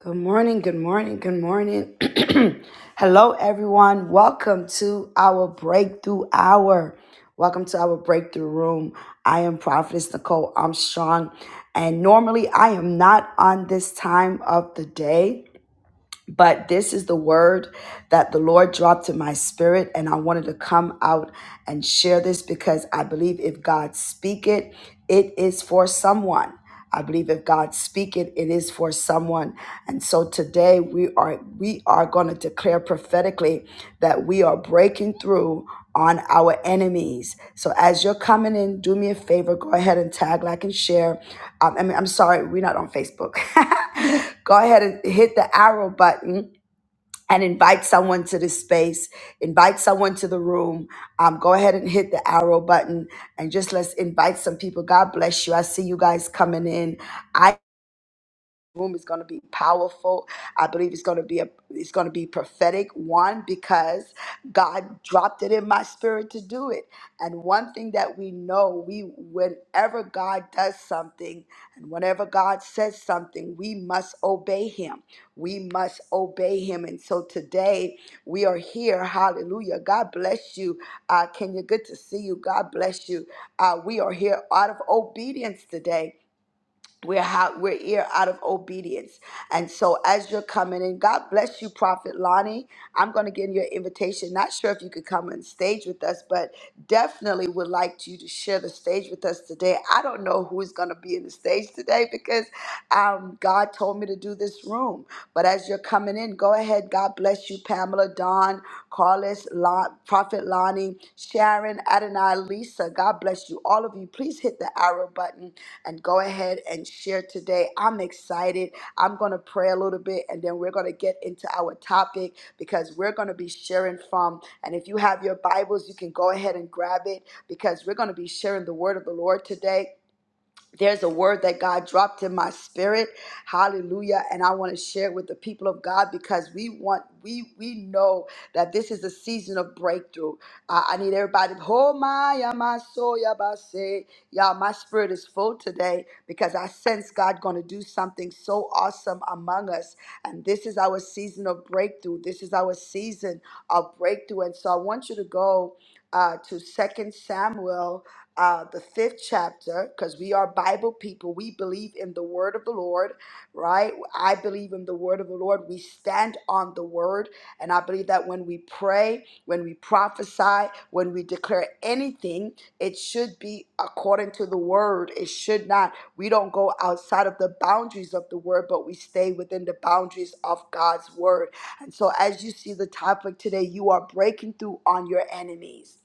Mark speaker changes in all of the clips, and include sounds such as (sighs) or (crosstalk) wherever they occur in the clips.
Speaker 1: Good morning, good morning, good morning. (clears throat) Hello, everyone. Welcome to our breakthrough hour. Welcome to our breakthrough room. I am Prophetess Nicole Armstrong, and normally I am not on this time of the day. But this is the word that the Lord dropped in my spirit, and I wanted to come out and share this because I believe if God speak it, it is for someone. I believe if God speak it, it is for someone. And so today we are we are going to declare prophetically that we are breaking through on our enemies. So as you're coming in, do me a favor, go ahead and tag, like, and share um, I mean, I'm sorry, we're not on Facebook. (laughs) Go ahead and hit the arrow button and invite someone to this space. Invite someone to the room. Um, go ahead and hit the arrow button and just let's invite some people. God bless you. I see you guys coming in room is going to be powerful. I believe it's going to be a it's going to be prophetic one because God dropped it in my spirit to do it. And one thing that we know, we whenever God does something and whenever God says something, we must obey him. We must obey him. And so today we are here. Hallelujah. God bless you. Uh Kenya, good to see you. God bless you. Uh we are here out of obedience today. We're how we're here out of obedience. And so as you're coming in, God bless you, Prophet Lonnie. I'm gonna give you an invitation. Not sure if you could come on stage with us, but definitely would like you to share the stage with us today. I don't know who is gonna be in the stage today because um, God told me to do this room. But as you're coming in, go ahead. God bless you, Pamela, Don, Carlos, Lon, Prophet Lonnie, Sharon, Adonai, Lisa. God bless you, all of you. Please hit the arrow button and go ahead and share today. I'm excited. I'm going to pray a little bit and then we're going to get into our topic because we're going to be sharing from. And if you have your Bibles, you can go ahead and grab it because we're going to be sharing the word of the Lord today there's a word that God dropped in my spirit. Hallelujah. And I want to share it with the people of God because we want, we we know that this is a season of breakthrough. I, I need everybody, oh my, yeah, my soul, yeah, my say. Y'all, my spirit is full today because I sense God going to do something so awesome among us. And this is our season of breakthrough. This is our season of breakthrough. And so I want you to go uh, to Second Samuel uh, the fifth chapter, because we are Bible people. We believe in the word of the Lord, right? I believe in the word of the Lord. We stand on the word. And I believe that when we pray, when we prophesy, when we declare anything, it should be according to the word. It should not. We don't go outside of the boundaries of the word, but we stay within the boundaries of God's word. And so, as you see the topic today, you are breaking through on your enemies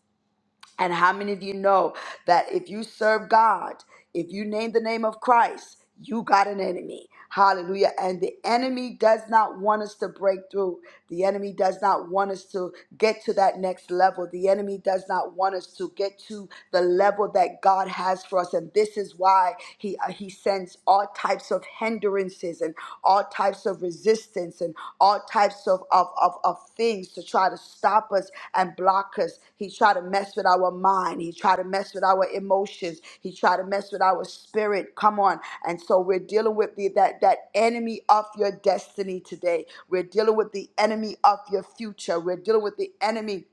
Speaker 1: and how many of you know that if you serve God, if you name the name of Christ, you got an enemy? Hallelujah. And the enemy does not want us to break through. The enemy does not want us to get to that next level. The enemy does not want us to get to the level that God has for us. And this is why he, uh, he sends all types of hindrances and all types of of resistance and all types of, of, of, of things to try to stop us and block us. He tried to mess with our mind. He tried to mess with our emotions. He tried to mess with our spirit. Come on. And so we're dealing with the, that, that enemy of your destiny today. We're dealing with the enemy of your future. We're dealing with the enemy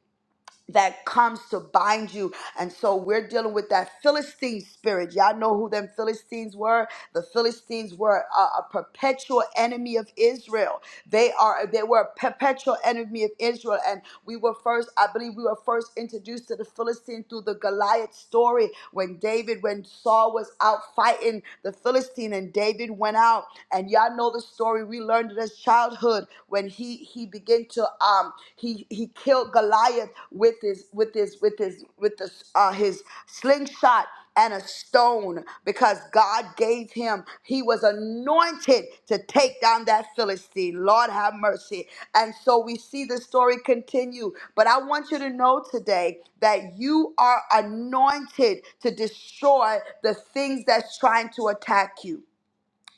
Speaker 1: that comes to bind you. And so we're dealing with that Philistine spirit. Y'all know who them Philistines were? The Philistines were a, a perpetual enemy of Israel. They are they were a perpetual enemy of Israel. And we were first, I believe we were first introduced to the Philistine through the Goliath story when David, when Saul was out fighting the Philistine and David went out. And y'all know the story. We learned it as childhood when he he began to um he he killed Goliath with his with his with his with the uh, his slingshot and a stone because God gave him he was anointed to take down that Philistine Lord have mercy and so we see the story continue but I want you to know today that you are anointed to destroy the things that's trying to attack you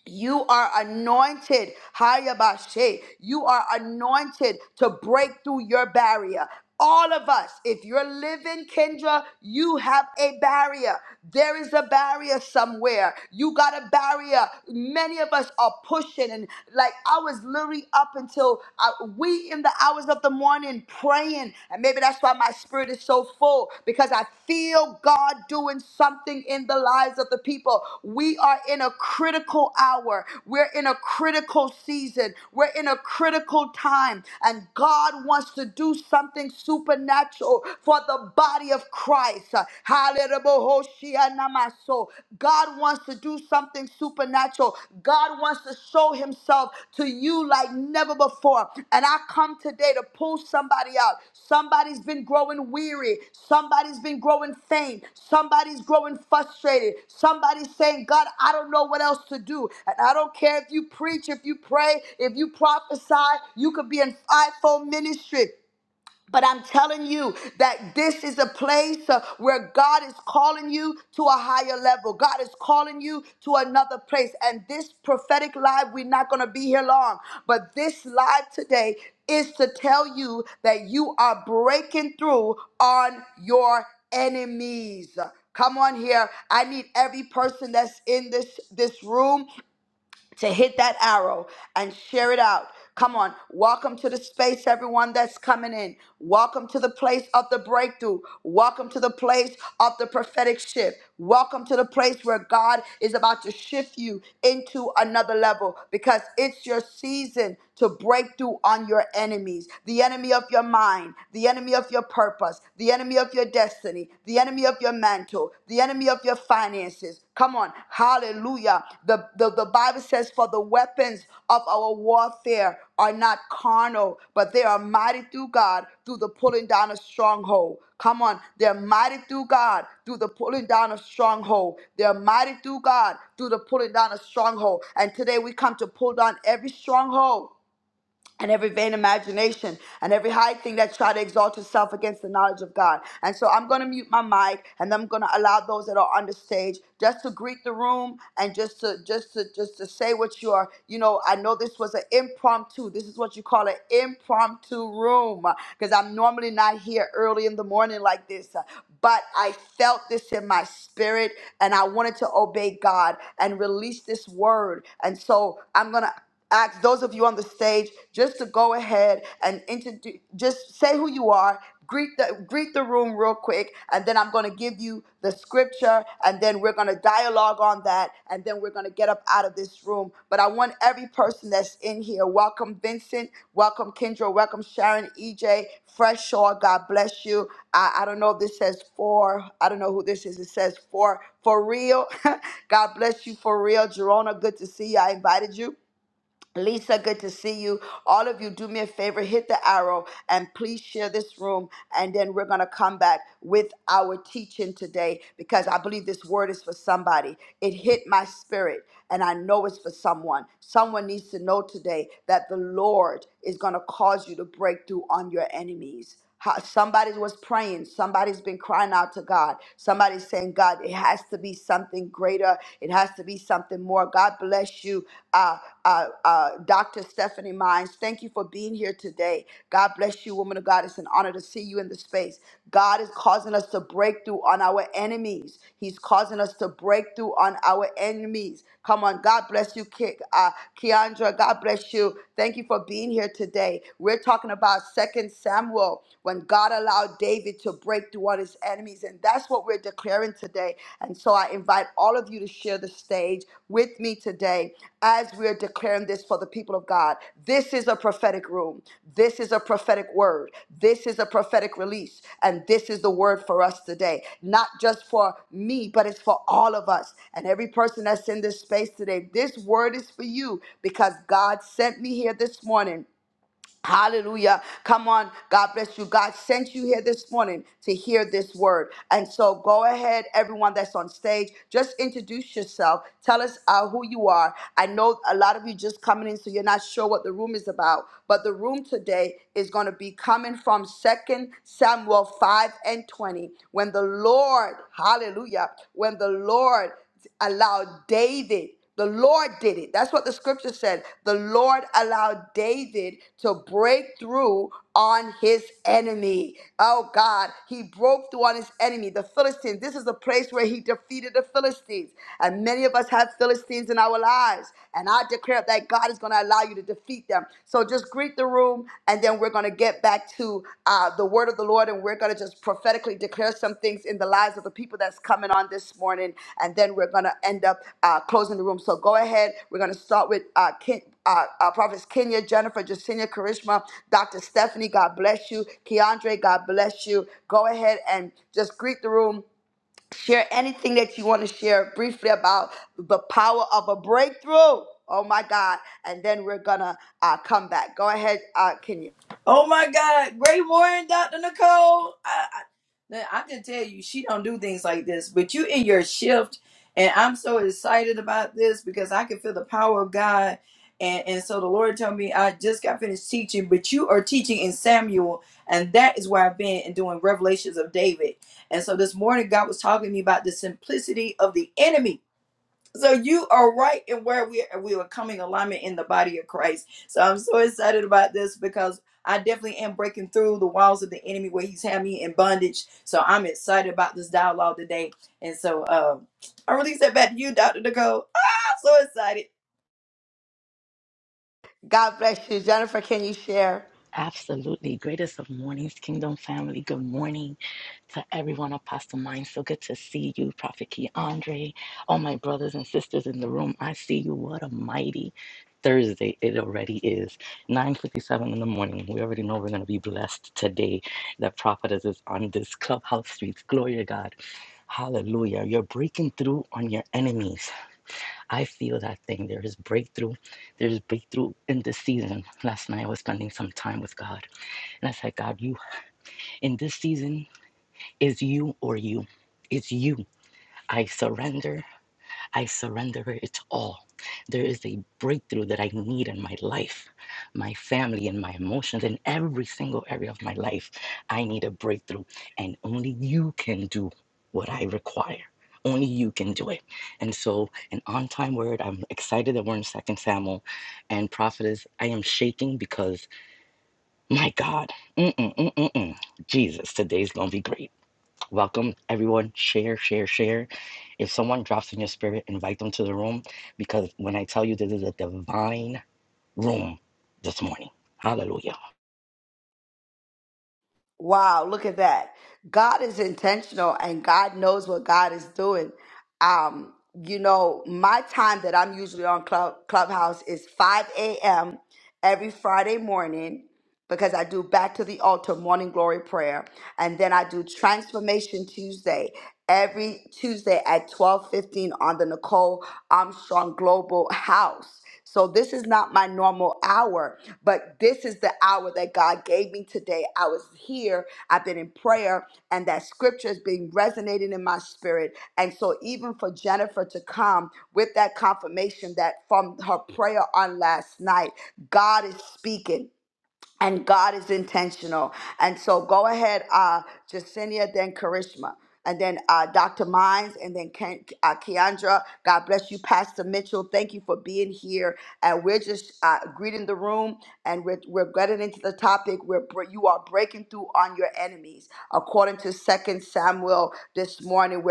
Speaker 1: you are anointed, Hayabashe. You are anointed to break through your barrier. All of us, if you're living, Kendra, you have a barrier. There is a barrier somewhere. You got a barrier. Many of us are pushing, and like I was literally up until uh, we in the hours of the morning praying. Maybe that's why my spirit is so full because I feel God doing something in the lives of the people. We are in a critical hour, we're in a critical season, we're in a critical time, and God wants to do something supernatural for the body of Christ. Hallelujah. God wants to do something something supernatural. God wants to show himself to you like never before. And I come today to pull somebody out. Somebody's been growing weary. Somebody's been growing faint. Somebody's growing frustrated. Somebody's saying, God, I don't know what else to do. And I don't care if you preach, if you pray, if you prophesy, you could be an fivefold ministry. But I'm telling you that this is a place uh, where God is calling you to a higher level. God is calling you to another place. And this prophetic live, we're not going to be here long, but this live today is to tell you that you are breaking through on your enemies. Come on here. I need every person that's in this this room to hit that arrow and share it out. Come on. Welcome to the space, everyone that's coming in. Welcome to the place of the breakthrough. Welcome to the place of the prophetic shift. Welcome to the place where God is about to shift you into another level because it's your season to break through on your enemies the enemy of your mind, the enemy of your purpose, the enemy of your destiny destiny, the enemy of your mantle, the enemy of your finances. Come on. Hallelujah. The, the, the Bible says, For the weapons of our warfare are not carnal, but they are mighty through God through the pulling down of stronghold. Come on. They're mighty through God through the pulling down of stronghold. They're mighty through God through the pulling down of stronghold. And today we come to pull down every stronghold and every vain imagination and every high thing that try to exalt itself against the knowledge of God. And so I'm going to mute my mic and I'm going to allow those that are on the stage just to greet the room and just to just to just to say what you are. You know, I know this was an impromptu. This is what you call an impromptu room because I'm normally not here early in the morning like this. But I felt this in my spirit and I wanted to obey God and release this word. And so I'm going to ask those of you on the stage just to go ahead and introduce just say who you are greet the greet the room real quick and then i'm going to give you the scripture and then we're going to dialogue on that and then we're going to get up out of this room but i want every person that's in here welcome vincent welcome kendra welcome sharon ej fresh shaw god bless you i, I don't know if this says for i don't know who this is it says for for real (laughs) god bless you for real jerona good to see you i invited you Lisa, good to see you. All of you, do me a favor, hit the arrow and please share this room. And then we're going to come back with our teaching today because I believe this word is for somebody. It hit my spirit and I know it's for someone. Someone needs to know today that the Lord is going to cause you to break through on your enemies. How- Somebody was praying. Somebody's been crying out to God. Somebody's saying, God, it has to be something greater. It has to be something more. God bless you, uh, uh, uh, Dr. Stephanie Mines. Thank you for being here today. God bless you, woman of God. It's an honor to see you in the space. God is causing us to break through on our enemies. He's causing us to break through on our enemies. Come on. God bless you, Ki- uh, Keandra. God bless you. Thank you for being here today. We're talking about about Second Samuel when God allowed David to break through all his enemies. And that's what we're declaring today. And so I invite all of you to share the stage with me today as we're declaring this for the people of God. This is a prophetic room. This is a prophetic word. This is a prophetic release. And this is the word for us today. Not just for me, but it's for all of us and every person that's in this space today. This word is for you because God sent me here this morning Hallelujah. Come on. God bless you. God sent you here this morning to hear this word. And so go ahead, everyone that's on stage, just introduce yourself. Tell us uh, who you are. I know a lot of you just coming in, so you're not sure what the room is about. But the room today is going to be coming from Second Samuel 5 and 20. When the Lord, hallelujah, when the Lord allowed David. The Lord did it. That's what the scripture said. The Lord allowed David to break through on his enemy. Oh God, he broke through on his enemy, the Philistines. This is the place where he defeated the Philistines. And many of us have Philistines in our lives. And I declare that God is going to allow you to defeat them. So just greet the room and then we're going to get back to uh, the word of the Lord, and we're going to just prophetically declare some things in the lives of the people that's coming on this morning, and then we're going to end up uh, closing the room. So go ahead. We're going to start with uh, Ken, uh, uh, Prophets Kenya, Jennifer, Jacinia, Karishma, Dr. Stephanie. God bless you, Keandre. God bless you. Go ahead and just greet the room. Share anything that you want to share briefly about the power of a breakthrough. Oh my God. And then we're going to uh, come back. Go ahead, uh, Kenya.
Speaker 2: Oh my God, Ray Warren, Dr. Nicole. I, I, I can tell you, she don't do things like this. But you in your shift, and I'm so excited about this because I can feel the power of God. And and so the Lord told me I just got finished teaching, but you are teaching in Samuel, and that is where I've been and doing revelations of David. And so this morning, God was talking to me about the simplicity of the enemy so you are right in where we are. We are coming alignment in the body of Christ. So I'm so excited about this because I definitely am breaking through the walls of the enemy where he's had me in bondage. So I'm excited about this dialogue today. And so um, I release that back to you, Dr. Nicole. Ah, I'm so excited.
Speaker 1: God bless you. Jennifer, can you share?
Speaker 3: Absolutely. Greatest of mornings, Kingdom family. Good morning to everyone, Apostle Mind. So good to see you, Prophet Key Andre, all my brothers and sisters in the room. I see you. What a mighty Thursday it already is. 9.57 in the morning. We already know we're going to be blessed today. The prophetess is on this clubhouse streets. Glory to God. Hallelujah. You're breaking through on your enemies. I feel that thing. There is breakthrough. There is breakthrough in this season. Last night I was spending some time with God. And I said, God, you in this season is you or you. It's you. I surrender. I surrender it all. There is a breakthrough that I need in my life, my family, and my emotions, in every single area of my life. I need a breakthrough. And only you can do what I require. Only you can do it. And so, an on time word. I'm excited that we're in Second Samuel. And prophetess, I am shaking because my God. Mm-mm-mm-mm-mm. Jesus, today's going to be great. Welcome, everyone. Share, share, share. If someone drops in your spirit, invite them to the room because when I tell you this is a divine room this morning. Hallelujah.
Speaker 1: Wow, look at that. God is intentional and God knows what God is doing. Um, you know, my time that I'm usually on Club Clubhouse is 5 a.m. every Friday morning. because I do back to the altar morning glory prayer and then I do transformation Tuesday every Tuesday at 12:15 on the Nicole Armstrong Global House. So this is not my normal hour, but this is the hour that God gave me today. I was here, I've been in prayer and that scripture is being resonating in my spirit. And so even for Jennifer to come with that confirmation that from her prayer on last night, God is speaking and God is intentional. And so go ahead, uh, Jacinia, then Karishma, and then uh, Dr. Mines, and then Ken, uh, Keandra. God bless you, Pastor Mitchell. Thank you for being here. And we're just uh, greeting the room, and we're, we're getting into the topic where br- you are breaking through on your enemies, according to Second Samuel this morning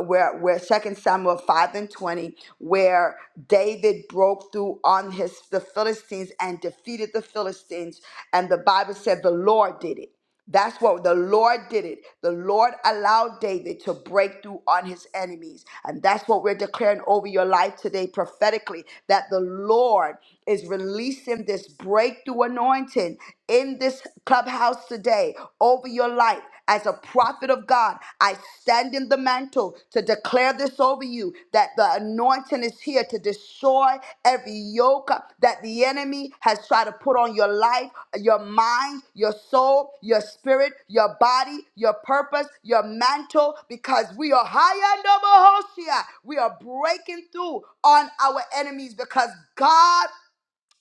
Speaker 1: where where second samuel 5 and 20 where david broke through on his the philistines and defeated the philistines and the bible said the lord did it that's what the Lord did it. The Lord allowed David to break through on his enemies. And that's what we're declaring over your life today prophetically that the Lord is releasing this breakthrough anointing in this clubhouse today today over your life. As a prophet of God, I stand in the mantle to declare this over you that the anointing is here to destroy every yoke that the enemy has tried to put on your life, your mind, your soul, your spirit, your body, your purpose, your mantle, because we are higher and double We are breaking through on our enemies because God.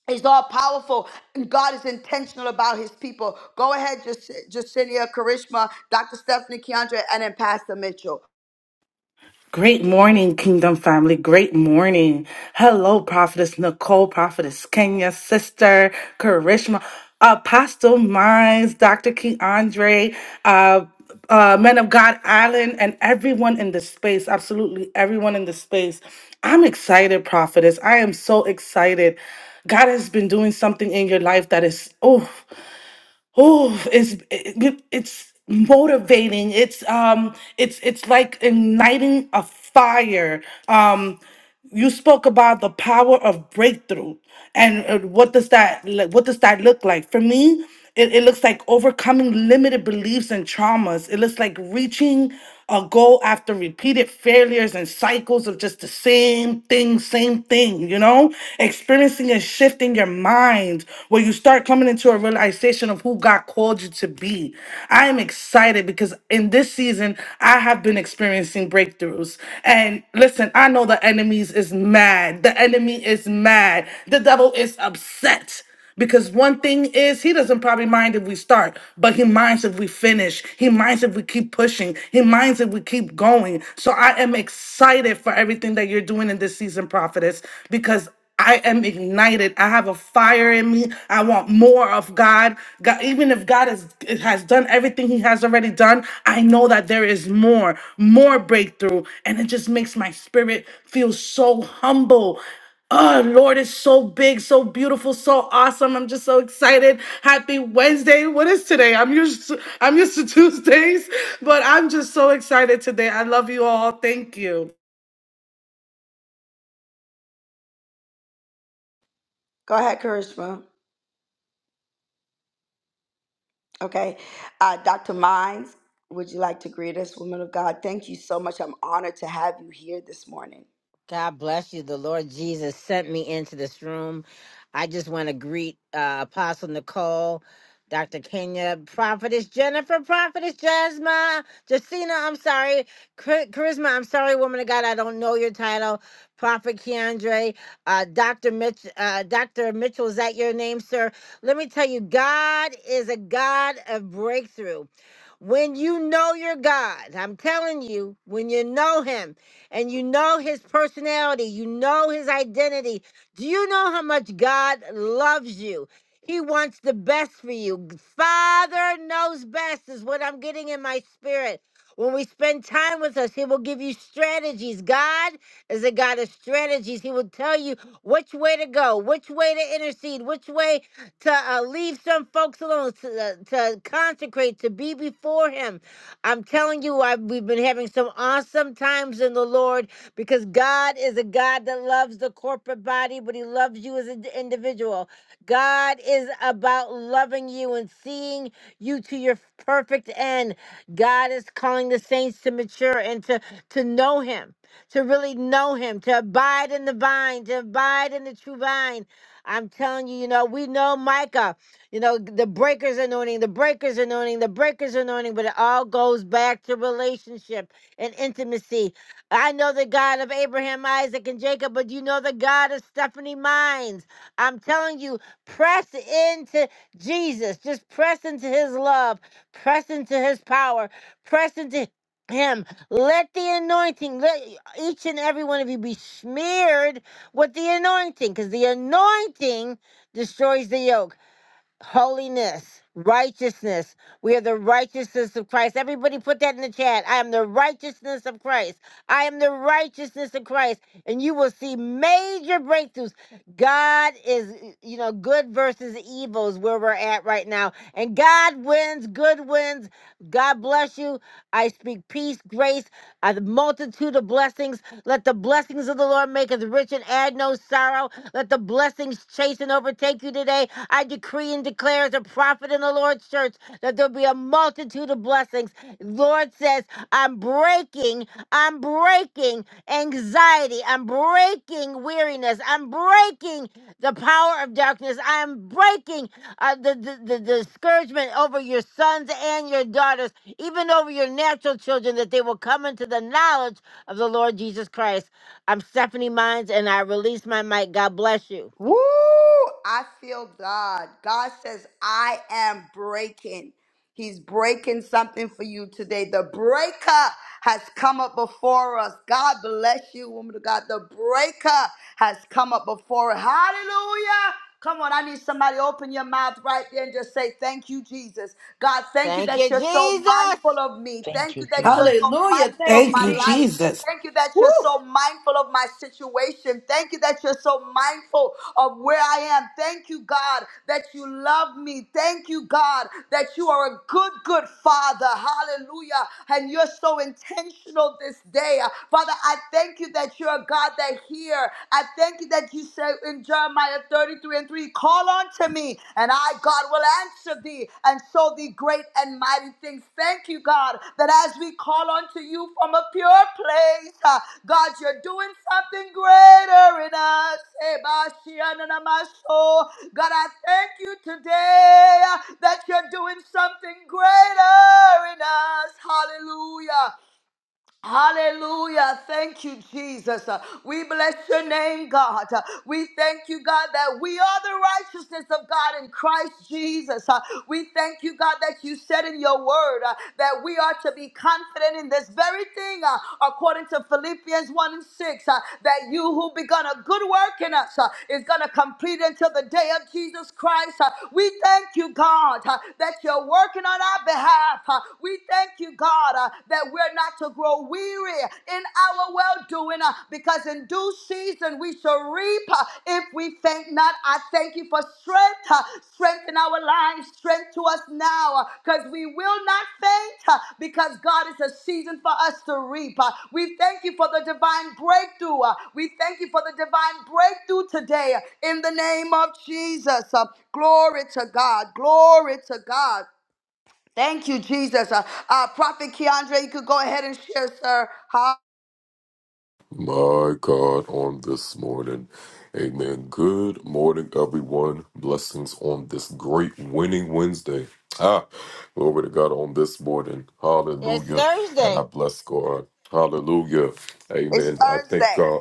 Speaker 1: He's all powerful, and God is intentional about His people. Go ahead, Jac- Jacinia, Karishma, Dr. Stephanie Keandre, and then Pastor Mitchell.
Speaker 4: Great morning, Kingdom family. Great morning. Hello, Prophetess Nicole, Prophetess Kenya, Sister Karishma, Apostle Mines, Dr. King Andre, uh, uh, Men of God Island, and everyone in the space. Absolutely everyone in the space. I'm excited, Prophetess. I am so excited. God has been doing something in your life that is, oh oh it's it, it's motivating it's um it's it's like igniting a fire um you spoke about the power of breakthrough and uh, what does that li- what does that look like for me it, it looks like overcoming limited beliefs and traumas it looks like reaching or go after repeated failures and cycles of just the same thing, same thing, you know? Experiencing a shift in your mind where you start coming into a realization of who God called you to be. I am excited because in this season, I have been experiencing breakthroughs. And listen, I know the enemies is mad. The enemy is mad. The devil is upset. Because one thing is, he doesn't probably mind if we start, but he minds if we finish. He minds if we keep pushing. He minds if we keep going. So I am excited for everything that you're doing in this season, prophetess, because I am ignited. I have a fire in me. I want more of God. God even if God has, has done everything he has already done, I know that there is more, more breakthrough. And it just makes my spirit feel so humble Oh, Lord is so big, so beautiful, so awesome. I'm just so excited. Happy Wednesday. What is today? I'm used to, I'm used to (laughs) Tuesdays, but I'm just so excited today. I love you all. Thank you.
Speaker 1: Go ahead, Karishma. Okay, uh, Dr. Mines, would you like to greet us, woman of God? Thank you so much. I'm honored to have you here this morning.
Speaker 5: God bless you. The Lord Jesus sent me into this room. I just want to greet uh, Apostle Nicole, Dr. Kenya, Prophetess Jennifer, Prophetess Jasmine, Justina, I'm sorry, Char- Charisma, I'm sorry, woman of God, I don't know your title, Prophet Keandre, uh, Dr. Mitch, uh, Dr. Mitchell, is that your name, sir? Let me tell you, God is a God of breakthrough. When you know your God, I'm telling you, when you know Him, and you know his personality, you know his identity. Do you know how much God loves you? He wants the best for you. Father knows best, is what I'm getting in my spirit. When we spend time with us, He will give you strategies. God is a God of strategies. He will tell you which way to go, which way to intercede, which way to uh, leave some folks alone, to, uh, to consecrate, to be before Him. I'm telling you, I, we've been having some awesome times in the Lord because God is a God that loves the corporate body, but He loves you as an individual. God is about loving you and seeing you to your perfect end. God is calling the saints to mature and to, to know Him, to really know Him, to abide in the vine, to abide in the true vine. I'm telling you, you know, we know Micah. You know, the breaker's anointing, the breaker's anointing, the breaker's anointing, but it all goes back to relationship and intimacy. I know the God of Abraham, Isaac, and Jacob, but you know the God of Stephanie Mines. I'm telling you, press into Jesus. Just press into his love, press into his power, press into him. Let the anointing, let each and every one of you be smeared with the anointing, because the anointing destroys the yoke holiness, righteousness. We are the righteousness of Christ. Everybody put that in the chat. I am the righteousness of Christ. I am the righteousness of Christ. And you will see major breakthroughs. God is, you know, good versus evil is where we're at right now. And God wins, good wins. God bless you. I speak peace, grace, a multitude of blessings. Let the blessings of the Lord make us rich and add no sorrow. Let the blessings chase and overtake you today. I decree and declare as a prophet in the Lord's church that there'll be a multitude of blessings. Lord says, I'm breaking, I'm breaking anxiety, I'm breaking weariness, I'm breaking the power of darkness, I'm breaking uh, the, the, the discouragement over your sons and your daughters, even over your natural children, that they will come into the knowledge of the Lord Jesus Christ. I'm Stephanie Mines and I release my mic. God bless you.
Speaker 1: Woo! I feel God. God says, I am breaking. He's breaking something for you today. The breaker has come up before us. God bless you, woman of God. The breaker has come up before us. Hallelujah. Come on, I need somebody to open your mouth right there and just say, Thank you, Jesus. God, thank you
Speaker 5: Thank you,
Speaker 1: that you're so
Speaker 5: Jesus.
Speaker 1: mindful of me.
Speaker 3: Thank
Speaker 1: Thank
Speaker 3: you,
Speaker 1: you that you're so
Speaker 3: Jesus.
Speaker 2: Hallelujah.
Speaker 1: mindful of
Speaker 2: Thank you,
Speaker 4: Thank you,
Speaker 1: my
Speaker 2: Jesus.
Speaker 1: life.
Speaker 4: Jesus.
Speaker 1: Thank you that you're
Speaker 2: Woo!
Speaker 1: so mindful of my situation. Thank you that you're so mindful of where I am. Thank you, God, that you love me. Thank you, God, that you are a good, good Father. Hallelujah. And you're so intentional this day. Uh, Father, I thank you that you're a God that hear. I thank you that you said in Jeremiah 33 and 3, call on to me, and I, God, will answer thee and show thee great and mighty things. Thank you, God, that as we call unto you from a pure place, uh, God, you're doing something greater in us. Ebashiananamaso. God, I thank you today uh, that you're doing something greater in us. Hallelujah. Hallelujah. Thank you, Jesus. Uh, We bless your name, God. Uh, We thank you, God, that we are the righteousness of God in Christ Jesus. Uh, We thank you, God, that you said in your word uh, that we are to be confident in this very thing, uh, according to Philippians 1 and 6, uh, that you who begun a good work in us uh, is going to complete until the day of Jesus Christ. Uh, We thank you, God, uh, that you're working on our behalf. Uh, We thank Thank you, God, uh, that we're not to grow weary in our well doing because in due season we shall reap uh, if we faint not. I thank you for strength, uh, strength in our lives, strength to us now because we will not faint uh, because God is a season for us to reap. Uh, We thank you for the divine breakthrough. Uh, We thank you for the divine breakthrough today uh, in the name of Jesus. Uh, Glory to God. Glory to God. Thank you, Jesus. Uh, uh, Prophet Keandre, you could go ahead and share, sir. How
Speaker 6: My God, on this morning. Amen. Good morning, everyone. Blessings on this great winning Wednesday. Ah, glory to God on this morning.
Speaker 5: It's
Speaker 6: Hallelujah. And I
Speaker 5: Thursday.
Speaker 6: bless God. Hallelujah.
Speaker 1: it's
Speaker 6: Amen. I thank
Speaker 1: Thursday.
Speaker 6: God.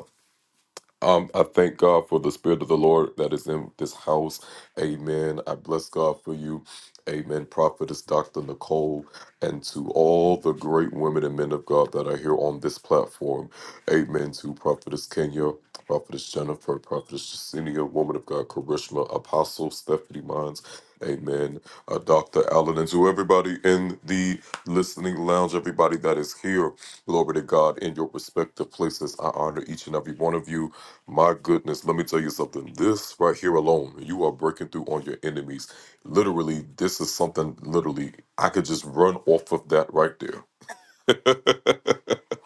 Speaker 6: Um, I thank God for the Spirit of the Lord that is in this house. Amen. I bless God for you. Amen. Prophetess Dr. Nicole, and to all the great women and men of God that are here on this platform. Amen. To Prophetess Kenya, Prophetess Jennifer, Prophetess Justinia, Woman of God, Karishma, Apostle Stephanie Mines. Amen. Uh, Dr. Allen, and to everybody in the listening lounge, everybody that is here. Glory to God in your respective places. I honor each and every one of you. My goodness, let me tell you something. This right here alone, you are breaking through on your enemies. Literally, this is something literally I could just run off of that right there.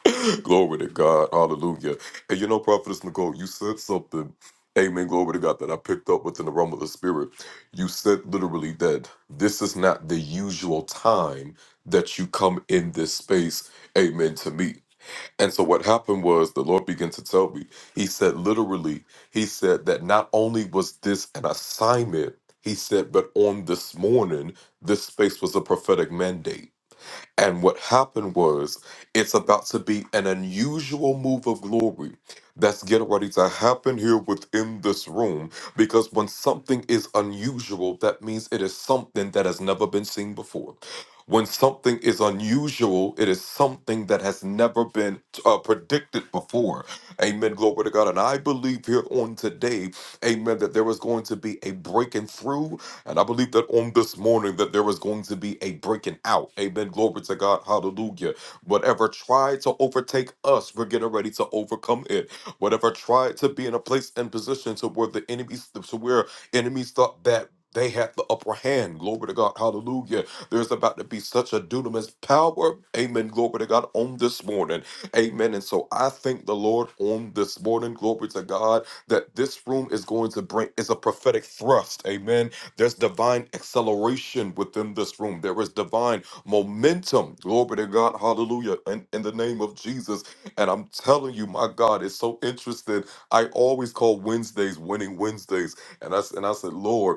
Speaker 6: (gasps) (clears throat) glory to God. Hallelujah. And you know, Prophetess Nicole, you said something. Amen. Glory to God that I picked up within the realm of the spirit. You said literally that this is not the usual time that you come in this space. Amen to me. And so what happened was the Lord began to tell me, He said, literally, He said that not only was this an assignment, He said, but on this morning, this space was a prophetic mandate. And what happened was, it's about to be an unusual move of glory that's getting ready to happen here within this room. Because when something is unusual, that means it is something that has never been seen before. When something is unusual, it is something that has never been uh, predicted before. Amen. Glory to God. And I believe here on today, amen, that there is going to be a breaking through and I believe that on this morning that there is going to be a breaking out. Amen. Glory to God. Hallelujah. Whatever tried to overtake us, we're getting ready to overcome it. Whatever tried to be in a place and position to where the enemies to where enemies thought that they had the upper hand. Glory to God. Hallelujah. There's about to be such a dunamis power. Amen. Glory to God on this morning. Amen. And so I thank the Lord on this morning. Glory to God that this room is going to bring is a prophetic thrust. Amen there's divine acceleration within this room. There is divine momentum. Glory to God. Hallelujah. In, in the name of Jesus. And I'm telling you, my God, it's so interesting. I always call Wednesdays winning Wednesdays. And I, s- and I said, Lord,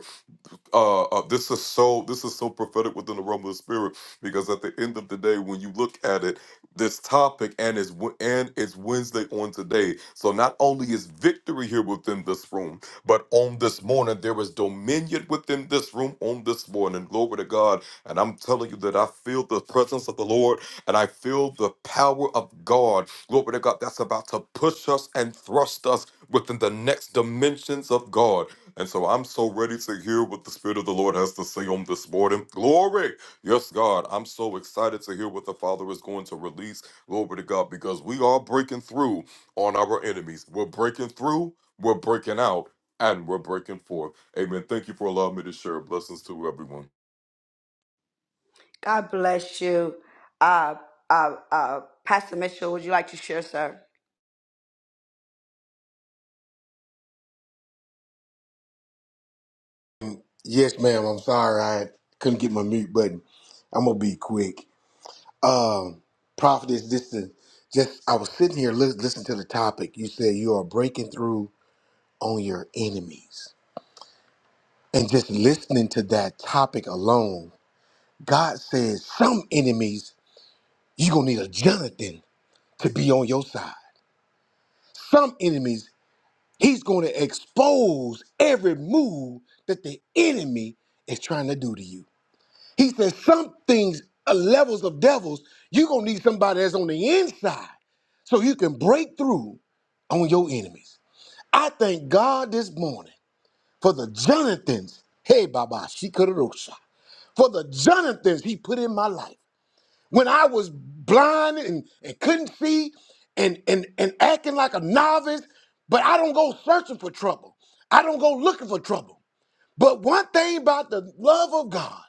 Speaker 6: uh, uh this is so this is so prophetic within the realm of the spirit because at the end of the day when you look at it this topic and is and it's wednesday on today so not only is victory here within this room but on this morning there is dominion within this room on this morning glory to god and i'm telling you that i feel the presence of the lord and i feel the power of god glory to god that's about to push us and thrust us within the next dimensions of god and so I'm so ready to hear what the Spirit of the Lord has to say on this morning. Glory. Yes, God. I'm so excited to hear what the Father is going to release. Glory to God, because we are breaking through on our enemies. We're breaking through, we're breaking out, and we're breaking forth. Amen. Thank you for allowing me to share. Blessings to everyone.
Speaker 1: God bless you. Uh, uh, uh, Pastor Mitchell, would you like to share, sir?
Speaker 7: Yes, ma'am. I'm sorry I couldn't get my mute button. I'm gonna be quick. Um, prophetess, this is just I was sitting here li- listening to the topic. You said you are breaking through on your enemies, and just listening to that topic alone, God says some enemies you're gonna need a Jonathan to be on your side. Some enemies He's gonna expose every move that the enemy is trying to do to you. He said some things are levels of devils. You're gonna need somebody that's on the inside so you can break through on your enemies. I thank God this morning for the Jonathans. Hey, Baba, she For the Jonathans he put in my life. When I was blind and, and couldn't see and, and, and acting like a novice, but I don't go searching for trouble. I don't go looking for trouble. But one thing about the love of God,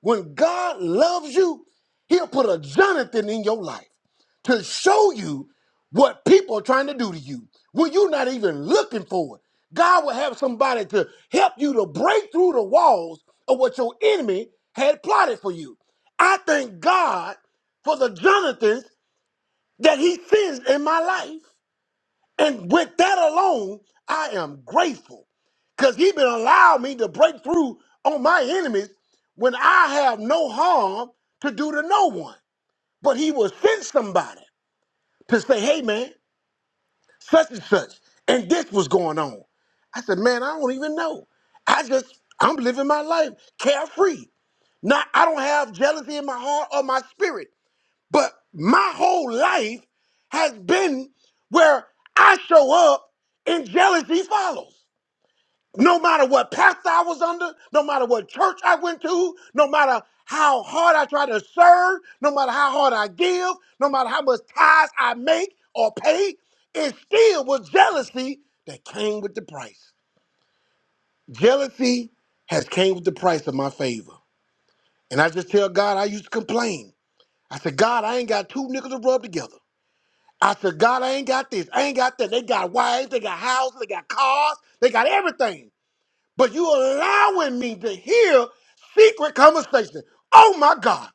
Speaker 7: when God loves you, he'll put a Jonathan in your life to show you what people are trying to do to you when you're not even looking for it. God will have somebody to help you to break through the walls of what your enemy had plotted for you. I thank God for the Jonathans that he sends in my life. And with that alone, I am grateful because he been allowed me to break through on my enemies when I have no harm to do to no one. But he will send somebody to say, hey man, such and such, and this was going on. I said, man, I don't even know. I just, I'm living my life carefree. Not, I don't have jealousy in my heart or my spirit but my whole life has been where I show up and jealousy follows. No matter what pastor I was under, no matter what church I went to, no matter how hard I try to serve, no matter how hard I give, no matter how much tithes I make or pay, it still was jealousy that came with the price. Jealousy has came with the price of my favor. And I just tell God I used to complain. I said, God, I ain't got two nickels to rub together. I said, God, I ain't got this. I ain't got that. They got wives, they got houses, they got cars, they got everything. But you allowing me to hear secret conversation. Oh my God.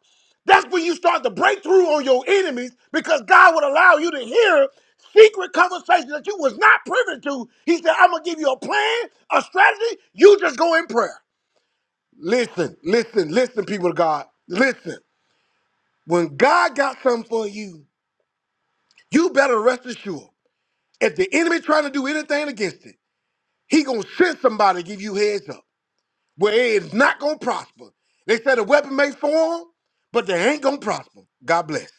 Speaker 7: That's when you start to break through on your enemies because God would allow you to hear secret conversation that you was not privy to. He said, I'm gonna give you a plan, a strategy. You just go in prayer. Listen, listen, listen, people of God. Listen. When God got something for you, you better rest assured. If the enemy trying to do anything against it, he gonna send somebody to give you heads up. Where it's not gonna prosper. They said a weapon may form, but they ain't gonna prosper. God bless.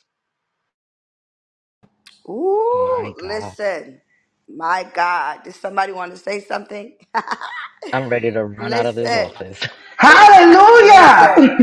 Speaker 1: Ooh,
Speaker 3: My God.
Speaker 1: listen. My God, did somebody want to say something?
Speaker 3: I'm ready to
Speaker 1: (laughs)
Speaker 3: run out of this
Speaker 1: listen,
Speaker 3: office. (laughs)
Speaker 1: listen.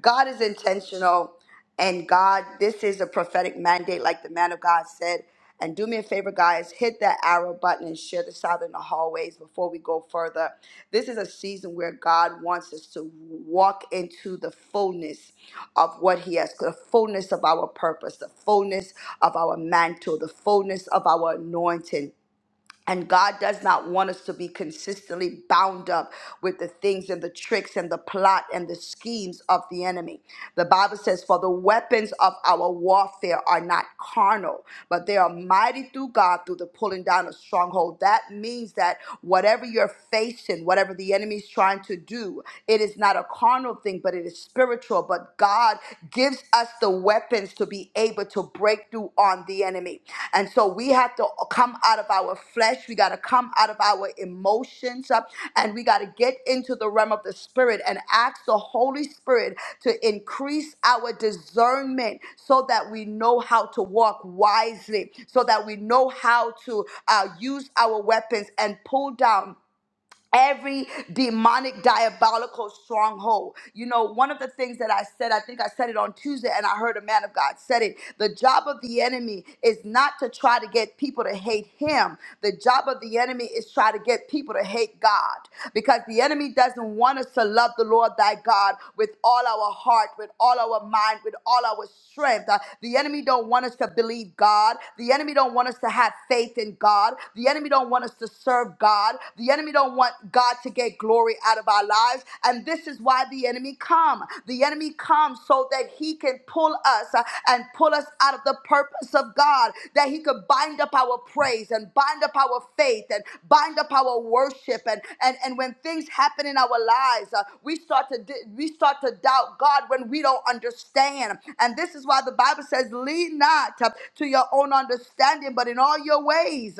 Speaker 1: God is intentional, and God, this is a prophetic mandate, like the man of God said. And do me a favor, guys, hit that arrow button and share this out in the hallways before we go further. This is a season where God wants us to walk into the fullness of what He has, the fullness of our purpose, the fullness of our mantle, the fullness of our anointing. And God does not want us to be consistently bound up with the things and the tricks and the plot and the schemes of the enemy. The Bible says, For the weapons of our warfare are not carnal, but they are mighty through God through the pulling down of stronghold. That means that whatever you're facing, whatever the enemy is trying to do, it is not a carnal thing, but it is spiritual. But God gives gives us the weapons to be able to break through on the enemy. And so we have to come out of our flesh. We got to come out of our emotions uh, and we got to get into the realm of the spirit and ask the Holy Spirit to increase our discernment so that we know how to walk wisely, so that we know how to uh, use our weapons and pull down every demonic diabolical stronghold you know one of the things that i said i think i said it on tuesday and i heard a man of god said it the job of the enemy is not to try to get people to hate him the job of the enemy is try to get people to hate god because the enemy doesn't want us to love the lord thy god with all our heart with all our mind with all our strength Uh, the enemy don't want us to believe god the enemy don't want us to have faith in god the enemy don't want us to serve serve God. The enemy don't want God to get glory out of our lives, and this is why the enemy come. The enemy comes so that he can pull us uh, and pull us out of the purpose of God, that he could bind up our praise and bind up our faith and bind up our worship and and and when things happen in our lives, uh, we start to di- we start to doubt God when we don't understand. And this is why the Bible says, "Lean not uh, to your own understanding, but in all your ways."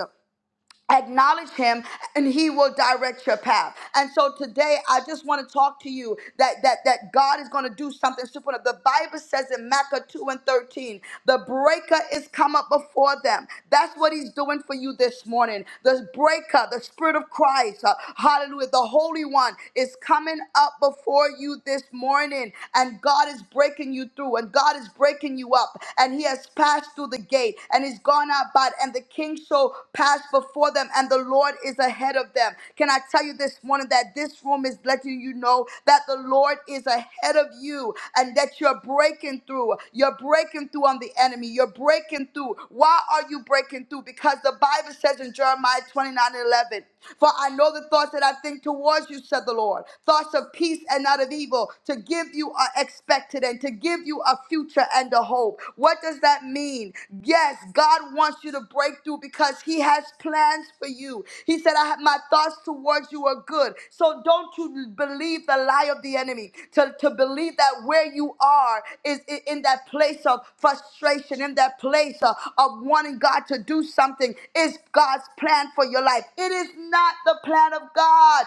Speaker 1: Acknowledge him and he will direct your path. And so today I just want to talk to you that that that God is going to do something supernatural. The Bible says in Micah 2 and 13, the breaker is come up before them. That's what he's doing for you this morning. The breaker, the spirit of Christ, uh, hallelujah, the Holy One is coming up before you this morning. And God is breaking you through and God is breaking you up. And he has passed passed through the gate and is gone out by, and the king shall pass before them, and the Lord is ahead of them. Can I tell you this morning that this room is letting you know that the Lord is ahead of you and that you're breaking through. You're breaking through on the enemy. You're breaking through. Why are you breaking through? Because the Bible says in Jeremiah 29 11. For I know the thoughts that I think towards you, said the Lord, thoughts of peace and not of evil, to give you are expected and to give you a future and a hope. What does that mean? Yes, God wants you to break through because He has plans for you. He said, I have my thoughts towards you are good. So don't you believe the lie of the enemy to, to believe that where you are is i- in that place of frustration, in that place uh, of wanting God to do something is God's plan for your life. It is not the plan of God.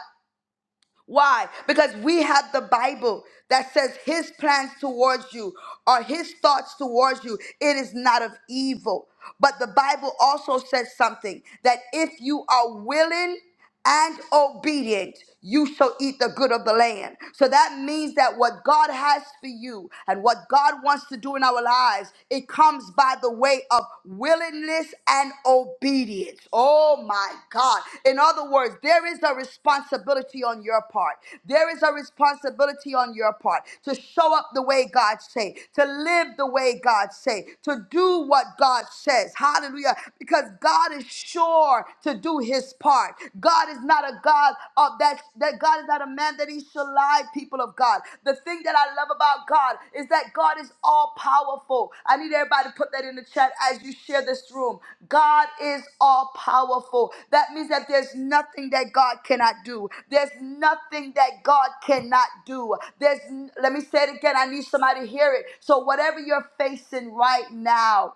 Speaker 1: Why? Because we have the Bible that says his plans towards you are his thoughts towards you. It is not of evil. But the Bible also says something that if you are willing and obedient, you shall eat the good of the land. So that means that what God has for you and what God wants to do in our lives, it comes by the way of willingness and obedience. Oh my God. In other words, there is a responsibility on your part. There is a responsibility on your part to show up the way God say, to live the way God say, to do what God says. Hallelujah. Because God is sure to do his part. God is not a God of that that God God is not a man that he shall lie, people of God. The thing that I love about God is that God is all powerful. I need everybody to put that in the chat as you share this room. God is all powerful. That means that there's nothing that God cannot do. There's nothing that God cannot do. There's let me say it again. I need somebody to hear it. So whatever you're facing right now,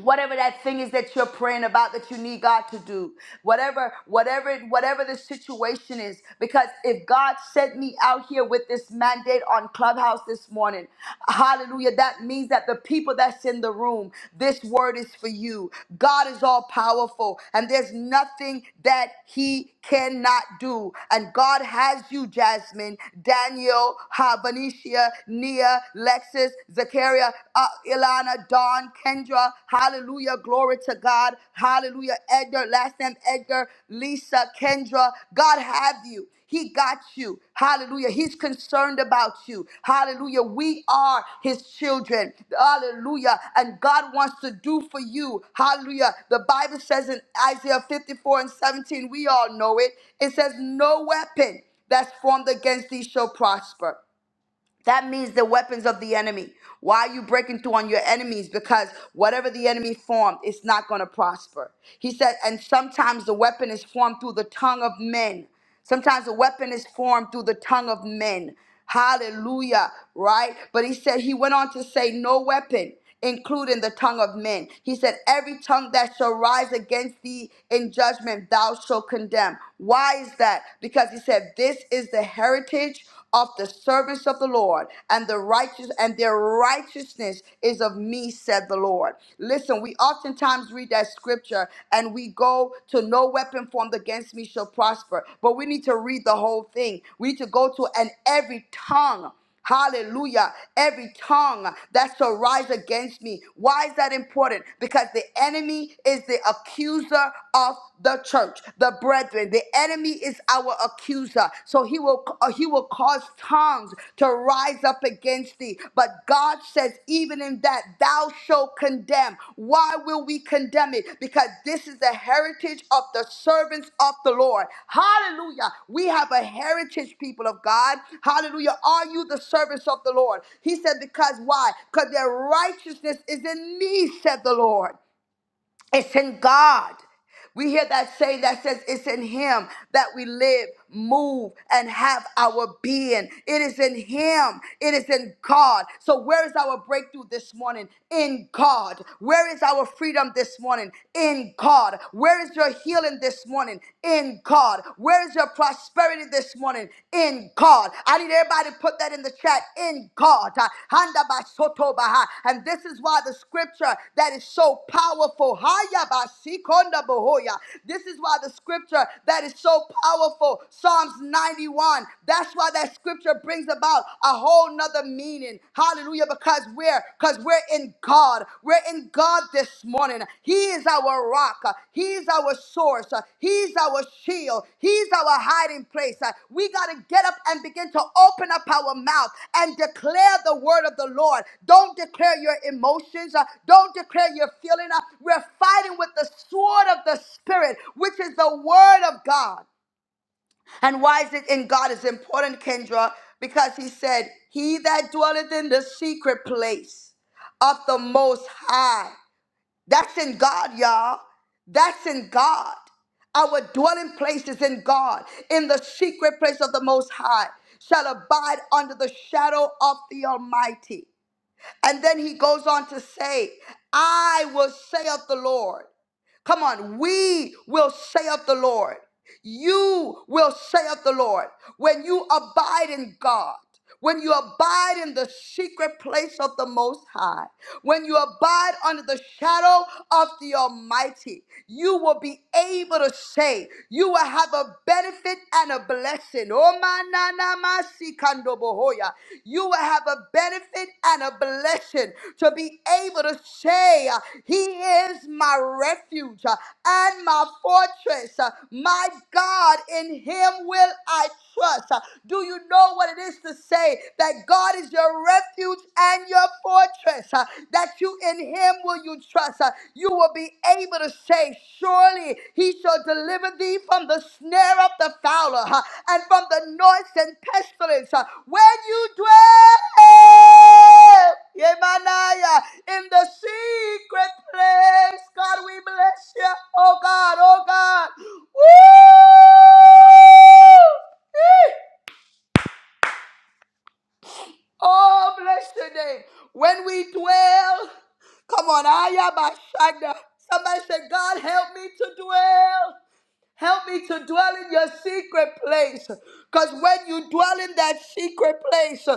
Speaker 1: whatever that thing is that you're praying about that you need God to do whatever whatever whatever the situation is because if God sent me out here with this mandate on clubhouse this morning hallelujah that means that the people that's in the room this word is for you God is all powerful and there's nothing that he cannot do and God has you Jasmine Daniel Habanicia Nia Lexis Zacchaeus Carrier, uh, Ilana, Dawn, Kendra, hallelujah, glory to God, hallelujah, Edgar, last name Edgar, Lisa, Kendra, God have you. He got you. Hallelujah. He's concerned about you. Hallelujah. We are his children. Hallelujah. And God wants to do for you. Hallelujah. The Bible says in Isaiah 54 and 17, we all know it. It says, No weapon that's formed against thee shall prosper. That means the weapons of the enemy. Why are you breaking through on your enemies? Because whatever the enemy formed, it's not going to prosper. He said, and sometimes the weapon is formed through the tongue of men. Sometimes the weapon is formed through the tongue of men. Hallelujah, right? But he said, he went on to say, no weapon including the tongue of men. He said, Every tongue that shall rise against thee in judgment, thou shalt condemn. Why is that? Because he said, This is the heritage of the servants of the Lord, and the righteous and their righteousness is of me, said the Lord. Listen, we oftentimes read that scripture and we go to no weapon formed against me shall prosper. But we need to read the whole thing. We need to go to and every tongue. Hallelujah. Every tongue that shall rise against me. Why is that important? Because the enemy is the accuser of the church, the brethren. The enemy is our accuser. So he will uh, he will cause tongues to rise up against thee. But God says, even in that thou shalt condemn. Why will we condemn it? Because this is the heritage of the servants of the Lord. Hallelujah. We have a heritage, people of God. Hallelujah. Are you the servants of the Lord? He said, Because why? Because their righteousness is in me, said the Lord. It's in God. We hear that saying that says it's in Him that we live, move, and have our being. It is in Him. It is in God. So, where is our breakthrough this morning? In God. Where is our freedom this morning? In God. Where is your healing this morning? In God. Where is your prosperity this morning? in God. I need everybody to put that in the chat in God. Uh, Handa ba soto And this is why the scripture that is so powerful. Haya ba si konda bohoya. This is why the scripture that is so powerful. Psalms 91. That's why that scripture brings about a whole nother meaning. Hallelujah. Because we're because we're in God. God. We're in God this morning. He is our rock. He's our source. He's our shield. He's our hiding place. We got to get up and begin to open up our mouth and declare the word of the Lord. Don't declare your emotions. Uh, Don't declare your feeling. Uh, We're fighting with the sword of the Spirit, which is the word of God. And why is it in God is important, Kendra? Because he said, He that dwelleth in the secret place of the most high. That's in God, y'all. That's in God. Our dwelling place is in God, in the secret place of the most high, shall abide under the shadow of the Almighty. And then he goes on to say, I will say of the Lord. Come on, we will say of the Lord. You will say of the Lord. When you abide in God, when you abide in the secret place of the Most High, when you abide under the shadow of the Almighty, you will be able to say, you will have a benefit and a blessing. Oh, Kando Bohoya. You will have a benefit and a blessing to be able to say, uh, He is my refuge uh, and my fortress. Uh, My God, in Him will I trust. Uh, Do you know what it is to say that God is your refuge and your fortress? Uh, That you in Him will you trust. Uh, you will be able to say, Surely he shall deliver thee from the snare of the fowler huh, and from the noise and pestilence. huh, When you dwell Yemanaya, in the secret place, God, we bless you. Oh God, oh God. Woo! Eh. Oh, bless your name. When we dwell, come on, Ayabashanda. Somebody said, God, help me to dwell. Help me to dwell in your secret place. Because when you dwell in that secret place,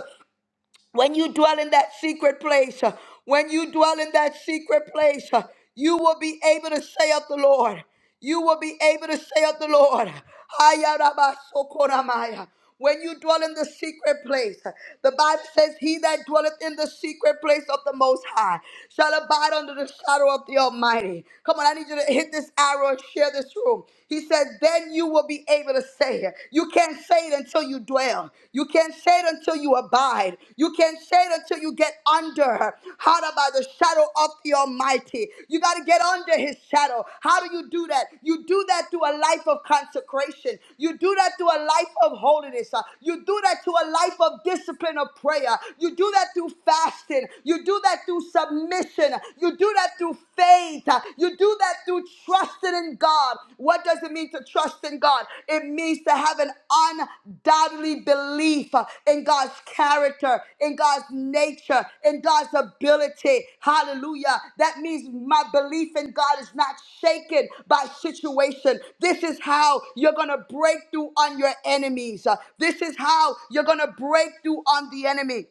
Speaker 1: when you dwell in that secret place, uh, when you dwell in that secret place, uh, you will be able to say of the Lord, you will be able to say of the Lord, "Hayarabasokoramaya." when you dwell in the secret place, uh, the Bible says, He that dwelleth in the secret place of the Most High shall abide under the shadow of the Almighty. Come on, I need you to hit this arrow and share this room. He says, Then you will be able to to say it. You can't say it until you dwell. You can't say it until you abide. You can't say it until you get under. How to by the shadow of the Almighty. You got to get under His shadow. How do you do that? You do that through a life of consecration. You do that through a life of holiness. Uh, You do that through a life of discipline of prayer. You do that through fasting. You do that through submission. You do that through faith faith. Uh, You do that through trusting in God. What does it mean to trust in God? It means to have an undoubtedly belief uh, in God's character, in God's nature, in God's ability. Hallelujah. That means my belief in God is not shaken by situation. This is how you're going to break through on your enemies. Uh, This is how you're going to break through on the enemy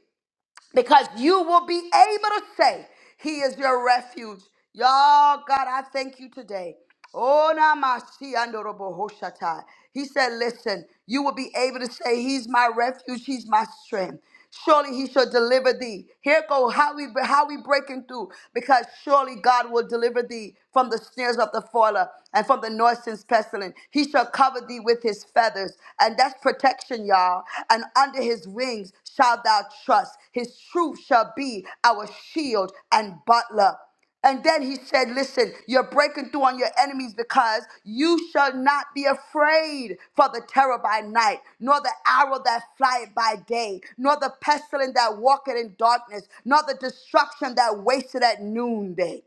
Speaker 1: because you will be able to say he is your refuge. Y'all, God, I thank you today. Oh, namaste, andorobo hoshatai. He said, listen, you will be able to say he's my refuge, he's my strength. Surely he shall deliver thee. Here go how we how we breaking through because surely God will deliver thee from the snares of the fowler and from the noisome pestilence. He shall cover thee with with his feathers. And that's protection, y'all. And under his wings shall thou trust. His truth shall be our shield and butler. And then he said, Listen, you're breaking through on your enemies because you shall not be afraid for the terror by night, nor the arrow that flieth by day, nor the pestilence that walketh in darkness, nor the destruction that wasteth at noonday.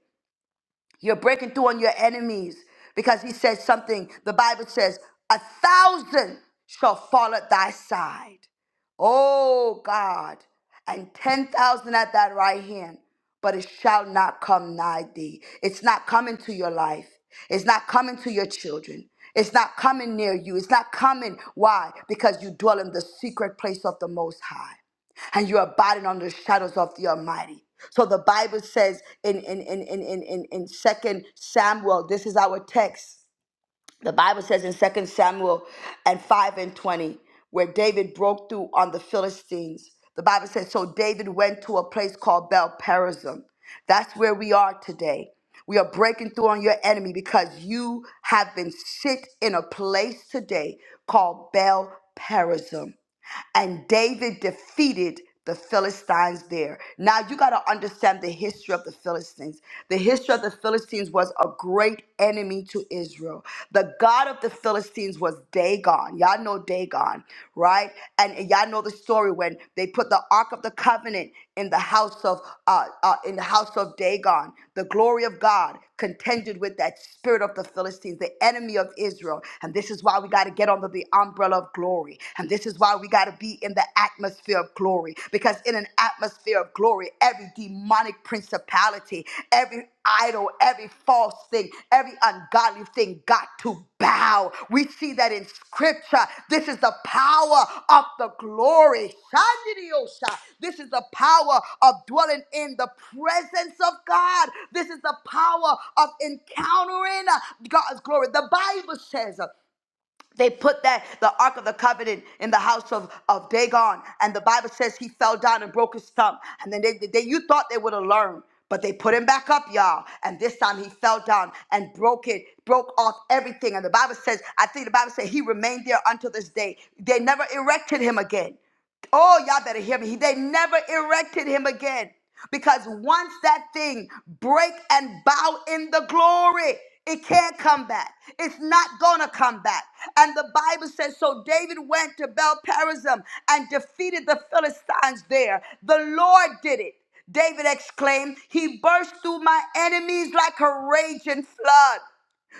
Speaker 1: You're breaking through on your enemies because he said something. The Bible says, A thousand shall fall at thy side. Oh God, and 10,000 at thy right hand, but it shall not come nigh thee. It's not coming to your life, it's not coming to your children. It's not coming near you. It's not coming. Why? Because you dwell in the secret place of the Most High and you're abiding on the shadows of the Almighty. So the Bible says in in in in in in, in Second Samuel, this is our text. The Bible says in Second Samuel and five and twenty, where David broke through on the Philistines. The Bible says, so David went to a place called Bel Perazim. That's where we are today. We are breaking through on your enemy because you have been sit in a place today called Bel Perazim and David defeated the Philistines there. Now you got to understand the history of the Philistines. The history of the Philistines was a great enemy to Israel. The god of the Philistines was Dagon. Y'all know Dagon, right? And and y'all know the story when they put the Ark of the Covenant in the house of uh, uh, in the house of Dagon. The glory of God contended with that spirit of the Philistines, the enemy of Israel. And this is why we got to get under the umbrella girl of glory. And this is why we got to be in the atmosphere of glory because in an atmosphere of glory, every demonic principality, every idol, every false thing, every ungodly thing got to bow. We see that in scripture. This is the power of the glory. Shandidiosha. This is the power of dwelling in the presence of God. This is the power of encountering God's glory. The Bible says. They put that the Ark of the Covenant in the house of, of Dagon, and the Bible says he fell down and broke his thumb. And then they, they you thought they would have learned, but they put him back up, y'all. And this time he fell down and broke it, broke off everything. And the Bible says, I think the Bible says he remained there until this day. They never erected him again. Oh, y'all better hear me. They never erected him again because once that thing break and bow in the glory, it can't come back. It's not gonna come back. And the Bible says, so David went to Belperazim and defeated the Philistines there. The Lord did it. David exclaimed, He burst through my enemies like a raging flood.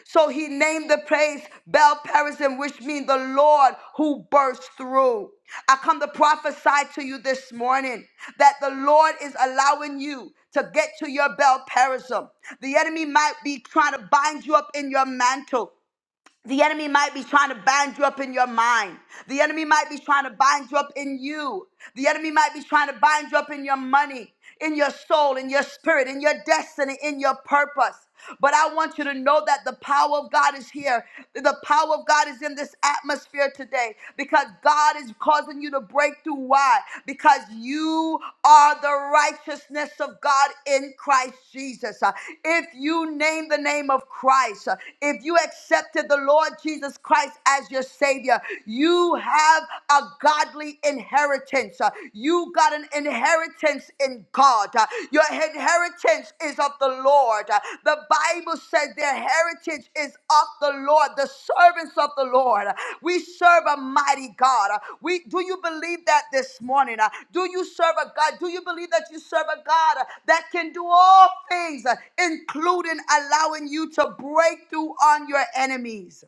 Speaker 1: So he named the place Bel Perazim, which means the Lord who bursts through. I come to prophesy to you this morning that the Lord is allowing you to get to your Bel Perazim. The enemy might be trying to bind you up in your mantle. The enemy might be trying to bind you up in your mind. The enemy might be trying to bind you up in you. The enemy might be trying to bind you up in your money, in your soul, in your spirit, in your destiny, in your purpose. But I want you to know that the power of God is here. The power of God is in this atmosphere today because God is causing you to break through. Why? Because you are the righteousness of God in Christ Jesus. Uh, If you name the name of Christ, uh, if you accepted the Lord, Lord Jesus Christ as your Savior, you have a godly inheritance. Uh, You got an inheritance in God. Uh, Your inheritance is of the Lord. Uh, The Bible says their heritage is of the Lord, the servants of the Lord. Uh, We serve a mighty God. Uh, We do you believe that this morning? Uh, Do you serve a God? Do you believe that you serve a God uh, that can do all things, uh, including allowing you to break through on your enemies?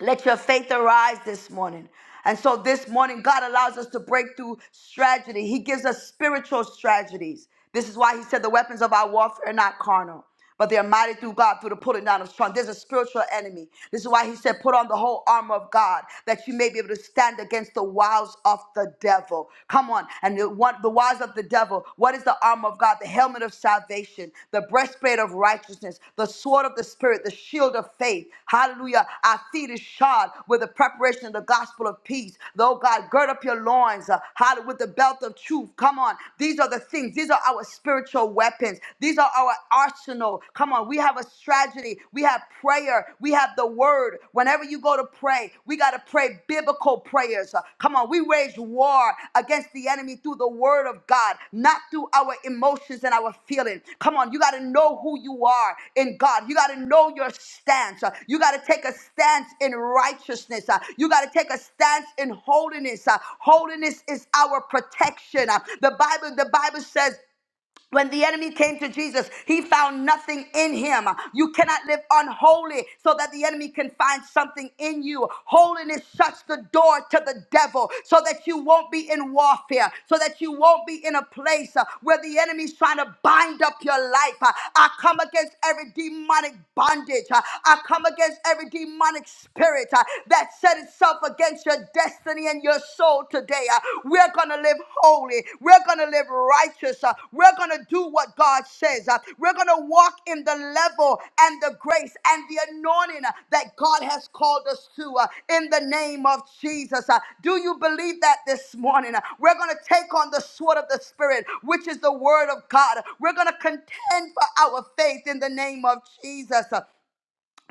Speaker 1: Let your faith arise this morning. And so this morning, God allows us to break through strategy. He gives us spiritual strategies. This is why He said the weapons of our warfare are not carnal, but they are mighty through God through the pulling down of strong. There's a spiritual enemy. This is why He said, put on the whole armor of God that you may be able to stand against the wiles of the devil. Come on. And the, what, the wiles of the devil, what is the the armor of God, the helmet of salvation, the breastplate of righteousness, the sword of the Spirit, the shield of faith. Hallelujah. Our feet is shod with the preparation of the gospel of peace. Though God, gird up your loins, uh, hallelujah, with the belt of truth. Come on. These are the things. These are our spiritual weapons. These are our arsenal. Come on. We have a strategy. We have prayer. We have the word. Whenever you go to pray, we got to pray biblical prayers. Uh, Come on, we wage war against the enemy through the word of God, not through our emotions and our feelings. Come on, you got to know who you are in God. You got to know your stance. Uh, You got to take a stance in righteousness. Uh, You got to take a stance in holiness. Uh, Holiness is our protection. Uh, The Bible, the Bible says when the enemy came to Jesus, he found nothing in him. You cannot live unholy so that the enemy can find something in you. Holiness shuts the door to the devil so that you won't be in warfare, so that you won't be in a place uh, where the enemy's trying to bind up your life. Uh, I come against every demonic bondage. Uh, I come against every demonic spirit uh, that set itself against your destiny destiny and your soul today. Uh, We're going to live holy. We're going to live righteous. Uh, We're going to do what God says. Uh, We're going to walk in the level and the grace and the anointing uh, that God has called us to uh, in the name of Jesus. Uh, Do you believe that this morning? Uh, We're going to take on the sword of the Spirit, which is the word of God. We're going to contend for our faith in the name of Jesus. Uh,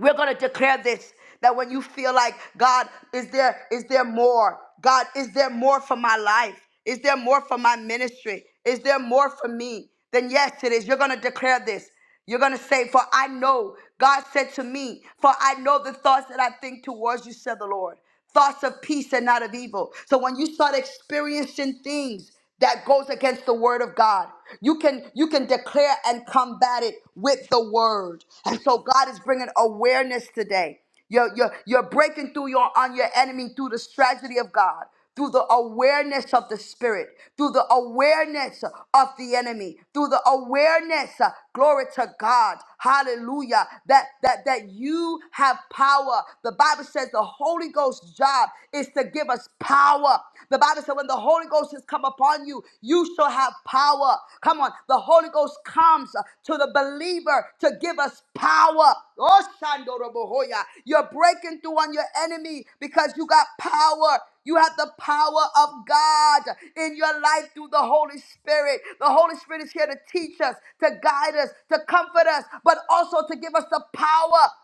Speaker 1: we're going to declare this that when you feel like God, is there is there more? God, is there more for my life? Is there more for my ministry? Is there more for me? Then yes, it is. You're going to declare this. You're going to say, "For I know God said to me, for I know the thoughts that I think towards you," said the Lord. Thoughts of peace and not of evil. So when you start experiencing things that goes against the word of God. You can you can declare and combat it with the word. And so God is bringing awareness today. You're, you're, you're breaking through your on your enemy through the strategy of God, through the awareness of the spirit, through the awareness of the enemy, through the awareness, uh, glory to God, hallelujah, that that that you have power. The Bible says the Holy Ghost's job is to give us power. The Bible said, when the Holy Ghost has come upon you, you shall have power. Come on, the Holy Ghost comes uh, to the believer to give us power. Oh, Shandorobohoya. You're breaking through on your enemy because you got power. You have the power of God in your life through the Holy Spirit. The Holy Spirit is here to teach us, to guide us, to comfort us, but also to give us the power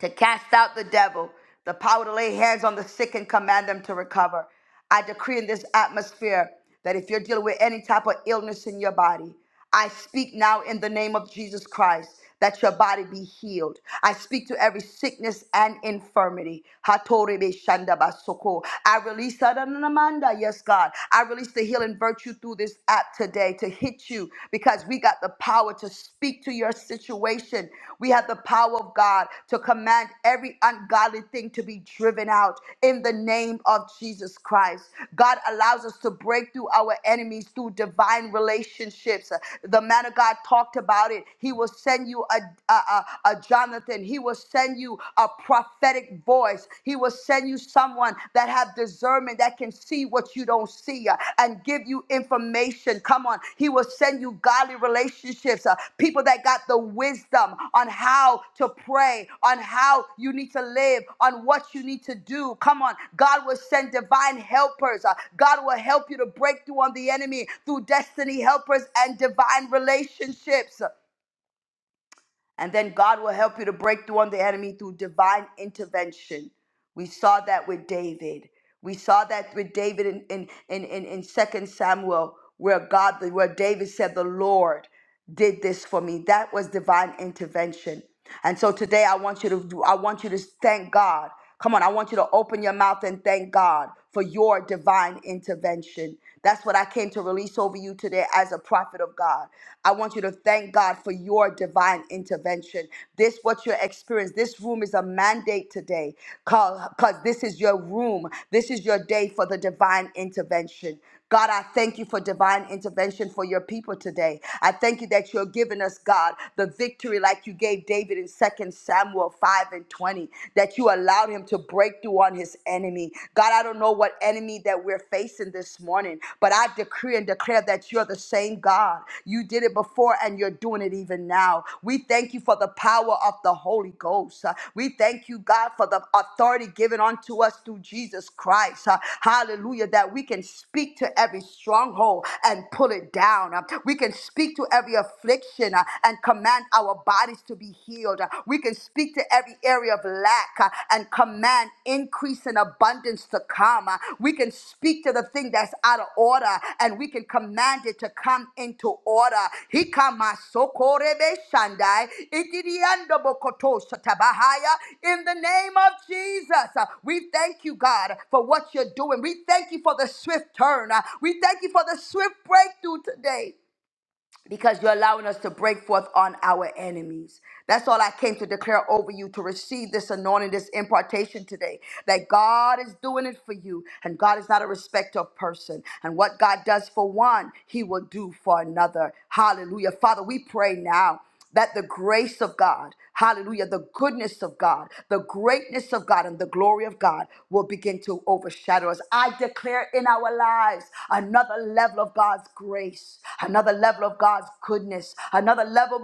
Speaker 1: to cast out the devil, the power to lay hands on the sick and command them to recover. I decree in this atmosphere that if you're dealing with any type of illness in your body, I speak now in the name of Jesus Christ that your body be healed. I speak to every sickness and infirmity. Hatorebe shandabasoko. I release, Adanamanda, yes, God. I release the healing virtue through this app today and to hit you because we got the power to speak to your situation. We have the power of God to command every ungodly thing to be driven out in the name of Jesus Christ. God allows us to break through our enemies through divine relationships. The man of God talked about it. He will send you a, a, a, a Jonathan, he will send you a prophetic voice, he will send send you someone that have discernment that can see what you don't see uh, and give you information. Come on. He will send you godly relationships, uh, people that got the wisdom on how to pray, on how you need to live, on what you need to do. Come on. God will send divine helpers. uh, God will help you to break through on the enemy through destiny helpers and divine relationships. And then God will help you to break through on the enemy through divine intervention. We saw that with David. We saw that with David in, in, in, in, in 2 Samuel, where God, where David said, The Lord did this for me. That was divine intervention. And so today I want you to do, I want you to thank God Come on, I want you to open your mouth and thank God for your divine intervention. That's what I came to release over you today as a prophet of God. I want you to thank God for your divine intervention. This, what you're experiencing, this room is a mandate today because this is your room. This is your day for the divine intervention. God, I thank you for divine intervention for your people today. I thank you that you're giving us, God, the victory like you gave David in Second Samuel 5 and 20, that you allowed him to break through on his enemy. God, I don't know what enemy that we're facing this morning, but I decree and declare that you're the same God. You did it before and you're doing it even now. We we thank you for the power of the Holy Ghost. Uh, We thank you, God, for the authority given unto us through Jesus Christ. Uh, Hallelujah, that we can speak to every stronghold and pull it down. Uh, We can speak to every affliction uh, and command our bodies to be healed. Uh, We can speak to every area of lack uh, and command increase and abundance abundance to come. Uh, We can speak to the thing that's out of order and we can command it to come into order. Hikama sokorebe shandai, ikidiando bokoto shatabahaya. In the name of Jesus, uh, we thank you, God, for what you're doing. We thank you for the swift turn. Uh, We thank you for the swift breakthrough today because you're allowing us to break forth on our enemies. That's all I came to declare over you to receive this anointing, this impartation today. That God is doing it for you, and God is not a respecter of person. And what God does for one, He will do for another. Hallelujah. Father, we pray now that the grace of God, hallelujah, the goodness of God, the greatness of God, and the glory of God will begin to overshadow us. I declare in our lives another level of God's grace, another level of God's goodness, another level,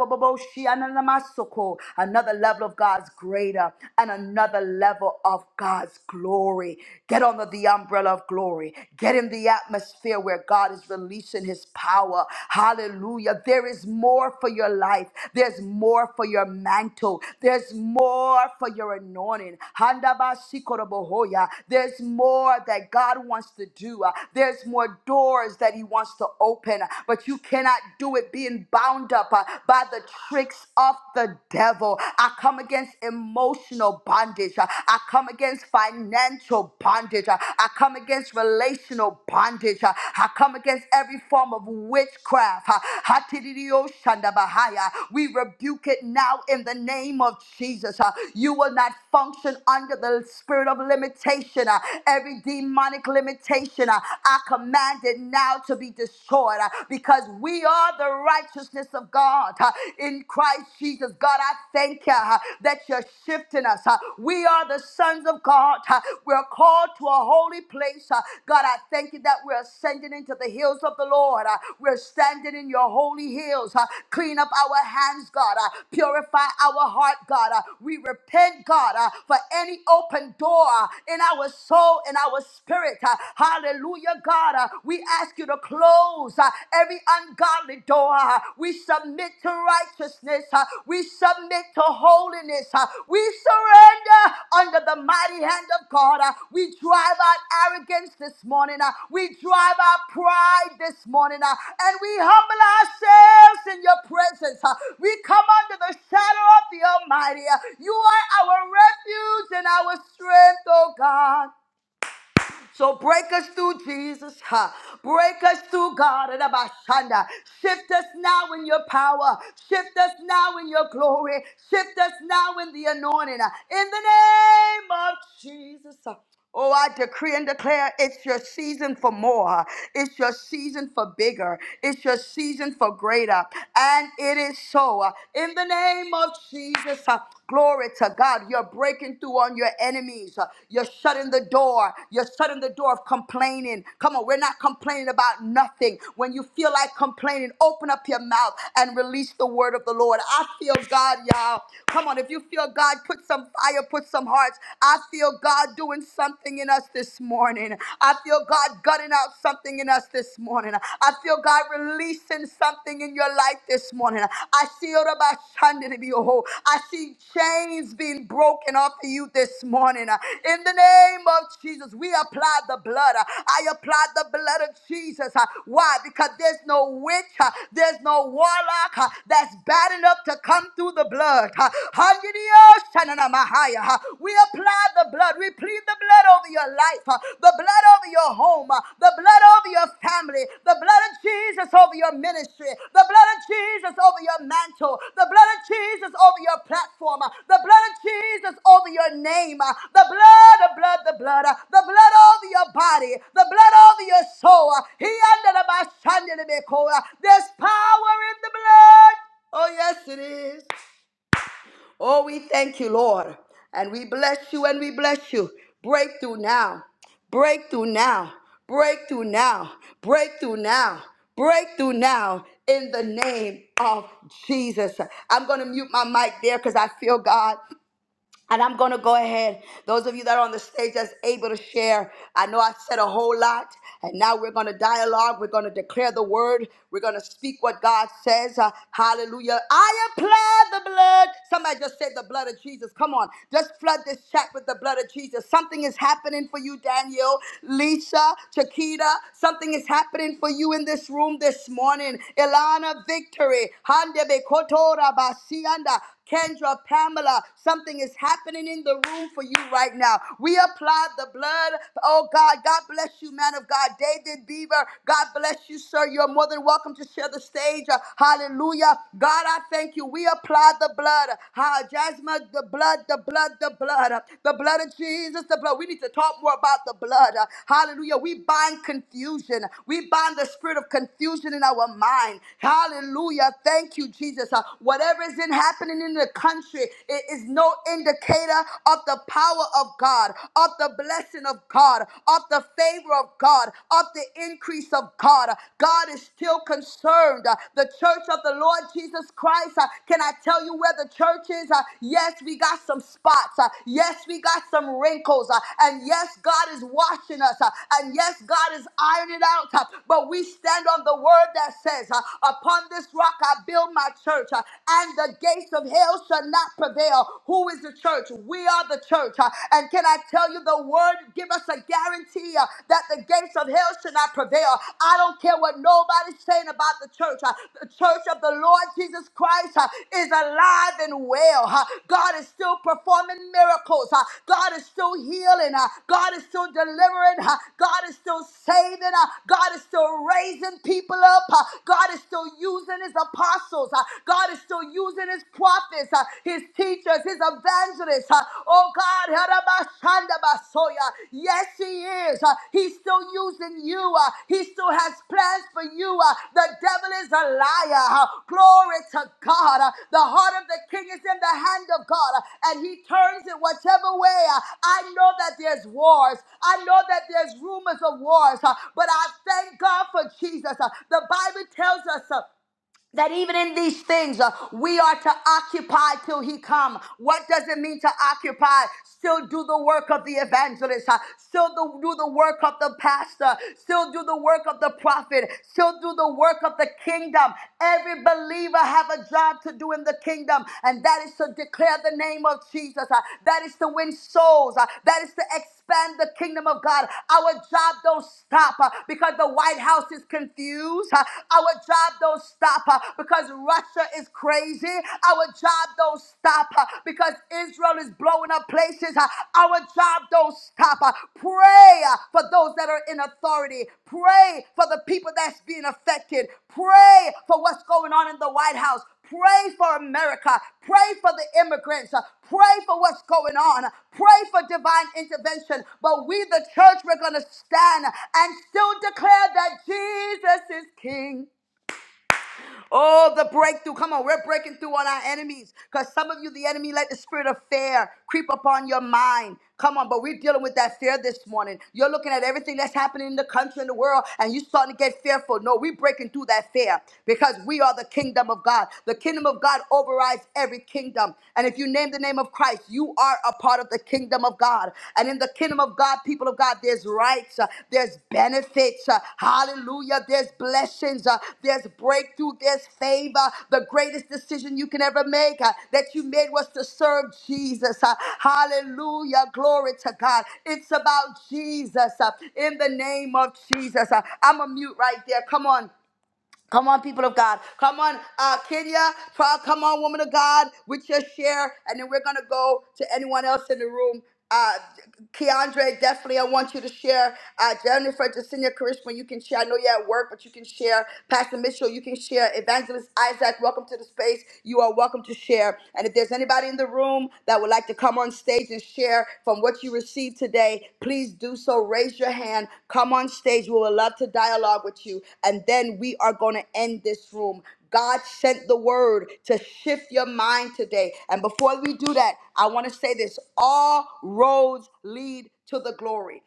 Speaker 1: another level of God's greater, and another level of God's glory. Get under the umbrella of glory. Get in the atmosphere where God God is releasing his power. Hallelujah. There is more for your life. There's more for your mantle. There's more for your anointing. Handabashikorobohoya. There's more that God wants to do. Uh, There's more doors that he wants to open, Uh, but you cannot do it being bound up uh, by the tricks of the devil. I come against emotional bondage. Uh, I come against financial bondage. Uh, I come against relational bondage. Uh, I come against every form of witchcraft. Uh, Hatididio Shandabahaya. We rebuke it now in the name of Jesus. Uh, You will not function under the spirit of limitation. Uh, Every demonic limitation, uh, I command it now to be destroyed uh, because we are the righteousness of God uh, in Christ Jesus. Jesus. God, I thank you uh, that you're shifting us. uh. We are the sons of God. uh. We're called to a holy place. uh. God, I thank you that we're ascending into the hills of the Lord. uh. We're standing in your holy hills. uh. Clean up our hands, God. uh. Purify our heart, God. uh. We repent, God, uh, for any open door uh, in our soul, in our spirit. uh. Hallelujah, God. uh. We ask you to close close uh, every ungodly door. uh, We submit to righteousness. uh, We submit to holiness. uh, We surrender under the mighty hand of God. uh, We drive out arrogance this morning. uh, We drive out pride this morning. uh, And we humble ourselves in your presence. uh, We come under the shadow of the Almighty. uh, You are our refuge and our strength, oh God. So break us through, Jesus. Ha. Break us through, God. and Abashanda. Shift us now in your power. Shift us now in your glory. Shift us now in the anointing. In the name of Jesus. Oh, I decree and declare it's your season for more. It's your season for bigger. It's your season for greater. And it is so. In the name of Jesus, uh, glory to God. You're breaking through on your enemies. Uh, You're shutting the door. You're shutting the door of complaining. Come on, we're not complaining about nothing. When you feel like complaining, open up your mouth and release the word of the Lord. I feel God, y'all. Come on, if you feel God, put some fire, put some hearts hearts. I feel God doing something in us this morning. I feel God gutting out something in us this morning. I feel God releasing something in your life this morning. I see Orabashandidibioho. I see chains being broken off of you this morning. In the name of Jesus, we apply the blood. I apply the blood of Jesus. Why? Because there's no witch, there's no warlock that's bad enough to come through the blood. We apply the blood. We plead the blood over your life, uh, the blood over your home, uh, the blood over your family, the blood of Jesus over your ministry, the blood of Jesus over your mantle, the blood of Jesus over your platform, uh, the blood of Jesus over your name, uh, the blood, the blood, the blood, uh, the blood over your body, the blood over your soul. uh, He under the There's power in the blood. Oh, yes, it is. Oh, we thank you, Lord. And we bless you and we bless you. Breakthrough now. Breakthrough now. Breakthrough now. Breakthrough now. Breakthrough now in the name of Jesus. I'm going to mute my mic there because I feel God. And I'm going to go ahead. Those of you that are on the stage that's able to share, I know I said a whole lot. And now we're going to dialogue. We're going to declare the word. We're going to speak what God says. Uh, hallelujah. I apply the blood. Somebody just said the blood of Jesus. Come on. Just flood this chat with the blood of Jesus. Something is happening for you, Daniel, Lisa, Chiquita. Something is happening for you in this room this morning. Ilana, victory. Hande kotora basianda. Kendra, Pamela, something is happening in the room for you right now. We apply the blood. Oh God, God bless you, man of God. David Beaver, God bless you, sir. You're more than welcome to share the stage. Uh, Hallelujah. God, I thank you. We apply the blood. Ha, Jasmine, the blood, the blood, the blood. Uh, The blood of Jesus, the blood. We need to talk more about the blood. Uh, Hallelujah. We bind confusion. We bind the spirit of confusion in our mind. Hallelujah. Thank you, Jesus. Uh, Whatever whatever is terrorism happening in the country It is no indicator of the power of God, of the blessing of God, of the favor of God, of the increase of God. God is still concerned. Uh, The church of the Lord Jesus Christ, uh, can I tell you where the church is? Uh, Yes, we got some spots. Uh, Yes, we got some wrinkles. Uh, And yes, God is washing us. Uh, And yes, God is ironing it out. Uh, But we stand on the word that says, uh, Upon this rock I build my church church, uh, and the gates of hell shall not prevail. Who is the church? We are the church. uh, And can I tell you, the word give us a guarantee uh, that the gates of hell shall not prevail. I don't care what nobody's saying about the church. uh, The church of the Lord Jesus Christ uh, is alive and well. uh, God is still performing miracles. uh, God is still healing. uh, God is still delivering. uh, God is still saving. uh, God is still raising people up. uh, God is still using his apostles apostles. Uh, God is still using his prophets, uh, his teachers, his evangelists. Uh, oh God, Harabashandabasoya. yes, he is. Uh, he's still using you. Uh, he still has plans for you. Uh, the devil is a liar. Uh, glory to God. Uh, the heart of the king is in the hand of God, uh, and he turns it whichever way. Uh, I know that there's wars. I know that there's rumors of wars, uh, but I thank God for Jesus. Uh, the Bible tells us. uh, that even in these things uh, we are to occupy till he come what does it mean to occupy still do the work of the evangelist uh, still do, do the work of the pastor still do the work of the prophet still do the work of the kingdom every believer have a job to do in the kingdom and that is to declare the name of jesus uh, that is to win souls uh, that is to expand the kingdom of God. Our job don't stop uh, because the White House is confused. Uh, Our job don't stop uh, because Russia is crazy. Our job don't stop uh, because Israel is blowing up places. Uh, Our job don't stop. Uh, Pray uh, for those that are in authority. Pray for the people that's being affected. Pray for what's going on in the White House. Pray for America. Pray for the immigrants. Pray for what's going on. Pray for divine intervention. But we, the church, we're going to stand and still declare that Jesus is King. Oh, the breakthrough. Come on, we're breaking through on our enemies. Because some of you, the enemy let the spirit of fear creep upon your mind. Come on, but we're dealing with that fear this morning. You're looking at everything that's happening in the country and the world, and you're starting to get fearful. No, we're breaking through that fear because we are the kingdom of God. The kingdom of God overrides every kingdom. And if you name the name of Christ, you are a part of the kingdom kingdom of God. And in the kingdom of God, people of God, there's rights, uh, there's benefits. uh, Hallelujah. There's blessings, uh, there's breakthrough, there's favor. The greatest decision you can ever make uh, that you made was to serve Jesus. uh, Hallelujah. Glory to God. It's about Jesus uh, in the name of Jesus. Uh, I'm a mute right there. Come on. Come on, people of God. Come on, uh, Kenya. Pro- Come on, woman of God, with your share. And then we're going to go to anyone else in the room. Uh, Keandre, definitely, I want you to share. Uh, Jennifer, Jacinia, Karishma, you can share. I know you're at work, but you can share. Pastor Mitchell, you can share. Evangelist Isaac, welcome to the space. You are welcome to share. And if there's anybody, anybody in the room that would like to come on stage and share from what you received today, please do so. Raise your hand. Come on stage. We would love to dialogue with you. And then we are going to end this room. God sent the word to shift your mind today. And before we do that, I want to say this all roads lead to the glory.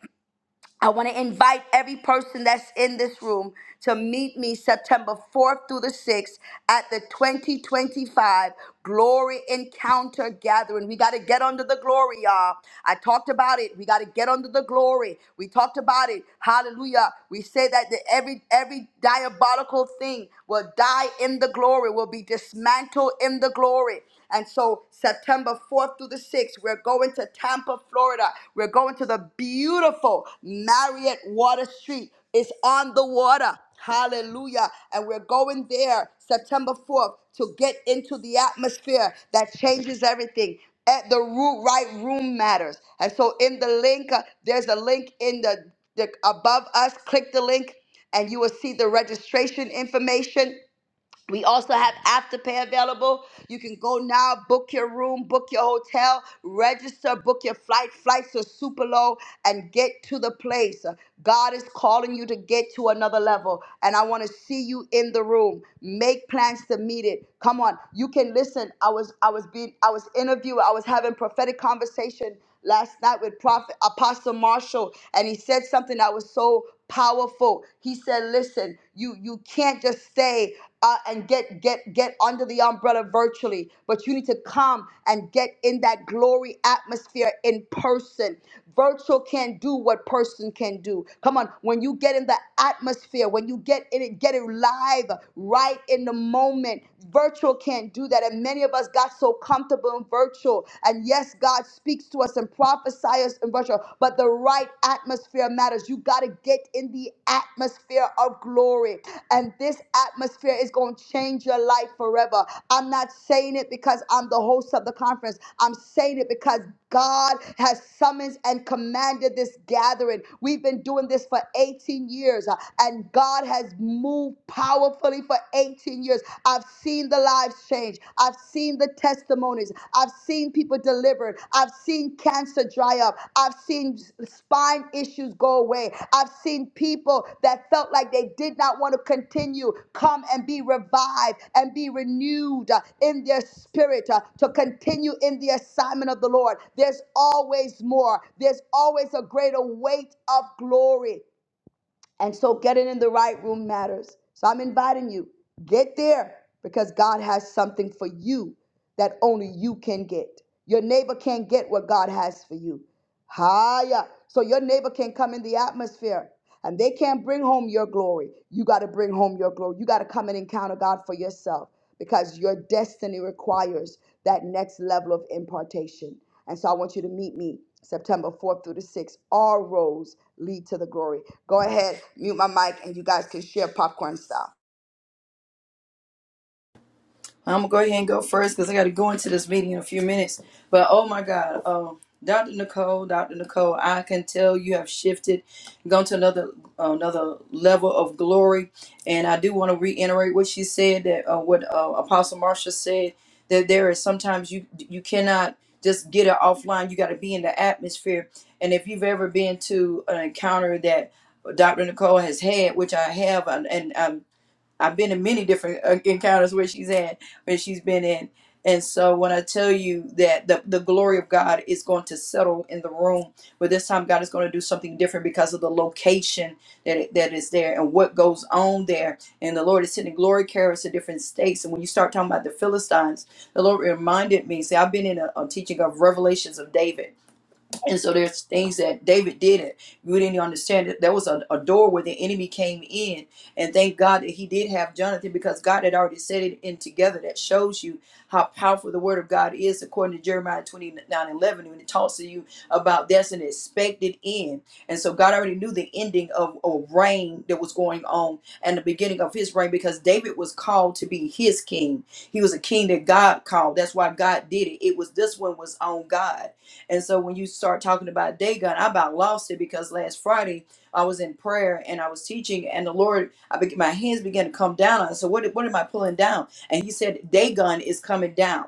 Speaker 1: I want to invite every person that's in this room to meet me September 4th through the 6th at the 2025 Glory Encounter Gathering. We got to get under the glory, y'all. I talked about it. We got to get under the glory. We talked about it. Hallelujah. We say that the, every every diabolical thing will die in the glory, will be dismantled in the glory. And so, September 4th through the 6th, we're going to Tampa, Florida. We're going to the beautiful Marriott Water Street. It's on the water. Hallelujah. And we're going there September 4th to get into the atmosphere that changes everything. At the root, right room matters. And so, in the link, uh, there's a link in the, the above us. Click the link, and you will see the registration information. We also have afterpay available. You can go now, book your room, book your hotel, register, book your flight. Flights are super low and get to the place. God is calling you to get to another level. And I want to see you in the room. Make plans to meet it. Come on. You can listen. I was I was being I was interviewed. I was having prophetic conversation last night with Prophet Apostle Marshall, and he said something that was so powerful. He said, "Listen, you you can't just stay uh, and get get get under the umbrella virtually but you need to come and get in that glory atmosphere in person virtual can not do what person can do come on when you get in the atmosphere when you get in it get it live right in the moment virtual can't do that and many of us got so comfortable in virtual and yes god speaks to us and prophesies in virtual but the the right atmosphere matters. You got to get in the atmosphere of glory. And this atmosphere is going to change your life forever. I'm not saying it because I'm the host of the conference. I'm saying it because God has summoned and commanded this gathering. We've been doing this for 18 years, uh, and God has moved powerfully for 18 years. I've seen the lives change change. I've seen the testimonies. I've seen people delivered. I've seen cancer dry up. I've seen spine issues go away. I've seen people that felt like they did not want to continue come and be revived and be renewed uh, in their spirit uh, to continue in the assignment of the Lord. There's always more, there's always a greater weight of glory. And so getting in the right room matters. So I'm inviting you, get there because God has something for you that only you can get. Your neighbor can't get what God has for you. Higher. So your neighbor can come in the atmosphere and they can't bring home your glory. You got to bring home your glory. You got to come and encounter God for yourself because your destiny requires that next level of impartation. And so I want you to meet me September 4th through the 6th. All roads lead to the glory. Go ahead, mute my mic, and you guys can share popcorn style.
Speaker 2: I'm gonna go ahead and go first because I got to go into this meeting in a few minutes. But oh my God, um, Dr. Nicole, Dr. Nicole, I can tell you have shifted, gone to another another level of glory. And I do want to reiterate what she said that uh, what uh, Apostle Marsha said that there is sometimes you you cannot just get it offline. You got to be in the atmosphere. And if you've ever been to an encounter that Dr. Nicole has had, which I have, and, and i I've been in many different uh, encounters where she's in, where she's been in. And so when I tell you that the, the glory of God is going to settle in the room, but this time God is going to do something different because of the location that, it, that is there and what goes on there. And the Lord is sending glory carriers to different states. And when you start talking about the Philistines, the Lord reminded me, see, I've been in a, a teaching of Revelations of David. And so there's things that David didn't. We didn't understand that there was a, a door where the enemy came in. And thank God that he did have Jonathan because God had already set it in together. That shows you how powerful the word of God is according to Jeremiah 29 11. When it talks to you about that's an expected end. And so God already knew the ending of a reign that was going on and the beginning of his reign because David was called to be his king. He was a king that God called. That's why God did it. It was this one was on God and so when you start talking about Dagon, I about lost it because last Friday I was in prayer and I was teaching, and the Lord, I be, my hands began to come down. I said, what, what am I pulling down? And He said, Dagon is coming down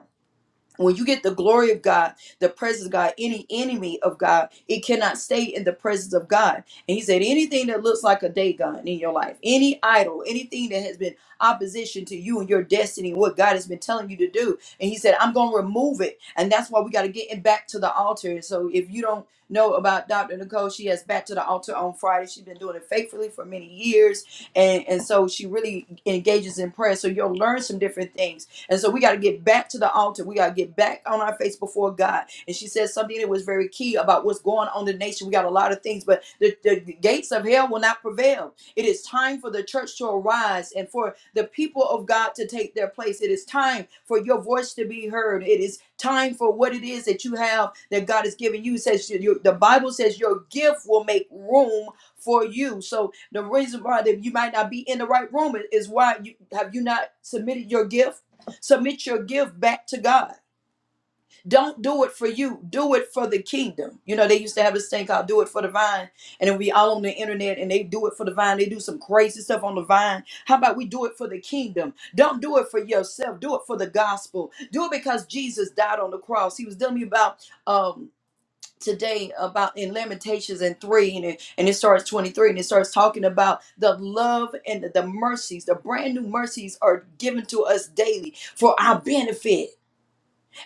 Speaker 2: when you get the glory of God, the presence of God, any enemy of God, it cannot stay in the presence of God. And he said, anything that looks like a Dagon in your life, any idol, anything that has been opposition to you and your destiny, what God has been telling you to do. And he said, I'm going to remove it. And that's why we got to get it back to the altar. And so if you don't know about Dr. Nicole, she has back to the altar on Friday. She's been doing it faithfully for many years. And, and so she really engages in prayer. So you'll learn some different things and so we got to get back to the altar. We got to get back on our face before God. And she said something that was very key about what's going on in the nation. We got a lot of things, but the, the gates of hell will not prevail. It is time for the church to arise and for the people of God to take their place. It is time for your voice to be heard. It is time for what it is that you have that God has given you. It says your- the Bible says your gift will make room for you. So the reason why that you might not be in the right room is why you have you not submitted your gift Submit your gift back to God. Don't do it for you. Do it for the kingdom. You know, they used to have this thing called do it for the vine. And then we all on the internet and they do it for the vine. They do some crazy stuff on the vine. How about we do it for the kingdom? Don't do it for yourself. Do it for the gospel. Do it because Jesus died on the cross. He was telling me about um today about in Lamentations and three and it, and it starts 23 and it starts talking about the love and the the mercies. The brand new mercies are given to us daily for our benefit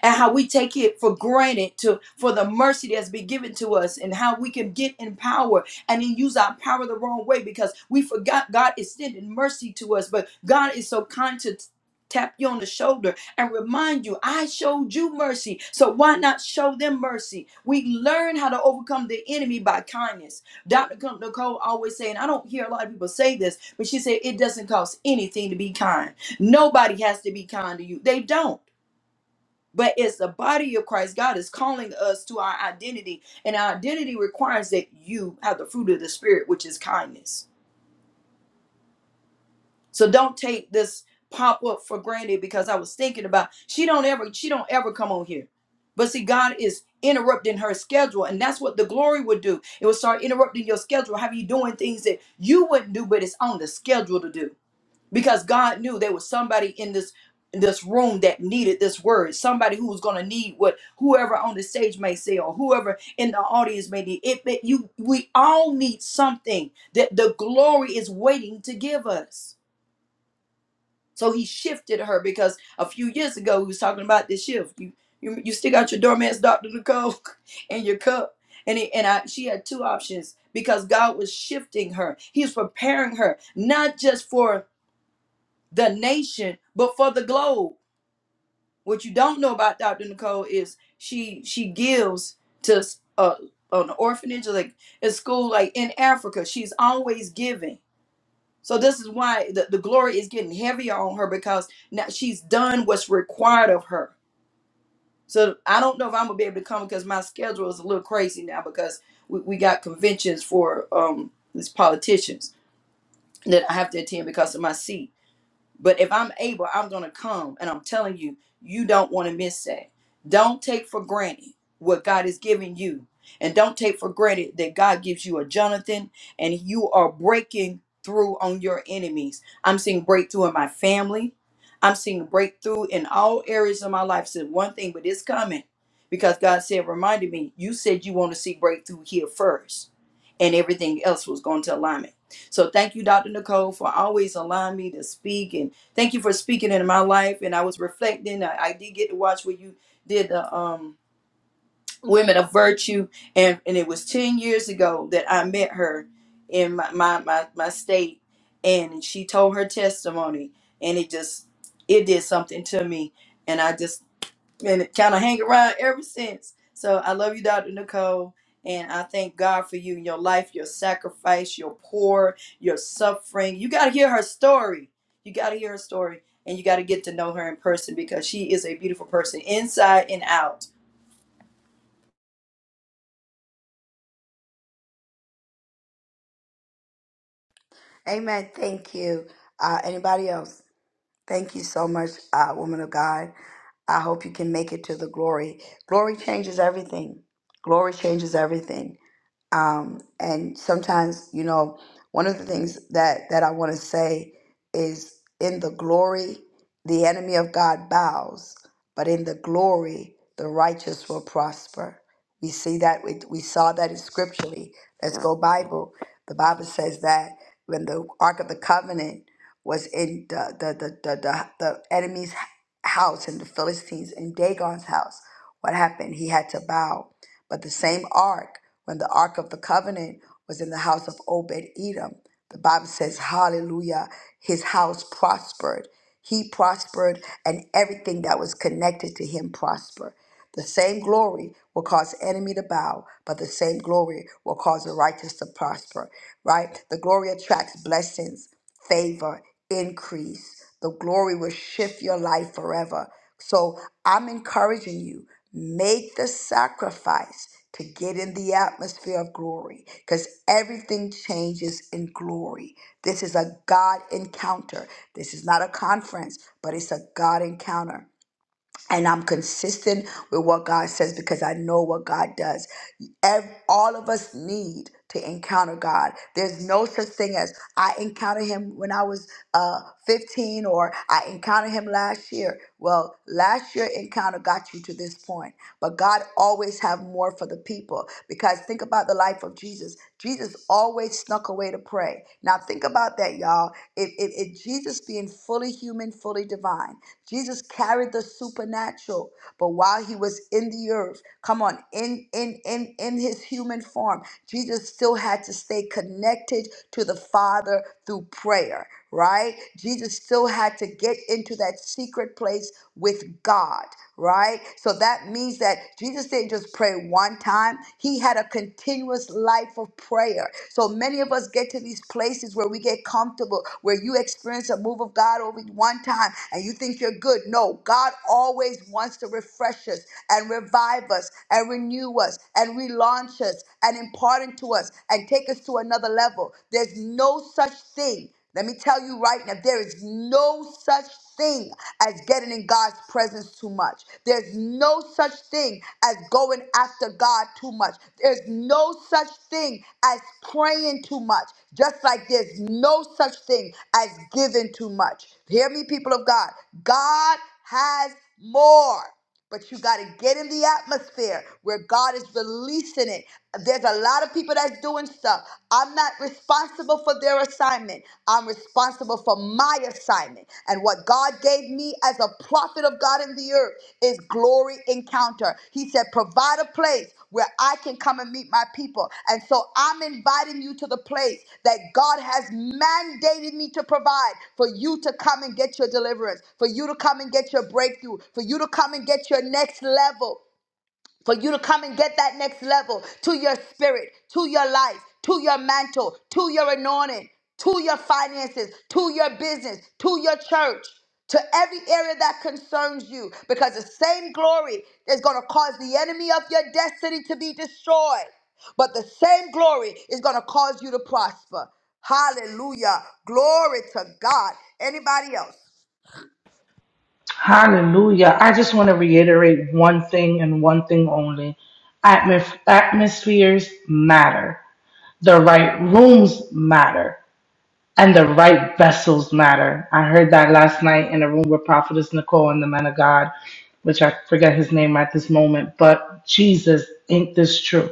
Speaker 2: and how we take it for granted to for the mercy that's been given to us and how we can get in power and then use our power the wrong way because we forgot God extended mercy to us but God is so kind to t- tap you on the shoulder and remind you I showed you mercy so why not show them mercy we learn how to overcome the enemy by kindness Dr. Nicole always saying I don't hear a lot of people say this but she said it doesn't cost anything to be kind nobody has to be kind to you they don't but as the body of Christ, God is calling us to our identity, and our identity requires that you have the fruit of the Spirit, which is kindness. So don't take this pop up for granted because I was thinking about she don't ever she don't ever come on here. But see, God is interrupting her schedule, and that's what the glory would do. It would start interrupting your schedule, have you doing things that you wouldn't do, but it's on the schedule to do because God knew there was somebody in this this room that needed this word somebody who was going to need what whoever on the stage may say or whoever in the audience may need it, it you we all need something that the glory is waiting to give us so he shifted her because a few years ago we was talking about this shift you you, you stick out your doormat's dr nicole (laughs) and your cup and it, and I, she had two options because god was shifting her he was preparing her not just for the nation, but for the globe. What you don't know about Dr. Nicole is she she gives to uh, an orphanage, like a school, like in Africa. She's always giving. So this is why the, the glory is getting heavier on her because now she's done what's required of her. So I don't know if I'm gonna be able to come because my schedule is a little crazy now because we, we got conventions for um these politicians that I have to attend because of my seat But if I'm able, I'm going to come. And I'm telling you, you don't want to miss that. Don't take for granted what God is giving you. And don't take for granted that God gives you a Jonathan and you are breaking through on your enemies. I'm seeing breakthrough in my family. I'm seeing breakthrough in all areas of my life. Said one thing, but it's coming because God said, reminded me, you said you want to see breakthrough here first and everything else was going to alignment. So thank you, Dr. Nicole, for always allowing me to speak and thank you for speaking into my life. And I was reflecting. I, I did get to watch where you did the um Women of Virtue and, and it was 10 years ago that I met her in my, my my my state and she told her testimony and it just it did something to me. And I just and kind of hang around ever since. So I love you, Dr. Nicole, and I thank God for you and your life, your sacrifice, your poor, your suffering. You got to hear her story. You got to hear her story, and you got to get to know her in person because she is a beautiful person inside and out
Speaker 1: Amen. Thank you. Uh, anybody else? Thank you so much, uh, woman of God. I hope you can make it to the glory. Glory changes everything. Glory changes everything um, and sometimes you know one of the things that that i want to say is in the glory the enemy of god bows but in the glory the righteous will prosper we see that we, we saw that in scripturally let's go bible the bible says that when the ark of the covenant was in the the the, the, the, the enemy's house in the philistines in dagon's house what happened he had to bow but the same ark when the Ark of the Covenant was in the house of Obed Edom, the Bible says, Hallelujah, his house prospered. He prospered, and everything that was connected to him prospered. The same glory will cause enemy to bow, but the same glory will cause the righteous to prosper, right? The glory attracts blessings favor, increase. The glory will shift your life forever. So I'm encouraging you, make the sacrifice to get in the atmosphere of glory because everything changes in glory. This is a God encounter. This is not a conference, but it's a God encounter and I'm consistent with what God says because I know what God does. Ev- all of us need to encounter God. There's no such thing as I encountered Him when I was uh, 15 or I encountered Him last year. Well, last year encounter got you to this point, but God always have more for the people because think about the life of Jesus. Jesus always snuck away to pray. Now think about that, y'all. If, if, if Jesus being fully human, fully divine Jesus carried the supernatural, but while he was in the earth, come on, in in in in his human form, Jesus still had to stay connected to the Father through prayer, right? Jesus still had to get into that secret place with God, right? So that means that Jesus didn't just pray one time, he had a continuous life of prayer so many of us get to these places where we get comfortable, where you experience a move of God over one time and you think you're good. No, God always wants to refresh us and revive us and renew us and relaunch us and impart into us and take us to another level. There's no such thing let me tell you right now, there is no such thing as getting in God's presence too much. There's no such thing as going after God too much. There's no such thing as praying too much. Just like there's no such thing as giving too much. Hear me, people of God. God has more. But you got to get in the atmosphere where God is releasing it. There's a lot of people that's doing stuff. I'm not responsible for their assignment. I'm responsible for my assignment. And what God gave me as a prophet of God in the earth is glory encounter. He said, Provide a place where I can come and meet my people. And so I'm inviting you to the place that God has mandated me to provide for you to come and get your deliverance, for you to come and get your breakthrough, for you to come and get your next level for you to come and get that next level to your spirit, to your life, to your mantle, to your anointing, to your finances, to your business, to your church, to every area that concerns you. Because the same glory is going to cause the enemy of your destiny to be destroyed, but the same glory is going to cause you to prosper. Hallelujah. Glory to God. Anybody else?
Speaker 4: Hallelujah. I just want to reiterate one thing and one thing only. Atmos- atmospheres matter. The right rooms matter. And the right vessels matter. I heard that last night in a room with Prophetess Nicole and the men of God. which I forget his name at this moment, but Jesus, ain't this true?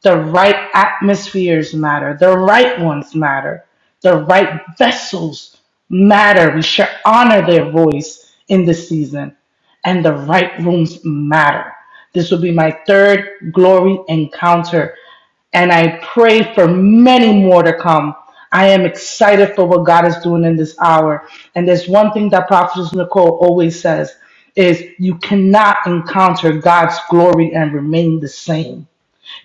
Speaker 4: The right atmospheres matter, the right ones matter, the right vessels matter. We should honor their voice in this season, and the right rooms matter. This will be my third glory encounter and I pray for many more to come. I am excited for what God is doing in this hour. And there's one thing that Prophetess Nicole always says is you cannot encounter God's glory and remain the same.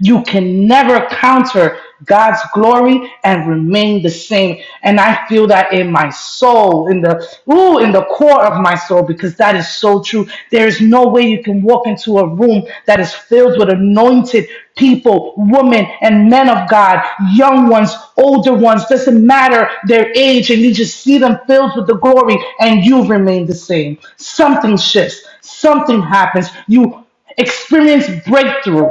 Speaker 4: You can never counter God's glory and remain the same. And I feel that in my soul, in the ooh, in the core of my soul, because that is so true. There is no way you can walk into a room that is filled with anointed people, women and men of God, young ones, older ones, doesn't matter their age, and you just see them filled with the glory, and you remain the same. Something shifts, something happens. You experience breakthrough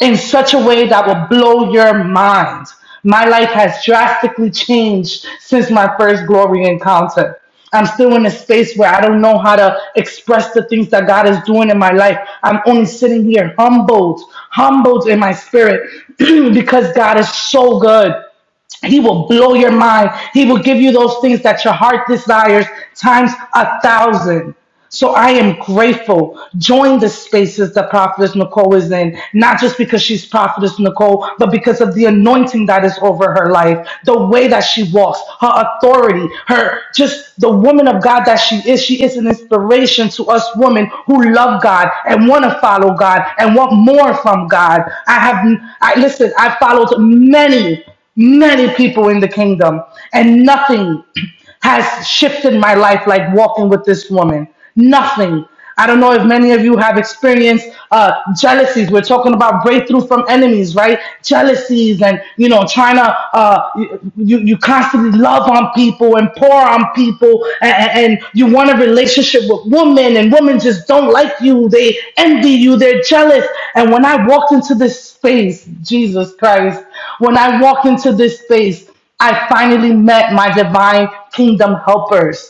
Speaker 4: in such a way that will blow your mind. My life has drastically changed since my first glory encounter. I'm still in a space where I don't know how to express the things that God is doing in my life. I'm only sitting here humbled, humbled in my spirit (clears throat) because God is so good. He will blow your mind. He will give you those things that your heart desires times a thousand. So I am grateful. Join the spaces that Prophetess Nicole is in, not just because she's Prophetess Nicole, but because of the anointing that is over her life, the way that she walks, her authority, her just the woman of God that she is. She is an inspiration to us women who love God and want to follow God and want more from God. I have, I listen, I followed many, many people in the kingdom and nothing (clears throat) has shifted my life like walking with this woman. Nothing. I don't know if many of you have experienced uh, jealousies. We're talking about breakthrough from enemies, right? Jealousies and, you know, trying to, uh, you, you constantly love on people and pour on people and, and you want a relationship with women and women just don't like you. They envy you. They're jealous. And when I walked into this space, Jesus Christ, when I walked into this space, I finally met my divine kingdom helpers.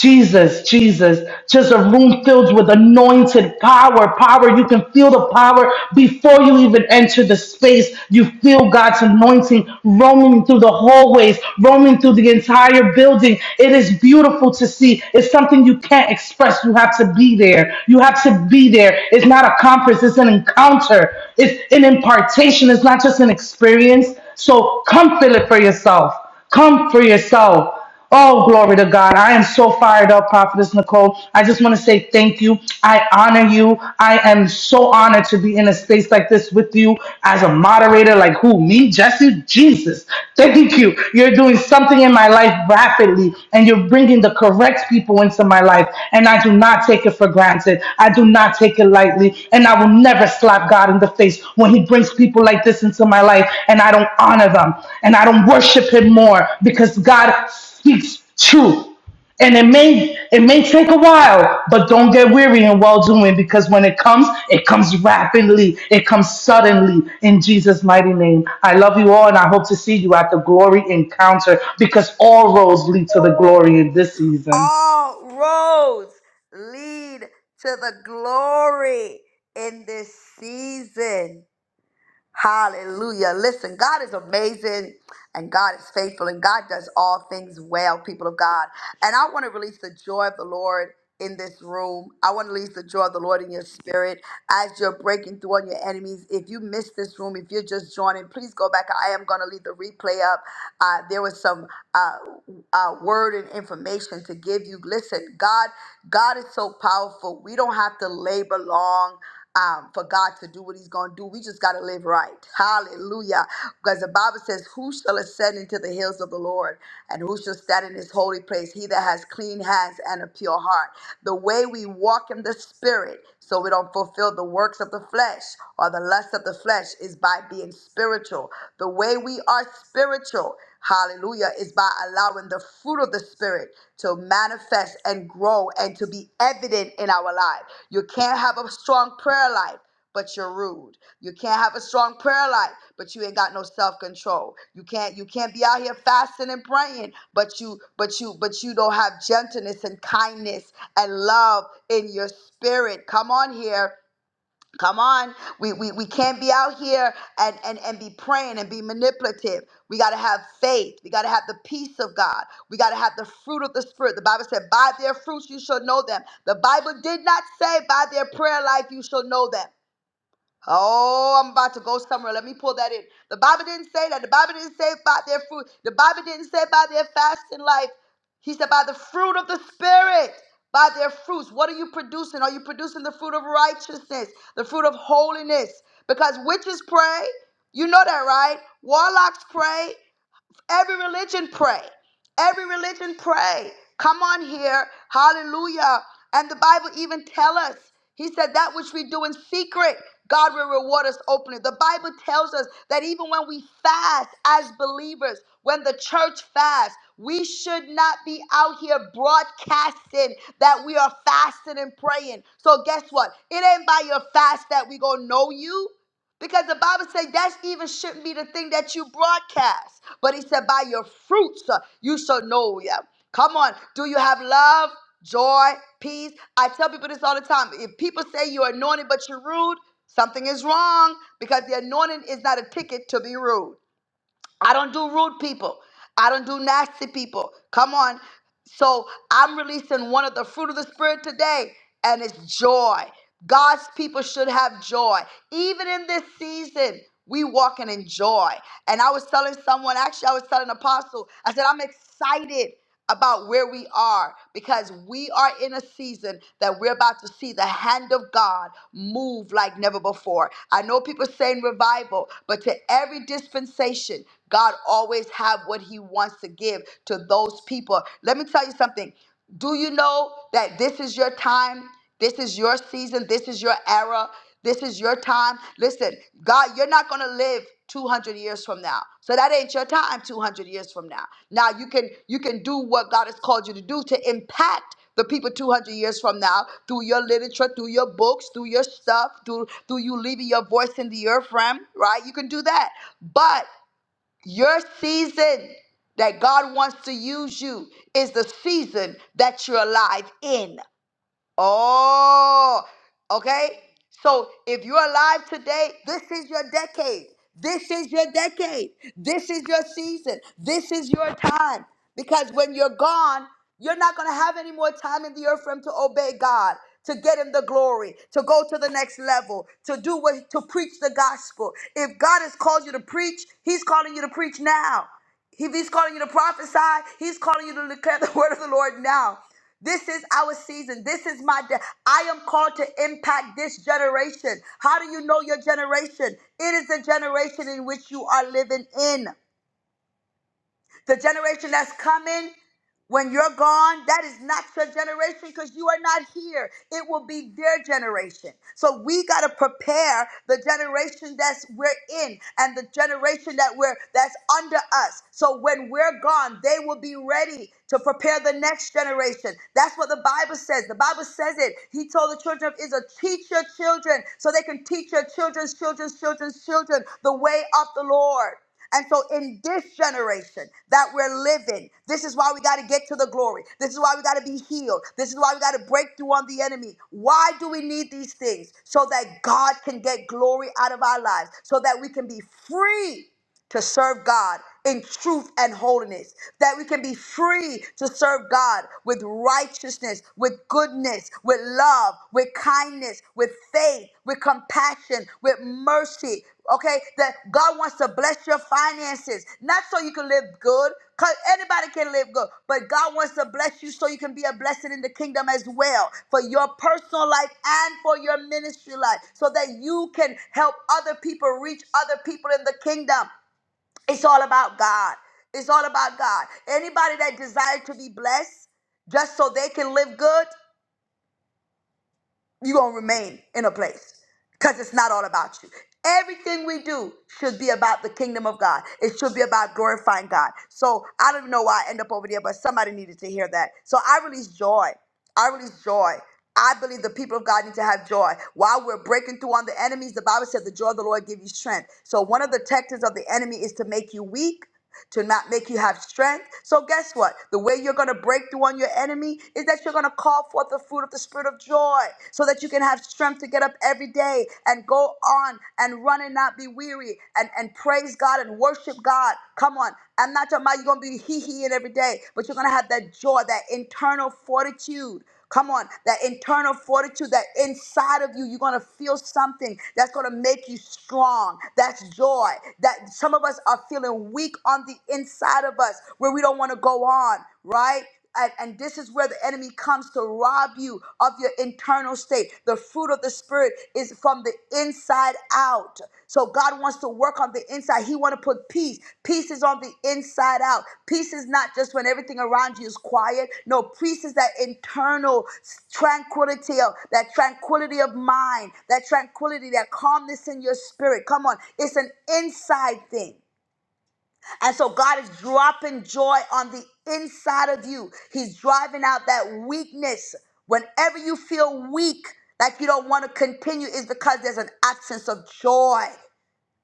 Speaker 4: Jesus, Jesus, just a room filled with anointed power, power. You can feel the power before you even enter the space. You feel God's anointing roaming through the hallways, roaming through the entire building. It is beautiful to see. It's something you can't express. You have to be there. You have to be there. It's not a conference. It's an encounter. It's an impartation. It's not just an experience. So come feel it for yourself. Come for yourself. Oh, glory to God. I am so fired up, Prophetess Nicole. I just want to say thank you. I honor you. I am so honored to be in a space like this with you as a moderator. Like who? Me? Jesse? Jesus. Thank you. You're doing something in my life rapidly and you're bringing the correct people into my life. And I do not take it for granted. I do not take it lightly. And I will never slap God in the face when he brings people like this into my life and I don't honor them and I don't worship him more because God speaks truth. And it may it may take a while, but don't get weary in well doing because when it comes, it comes rapidly, it comes suddenly in Jesus' mighty name. I love you all and I hope to see you at the glory encounter because all roads lead to the glory in this season.
Speaker 1: all roads lead to the glory in this season. Hallelujah. Listen, God is amazing and God is faithful and God does all things well, people of God. And I want to release the joy of the Lord in this room. I want to release the joy of the Lord in your spirit as you're breaking through on your enemies. If you missed this room, if you're just joining, please go back. I am going to leave the replay up. Uh, there was some uh, uh, word and information to give you. Listen, God, God is so powerful. We don't have to labor long um, for God to do what He's going to do. We just got to live right. Hallelujah. Because the Bible says, Who shall ascend into the hills of the Lord? And who shall stand in His holy place? He that has clean hands and a pure heart. The way we walk in the Spirit, so we don't fulfill the works of the flesh or the lust of the flesh, is by being spiritual. The way we are spiritual Hallelujah. Is by allowing the fruit of the Spirit to manifest and grow and to be evident in our life. You can't have a strong prayer life but you're rude. You can't have a strong prayer life, but you ain't got no self-control. You can't you can't be out here fasting and praying, but you but you but you don't have gentleness and kindness and love in your spirit. Come on here. Come on. We, we, we can't be out here and, and, and be praying and be manipulative. We got to have faith. We got to have the peace of God. We got to have the fruit of the Spirit. The Bible said, By their fruits you shall know them. The Bible did not say, By their prayer life you shall know them. Oh, I'm about to go somewhere. Let me pull that in. The Bible didn't say that. The Bible didn't say about their fruit. The Bible didn't say about their fasting life. He said by the fruit of the Spirit, by their fruits. What are you producing? Are you producing the fruit of righteousness, the fruit of holiness? Because witches pray. You know that, right? Warlocks pray. Every religion pray. Every religion pray. Come on here. Hallelujah. And the Bible even tell us. He said that which we do in secret, God will reward us openly. The Bible tells us that even when we fast as believers, when the church fasts, we should not be out here broadcasting that we are fasting and praying. So guess what? It ain't by your fast that we gonna know you. Because the Bible says that even shouldn't be the thing that you broadcast. But he said, by your fruits uh, you shall know them. Come on. Do you have love, joy, peace? I tell people this all the time. If people say you're anointed but you're rude, something is wrong because the anointing is not a ticket to be rude. I don't do rude people. I don't do nasty people. Come on. So I'm releasing one of the fruit of the Spirit today, and it's joy. God's people should have joy. Even in this season, we walking in joy. And I was telling someone, actually, I was telling Apostle, I said, I'm excited about where we are because we are in a season that we're about to see the hand of God move like never before. I know people saying revival, but to every dispensation, God always have what he wants to give to those people. Let me tell you something. Do you know that this is your time? This is your season. This is your era. This is your time. Listen, God, you're not going to live 200 years from now. So that ain't your time 200 years from now. Now you can you can do what God has called you to do to impact the people 200 years from now through your literature, through your books, through your stuff, through through you leaving your voice in the earth realm, right? You can do that. But your season that God wants to use you is the season that you're alive in. Oh, okay. So if you're alive today, this is your decade. This is your decade. This is your season. This is your time. Because when you're gone, you're not going to have any more time in the earth for him to obey God, to get him the glory, to go to the next level, to do what, to preach the gospel. If God has called you to preach, he's calling you to preach now. If he's calling you to prophesy, he's calling you to declare the (laughs) word of the Lord now. This is our season. This is my day. I am called to impact this generation. How do you know your generation? It is the generation in which you are living in. The generation that's coming when you're gone, that is not your generation because you are not here. It will be their generation. So we got to prepare the generation that's we're in and the generation that we're that's under us. So when we're gone, they will be ready to prepare the next generation. That's what the Bible says. The Bible says it. He told the children of Israel, teach your children so they can teach your children's children's children's children the way of the Lord. And so, in this generation that we're living, this is why we got to get to the glory. This is why we got to be healed. This is why we got to break through on the enemy. Why do we need these things? So that God can get glory out of our lives, so that we can be free to serve God in truth and holiness, that we can be free to serve God with righteousness, with goodness, with love, with kindness, with faith, with compassion, with mercy. Okay, that God wants to bless your finances, not so you can live good, because anybody can live good, but God wants to bless you so you can be a blessing in the kingdom as well for your personal life and for your ministry life, so that you can help other people reach other people in the kingdom. It's all about God. It's all about God. Anybody that desires to be blessed just so they can live good, you're going to remain in a place because it's not all about you. Everything we do should be about the kingdom of God. It should be about glorifying God. So I don't know why I end up over there, but somebody needed to hear that. So I release joy. I release joy. I believe the people of God need to have joy. While we're breaking through on the enemies, the Bible said the joy of the Lord gives you strength. So one of the tactics of the enemy is to make you weak to not make you have strength. So guess what? The way you're going to break through on your enemy is that you're going to call forth the fruit of the spirit of joy so that you can have strength to get up every day and go on and run and not be weary and, and praise God and worship God. Come on. I'm not talking about you're going to be hee-heeing every day, but you're going to have that joy, that internal fortitude Come on, that internal fortitude, that inside of you, you're gonna feel something that's gonna make you strong. That's joy. That some of us are feeling weak on the inside of us where we don't wanna go on, right? And, and this is where the enemy comes to rob you of your internal state. The fruit of the Spirit is from the from the inside out. So God wants to work on the inside. He want to put peace. Peace is on the inside out. Peace is not just when everything around you is quiet. No, peace is that internal tranquility, of, that tranquility of mind, that tranquility, that calmness in your spirit. Come on, it's an inside thing. And so God is dropping joy on the inside of you. He's driving out that weakness. Whenever you feel weak, like you don't want to continue, is because there's an absence of joy.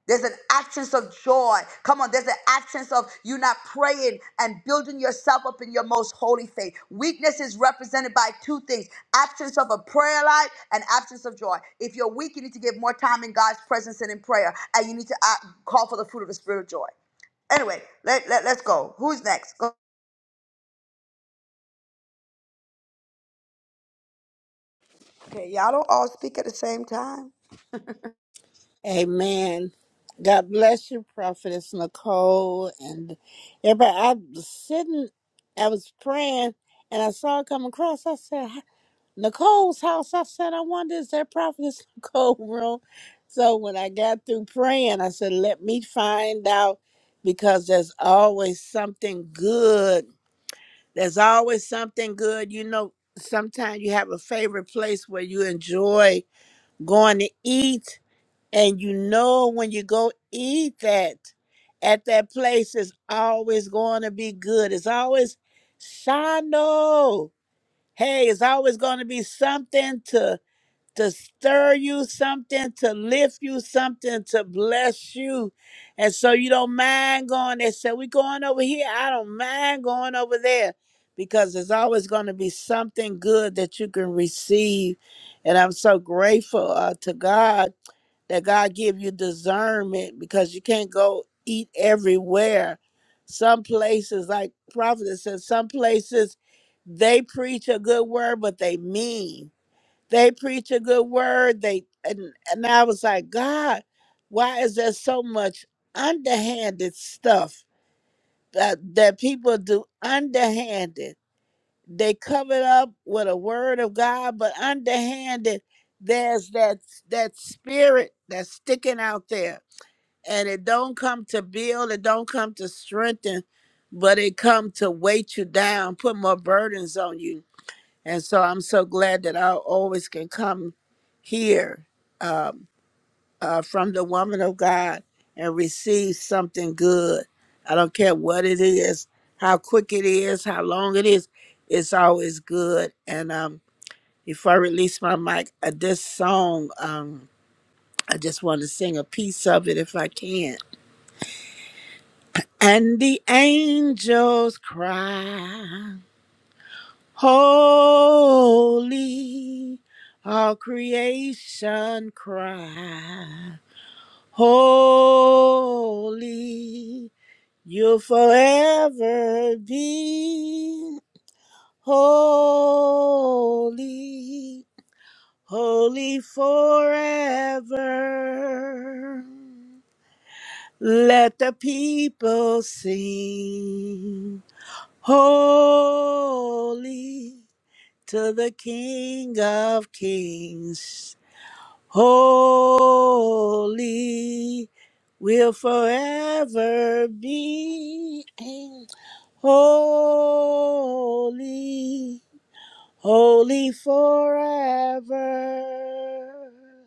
Speaker 1: There's an absence of joy. Come on, there's an absence of you not praying and building yourself up in your most holy faith. Weakness is represented by two things absence of a prayer life and absence of joy. If you're weak, you need to give more time in God's presence and in prayer, and you need to uh, call for the fruit of the spirit of joy. Anyway, let, let, let's go. Who's next? Go. Okay, y'all don't all speak at the same time.
Speaker 8: Amen. God bless you, Prophetess Nicole. And everybody, I was sitting, I was praying, and I saw it come across. I said, "H- Nicole's house. I said, I wonder, is that Prophetess (laughs) Nicole room? So when I got through praying, I said, let me find out because there's always something good. There's always something good. You know, sometimes you have a favorite place where you enjoy going to eat and you know when you go eat that at that place, it's always going to be good. It's always shano. Hey, it's always going to be something to to stir you, something to lift you, something to bless you. And so you don't mind going there. So we going over here. I don't mind going over there because there's always going to be something good that you can receive. And I'm so grateful uh, to God that God give you discernment because you can't go eat everywhere. Some places, like Prophet says, some places they preach a good word, but they mean. They preach a good word. They and, and I was like, God, why is there so much underhanded stuff that that people do underhanded? they cover it up with a word of God, but underhanded, there's that that spirit that's sticking out there, and it don't come to build, it don't come to strengthen, but it come to weight you down, put more burdens on you. And so I'm so glad that I always can come here um, uh, from the woman of God and receive something good. I don't care what it is, how quick it is, how long it is, it's always good. And um, before I release my mic, uh, this song, um, I just want to sing a piece of it if I can. And the angels cry, Holy, all creation cry, Holy. You'll forever be holy, holy forever. Let the people sing, holy to the King of Kings. Holy will forever be. Holy, holy forever.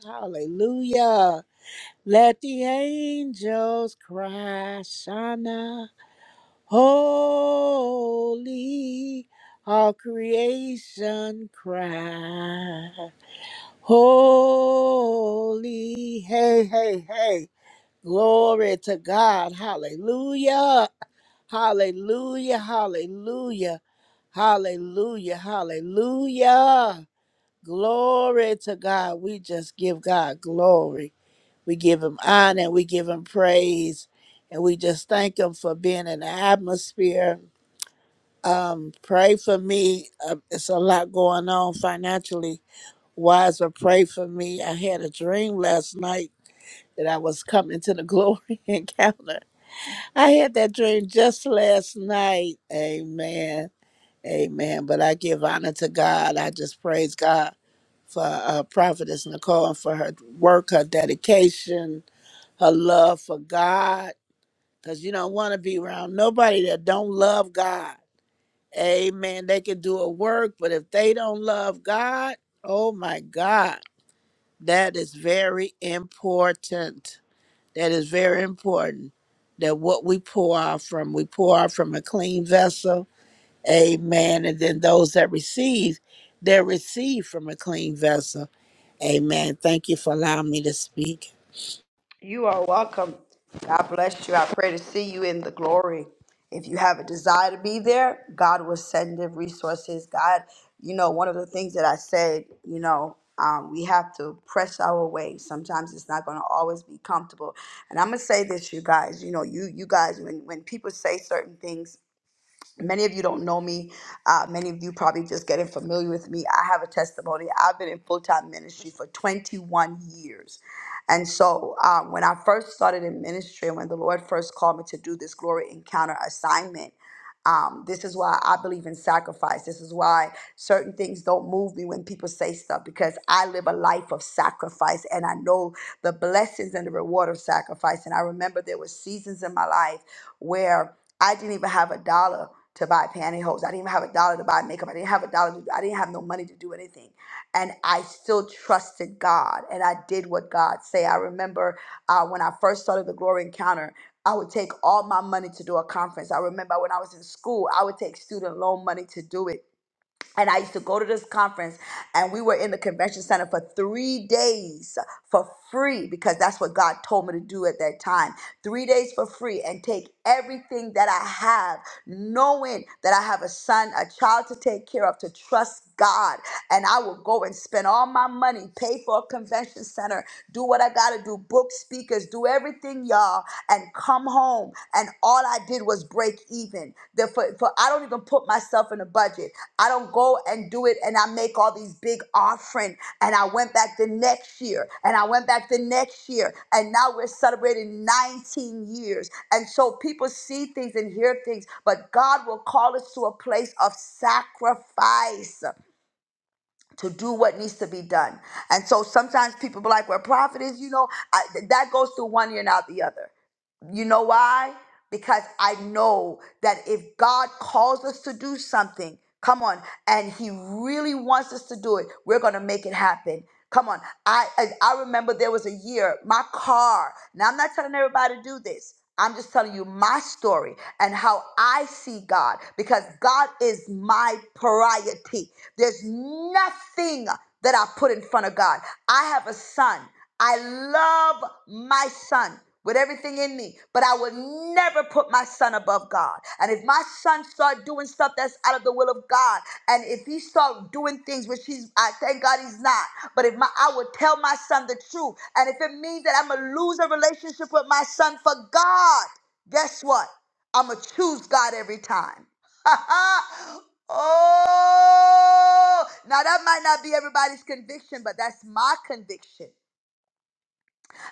Speaker 8: Hallelujah. Let the angels cry, Shana. Holy, all creation cry. Holy, hey, hey, hey. Glory to God. Hallelujah. Hallelujah, hallelujah, hallelujah, hallelujah. Glory to God. We just give God glory. We give him honor and we give him praise. And we just thank him for being in the atmosphere. Um, pray for me. Uh, it's a lot going on financially wise, but pray for me. I had a dream last night that I was coming to the glory (laughs) encounter. I had that dream just last night. Amen. Amen. But I give honor to God. I just praise God for uh, Prophetess Nicole and for her work, her dedication, her love for God. Because you don't want to be around nobody that don't love God. Amen. They can do a work, but if they don't love God, oh my God, that is very important. That is very important. That what we pour out from, we pour out from a clean vessel Amen. And then those that receive, they are received from a clean vessel. Amen. Thank you for allowing me to speak.
Speaker 1: You are welcome. God bless you. I pray to see you in the glory. If you have a desire to be there, God will send the resources. God, you know, one of the things that I said, you know, um, we have to press our way. Sometimes it's not going to always be comfortable. And I'm gonna say this, you guys. You know, you you guys, when when people say certain things Many of you don't know me. Uh, many of you probably just getting familiar with me. I have a testimony. I've been in full time ministry for 21 years. And so um, when I first started in ministry, when the Lord first called me to do this glory encounter assignment, um, this is why I believe in sacrifice. This is why certain things don't move me when people say stuff because I live a life of sacrifice and I know the blessings and the reward of sacrifice. And I remember there were seasons in my life where I didn't even have a dollar to buy pantyhose. I didn't even have a dollar to buy makeup. I didn't have a dollar. To, I didn't have no money to do anything, and I still trusted God, and I did what God say. I remember uh, when I first started the Glory Encounter. I would take all my money to do a conference. I remember when I was in school, I would take student loan money to do it. And I used to go to this conference, and we were in the convention center for three days for free because that's what God told me to do at that time. Three days for free and take everything that I have, knowing that I have a son, a child to take care of, to trust God and I will go and spend all my money, pay for a convention center, do what I got to do, book speakers, do everything, y'all, and come home. And all I did was break even. Therefore, for, I don't even put myself in a budget. I don't go and do it and I make all these big offering. And I went back the next year and I went back the next year. And now we're celebrating 19 years. And so people see things and hear things, but God will call us to a place of sacrifice to do what needs to be done. And so sometimes people be like, well, prophet is, you know, I, th- that goes through one ear and out the other. You know why? Because I know that if God calls us to do something, come on, and He really wants us to do it, we're gonna make it happen. Come on. I I I remember there was a year, my car. Now I'm not telling everybody to do this. I'm just telling you my story and how I see God because God is my priority. There's nothing that I put in front of God. I have a son. I love my son with everything in me, but I would never put my son above God. And if my son start doing stuff that's out of the will of God, and if he start doing things which he's, I thank God he's not. But if my, I would tell my son the truth, and if it means that I'm gonna lose a relationship with my son for God, guess what? I'm gonna choose God every time. (laughs) oh, now that might not be everybody's conviction, but that's my conviction.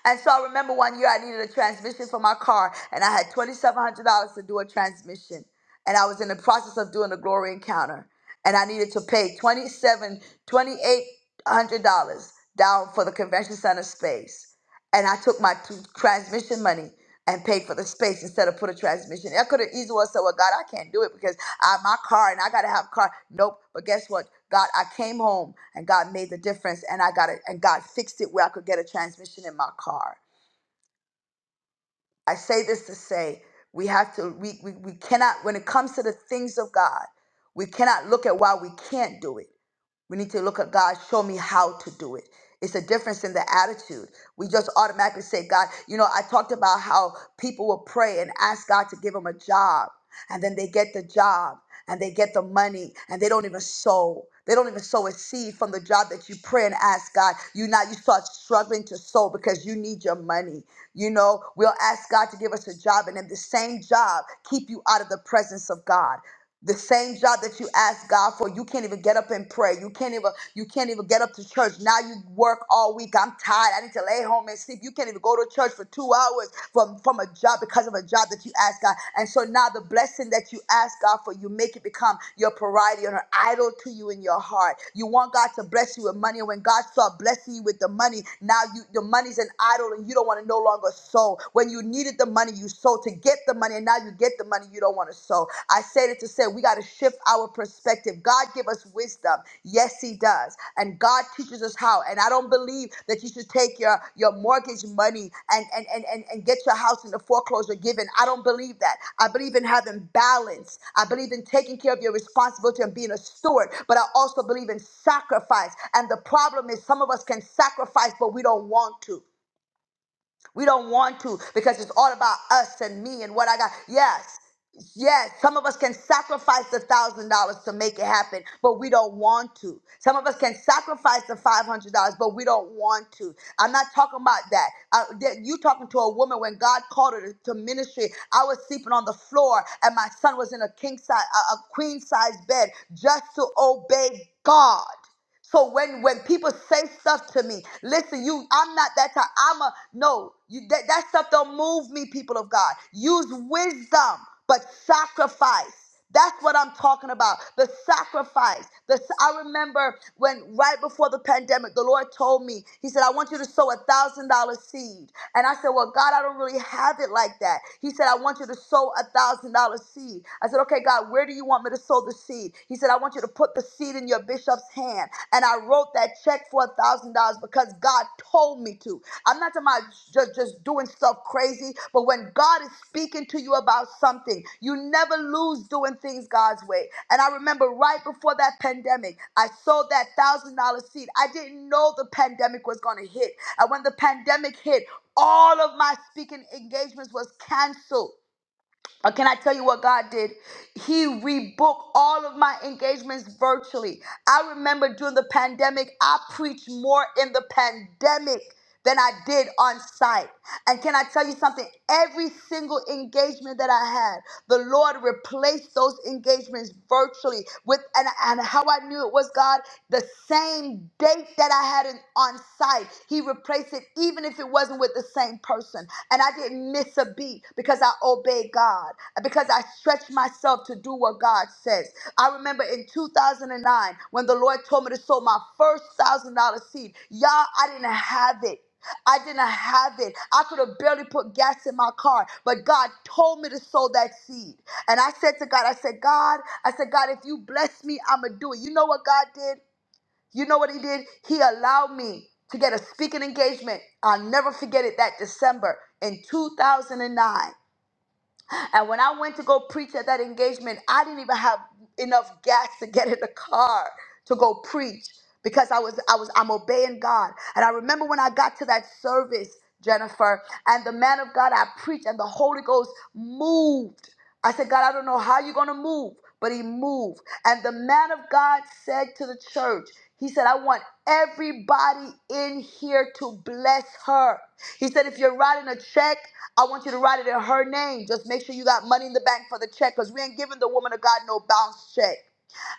Speaker 1: And so I remember one year I needed a transmission for my car, and I had $2,700 to do a transmission. And I was in the process of doing a glory encounter, and I needed to pay twenty seven, twenty eight hundred dollars down for the convention center space and I took my t- transmission money and paid for the space instead of put a transmission. I could have easily well said, "Well, God, I can't do it because I my car and I gotta have a car." Nope. But guess what? God, I came home and God made the difference, and I got it, and God fixed it where I could get a transmission in my car. I say this to say we have to we we, we cannot when it comes to the things of God, we cannot look at why we can't do it. We need to look at God, show me how to do it. It's a difference in the attitude. We just automatically say, God, you know, I talked about how people will pray and ask God to give them a job, and then they get the job and they get the money and they don't even sow. They don't even sow a seed from the job that you pray and ask God. You now you start struggling to sow because you need your money. You know, we'll ask God to give us a job, and then the same job keep you out of the presence of God the same job that you asked God for, you can't even get up and pray. You can't even you can't even get up to church. Now you work all week. I'm tired. I need to lay home and sleep. You can't even go to church for two hours from from a job because of a job that you asked God. And so now the blessing that you asked God for, you make it become your priority and an idol to you in your heart. You want God to bless you with money, and when God starts blessing you with the money, now you the money's an idol, and you don't want to no longer sow. When you needed the money, you sold sow to get the money, and now you get the money you don't want to sow. I said it to say we got to shift our perspective. God give us wisdom. Yes, He does, and God teaches us how. And I don't believe that you should take your your mortgage money and and and and, and get your house in the foreclosure given. I don't believe that. I believe in having balance. I believe in taking care of your responsibility and being a steward. But I also believe in sacrifice. And the problem is, some of us can sacrifice, but we don't want to. We don't want to because it's all about us and me and what I got. Yes. Yes, some of us can sacrifice the thousand dollars to make it happen, but we don't want to. Some of us can sacrifice the five hundred dollars, but we don't want to. I'm not talking about that. Uh, that- you talking to a woman when God called her to, to ministry? I was sleeping on the floor, and my son was in a king size, a, a queen size bed, just to obey God. So when when people say stuff to me, listen, you, I'm not that type. I'm a no. You that that stuff don't move me, people of God. Use wisdom, but sacrifice. That's what I'm talking about. The sacrifice. The s- I remember when right before the pandemic, the Lord told me, He said, "I want you to sow a thousand dollar seed." And I said, "Well, God, I don't really have it like that." He said, "I want you to sow a thousand dollar seed." I said, "Okay, God, where do you want me to?" to sow the seed. He said, I want you to put the seed in your bishop's hand. And I wrote that check for a thousand dollars because God told me to. I'm not talking about just, just doing stuff crazy, but when God is speaking to you about something, you never lose doing things God's way. And I remember right before that pandemic, I sold that thousand dollar seed. I didn't know the pandemic was going to hit. And when the pandemic hit, all of my speaking engagements was canceled. Or can I tell you what God did? He rebooked all of my engagements virtually. I remember during the pandemic, I preached more in the pandemic than I did on site. And can I tell you something? Every single engagement that I had, the Lord replaced those engagements virtually with and, and how I knew it was God, the same date that I had in, on site. He replaced it even if even if it wasn't with the same person. And I didn't miss a beat because I obeyed God, because I stretched myself to do what God says. I remember in 2009 when the Lord told me to sow my first thousand dollar seed. Y'all, I didn't have it. I didn't have it. I could have barely put gas in my car, but God told me to sow that seed. And I said to God, I said, God, I said, God, if you bless me, I'm going to do it. You know what God did? You know what he did? He allowed me to get a speaking engagement. I'll never forget it that December in 2009. And when I went to go preach at that engagement, I didn't even have enough gas to get in the car to go preach because I was I was I'm obeying God. And I remember when I got to that service, Jennifer, and the man of God I preached and the Holy Ghost moved. I said, God, I don't know how you're going to move, but he moved. And the man of God said to the church, he said, I want everybody in here to bless her. He said, if you're writing a check, I want you to write it in her name. Just make sure you got money in the bank for the check because we ain't giving the woman of God no bounce check.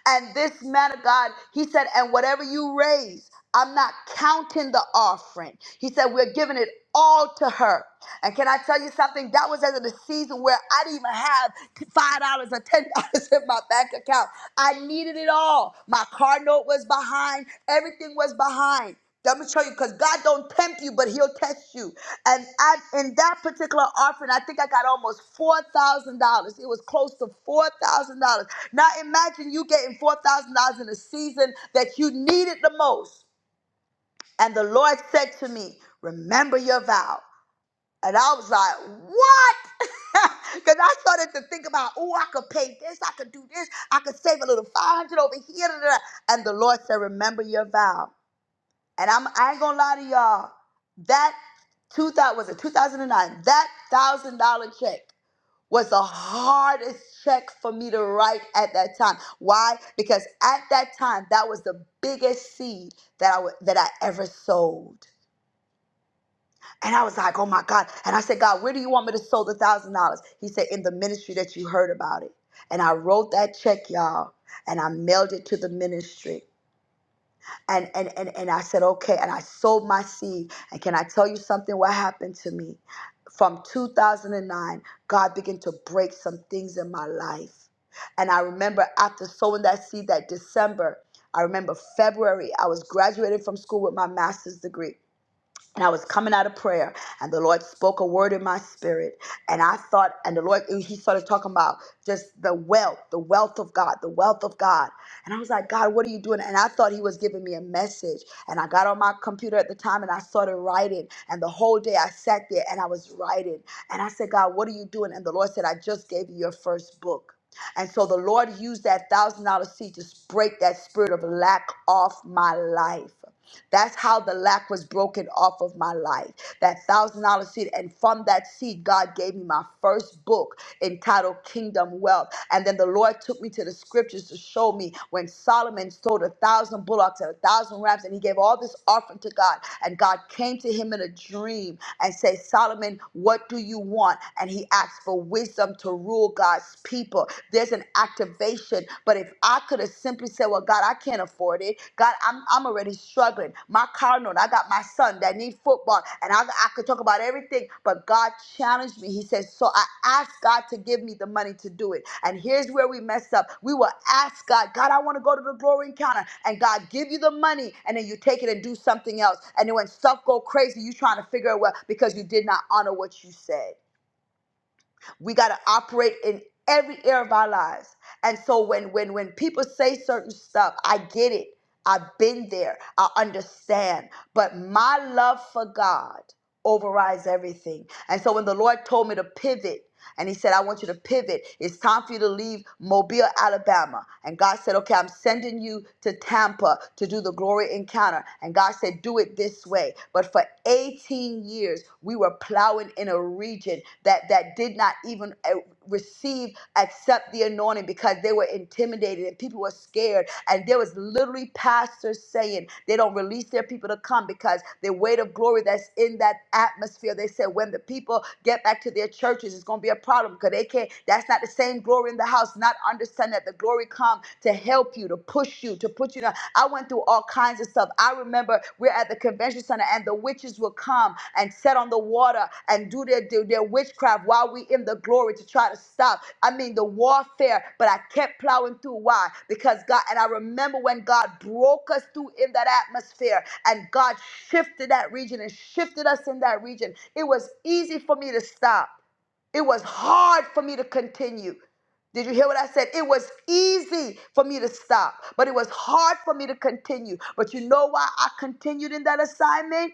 Speaker 1: And this man of God, he said, and whatever you raise, I'm not counting the offering. He said, we're giving it all to her. And can I tell you something? That was at the season where I didn't even have five dollars or ten (laughs) dollars in my bank account. I needed it all. My car note was behind. Everything was behind. I'm gonna show you because God don't tempt you, but He'll test you. And at in that particular offering, I think I got almost four thousand dollars. It was close to four thousand dollars. Now imagine you getting four thousand dollars in a season that you needed the most. And the Lord said to me, "Remember your vow." And I was like, "What?" (laughs) Because I started to think about, "Oh, I could pay this. I could do this. I could save a little five hundred over here." da, da, da." And the Lord said, "Remember your vow." And I'm I ain't gonna lie to y'all. That two thousand was it two thousand and nine? That thousand dollar check was the hardest check for me to write at that time. Why? Because at that time, that was the biggest seed that I wa- that I ever sowed. And I was like, oh my God. And I said, God, where do you want me to sow the thousand dollars? He said, in the ministry that you heard about it. And I wrote that check, y'all, and I mailed it to the ministry. And, and and and I said, okay, and I sold my seed. And can I tell you something? What happened to me? From 2009, God began to break some things in my life. And I remember after sowing that seed that December, I remember February, I was graduating from school with my master's degree. And I was coming out of prayer, and the Lord spoke a word in my spirit. And I thought, and the Lord, He started talking about just the wealth, the wealth of God, the wealth of God. And I was like, God, what are you doing? And I thought He was giving me a message. And I got on my computer at the time and I started writing. And the whole day I sat there and I was writing. And I said, God, what are you doing? And the Lord said, I just gave you your first book. And so the Lord used that thousand dollar seed to break that spirit of lack off my life. That's how the lack was broken off of my life. That thousand dollar seed. And from that seed, God gave me my first book entitled Kingdom Wealth. And then the Lord took me to the scriptures to show me when Solomon sold a thousand bullocks and a thousand rams, and he gave all this offering to God. And God came to him in a dream and said, Solomon, what do you want? And he asked for wisdom to rule God's people. There's an activation situation. But if I could have simply said, Well, God, I can't afford it. God, I'm, I'm already struggling. My car note, I got my son that need football. And I, I could talk about everything. But God challenged me. He says, So I asked God to give me the money to do it. And here's where we mess up. We will ask God, God, I want to go to the glory encounter. And God give you the money. And then you take it and do something else. And then when stuff go crazy, you trying to figure out well because you did not honor what you said. We got to operate in every area of our lives. And so when when when people say certain stuff, I get it. I've been there. I understand. But my love for God overrides everything. And so when the Lord told me to pivot, and he said, I want you to pivot. It's time for you to leave Mobile, Alabama. And God said, Okay, I'm sending you to Tampa to do the glory encounter. And God said, Do it this way. But for 18 years, we were plowing in a region that, that did not even uh, receive, accept the anointing because they were intimidated and people were scared and there was literally pastors saying they don't release their people to come because the weight of glory that's in that atmosphere. They said when the people get back to their churches, it's going to be a problem because they can't. That's not the same glory in the house. Not understanding that the glory come to help you, to push you, to put you down. I went through all kinds of stuff. I remember we're at the convention center, and the witches will come and set on the water and do their, do their witchcraft while we in the glory to try to stop. I mean, the warfare, but I kept plowing through. Why? Because God, and I remember when God broke us through in that atmosphere and God shifted that region and shifted us in that region. It was easy for me to stop. It was hard for me to continue. Did you hear what I said? It was easy for me to stop, but it was hard for me to continue. But you know why I continued in that assignment?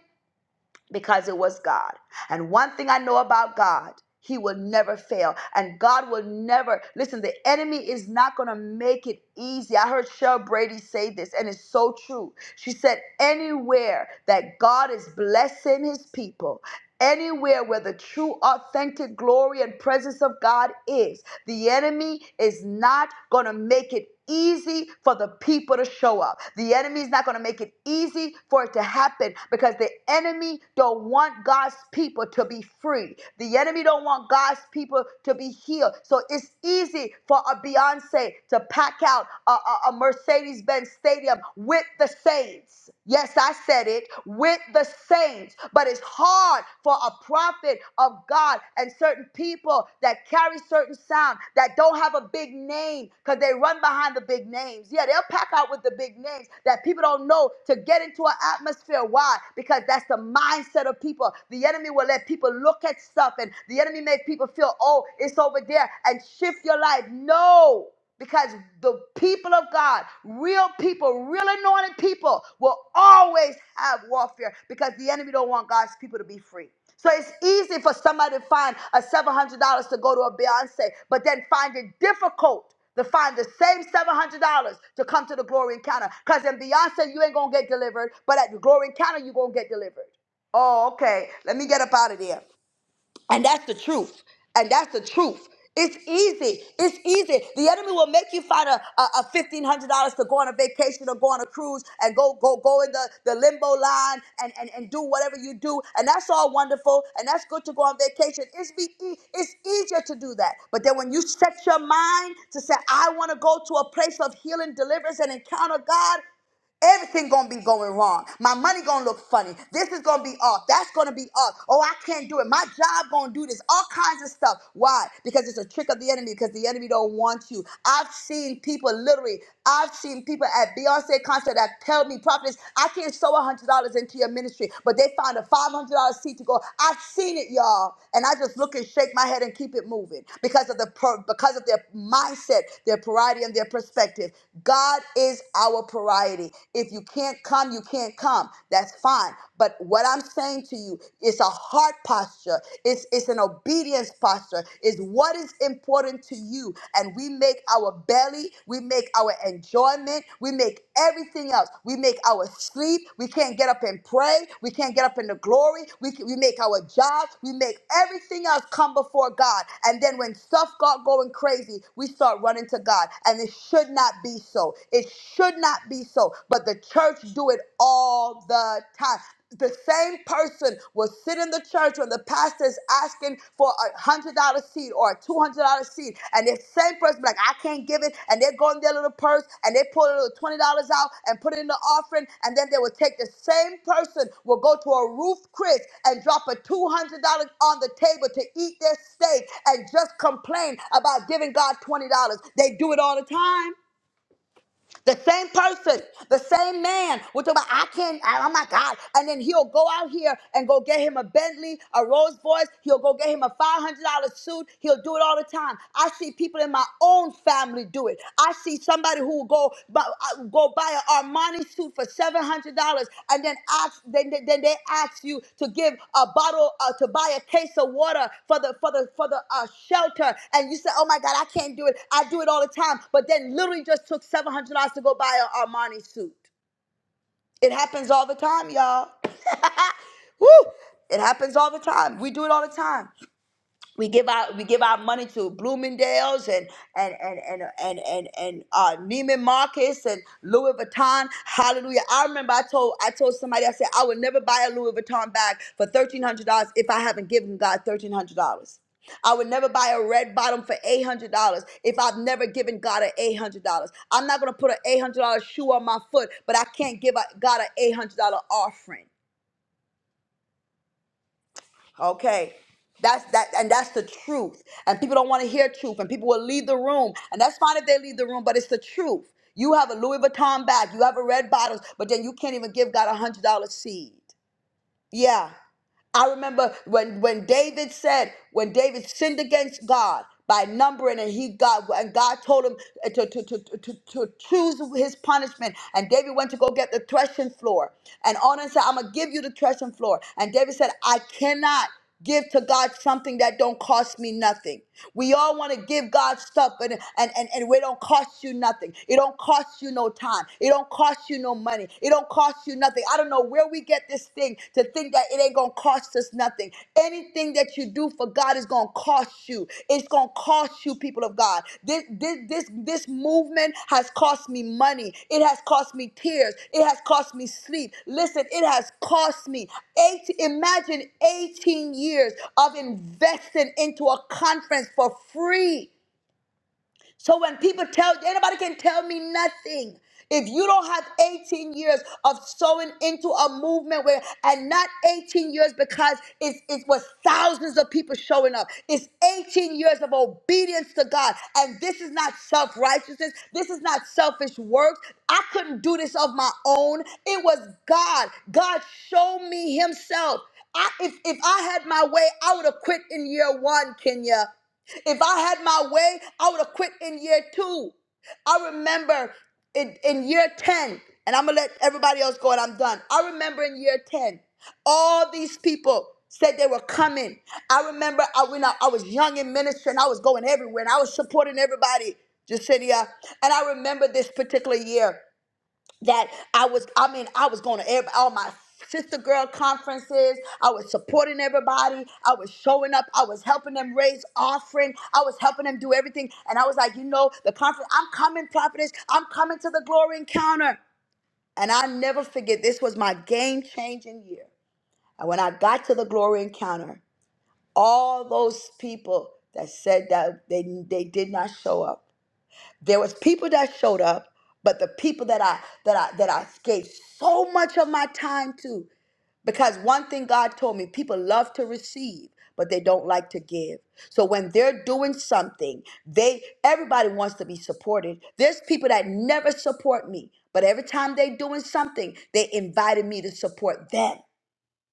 Speaker 1: Because it was God. And one thing I know about God, He will never fail. And God will never, listen, the enemy is not going to make it easy. I heard Shel Brady say this, and it's so true. She said, anywhere that God is blessing His people, Anywhere where the true, authentic glory and presence of God is, the enemy is not going to make it easy for the people to show up. The enemy is not going to make it easy for it to happen because the enemy don't want God's people to be free. The enemy don't want God's people to be healed. So it's easy for a Beyonce to pack out a, a, a Mercedes-Benz stadium with the saints. Yes, I said it with the saints, but it's hard for a prophet of God and certain people that carry certain sound that don't have a big name because they run behind the big names. Yeah, they'll pack out with the big names that people don't know to get into an atmosphere. Why? Because that's the mindset of people. The enemy will let people look at stuff and the enemy make people feel, oh, it's over there and shift your life. No. Because the people of God, real people, real anointed people, will always have warfare because the enemy don't want God's people to be free. So it's easy for somebody to find a seven hundred dollars to go to a Beyonce, but then find it difficult to find the same seven hundred dollars to come to the glory encounter. Because in Beyonce, you ain't gonna get delivered, but at the glory encounter, you gonna get delivered. Oh, okay. Let me get up out of there. And that's the truth. And that's the truth. It's easy. It's easy. The enemy will make you find a, a, a fifteen hundred dollars to go on a vacation or go on a cruise and go go go in the, the limbo line and, and, and do whatever you do. And that's all wonderful. And that's good to go on vacation. It's be e- it's easier to do that. But then when you set your mind to say, I want to go to a place of healing, deliverance, and encounter God, Everything gonna be going wrong. My money gonna look funny. This is gonna be off. That's gonna be off. Oh, I can't do it. My job gonna do this. All kinds of stuff. Why? Because it's a trick of the enemy. Because the enemy don't want you. I've seen people literally. I've seen people at Beyonce concert that tell me, "Prophets, I can't sow a hundred dollars into your ministry," but they found a five hundred dollars seat to go. I've seen it, y'all, and I just look and shake my head and keep it moving because of the per- because of their mindset, their priority, and their perspective. God is our our priority. If you can't come, you can't come. That's fine. But what I'm saying to you it's a heart posture. It's it's an obedience posture. Is what is important to you, and we make our belly, we make our enjoyment, we make everything else. We make our sleep. We can't get up and pray. We can't get up in the glory. We can, we make our job. We make everything else come before God. And then when stuff got going crazy, we start running to God, and it should not be so so. It should not be so. But the church do it all the time. The same person will sit in the church when the pastor is asking for a hundred dollar seat or a two hundred dollar seat, and the same person be like, I can't give it, and they go in their little purse and they pull a little twenty dollars out and put it in the offering, and then they will take the same person will go to a roof Chris and drop a two hundred dollar on the table to eat their steak and just complain about giving God twenty dollars. They do it all the time. The same person, the same man. We're talking about, I can't, I- oh my God. And then he'll go out here and go get him a Bentley, a Rolls Royce. He'll go get him a $500 suit. He'll do it all the time. I see people in my own family do it. I see somebody who will go, bu- uh, go buy an Armani suit for seven hundred dollars, and then ask then, then then they ask you to give a bottle uh, to buy a case of water for the for the for the uh, shelter, and you say, "Oh my God, I can't do it. I do it all the time." But then literally just took seven hundred dollars to go buy an Armani suit. It happens all the time, y'all. (laughs) Woo! It happens all the time. We do it all the time we give our we give our money to Bloomingdale's and and and and and and, and uh, Neiman Marcus and Louis Vuitton. Hallelujah! I remember I told I told somebody I said I would never buy a Louis Vuitton bag for thirteen hundred dollars if I haven't given God thirteen hundred dollars. I would never buy a red bottom for eight hundred dollars if I've never given God an eight hundred dollars. I'm not gonna put an eight hundred dollar shoe on my foot, but I can't give a- God an eight hundred dollar offering. Okay. That's that and that's the truth. And people don't want to hear truth and people will leave the room. And that's fine if they leave the room, but it's the truth. You have a Louis Vuitton bag, you have a red bottles, but then you can't even give God a hundred dollar seed. Yeah. I remember when when David said, when David sinned against God by numbering and he God and God told him uh, to, to, to, to, to choose his punishment. And David went to go get the threshing floor. And Onan said, I'm gonna give you the threshing floor. And David said, I cannot give to God something that don't cost me nothing. We all want to give God stuff and, and, and, and it don't cost you nothing. It don't cost you no time. It don't cost you no money. It don't cost you nothing. I don't know where we get this thing to think that it ain't gonna cost us nothing. Anything that you do for God is gonna cost you. It's gonna cost you, people of God. This this this this movement has cost me money. It has cost me tears. It has cost me sleep. Listen, it has cost me eight. Imagine 18 years of investing into a conference for free. So when people tell anybody can tell me nothing. If you don't have 18 years of sowing into a movement where and not 18 years because it's it was thousands of people showing up. It's 18 years of obedience to God. And this is not self-righteousness. This is not selfish works. I couldn't do this of my own. It was God. God showed me himself. I, if, if I had my way, I would have quit in year one, Kenya. If I had my way, I would have quit in year two. I remember in, in year 10, and I'm gonna let everybody else go and I'm done. I remember in year 10, all these people said they were coming. I remember I when I, I was young in ministry and I was going everywhere and I was supporting everybody, Jacinia. And I remember this particular year that I was, I mean, I was going to every, all my sister girl conferences. I was supporting everybody. I was showing up. I was helping them raise offering. I was helping them do everything. And I was like, you know, the conference, I'm coming, prophetess. I'm coming to the glory encounter. And I never forget, this was my game changing year. And when I got to the glory encounter, all those people that said that they, they did not show up, there was people that showed up but the people that i that i that i gave so much of my time to because one thing god told me people love to receive but they don't like to give so when they're doing something they everybody wants to be supported there's people that never support me but every time they're doing something they invited me to support them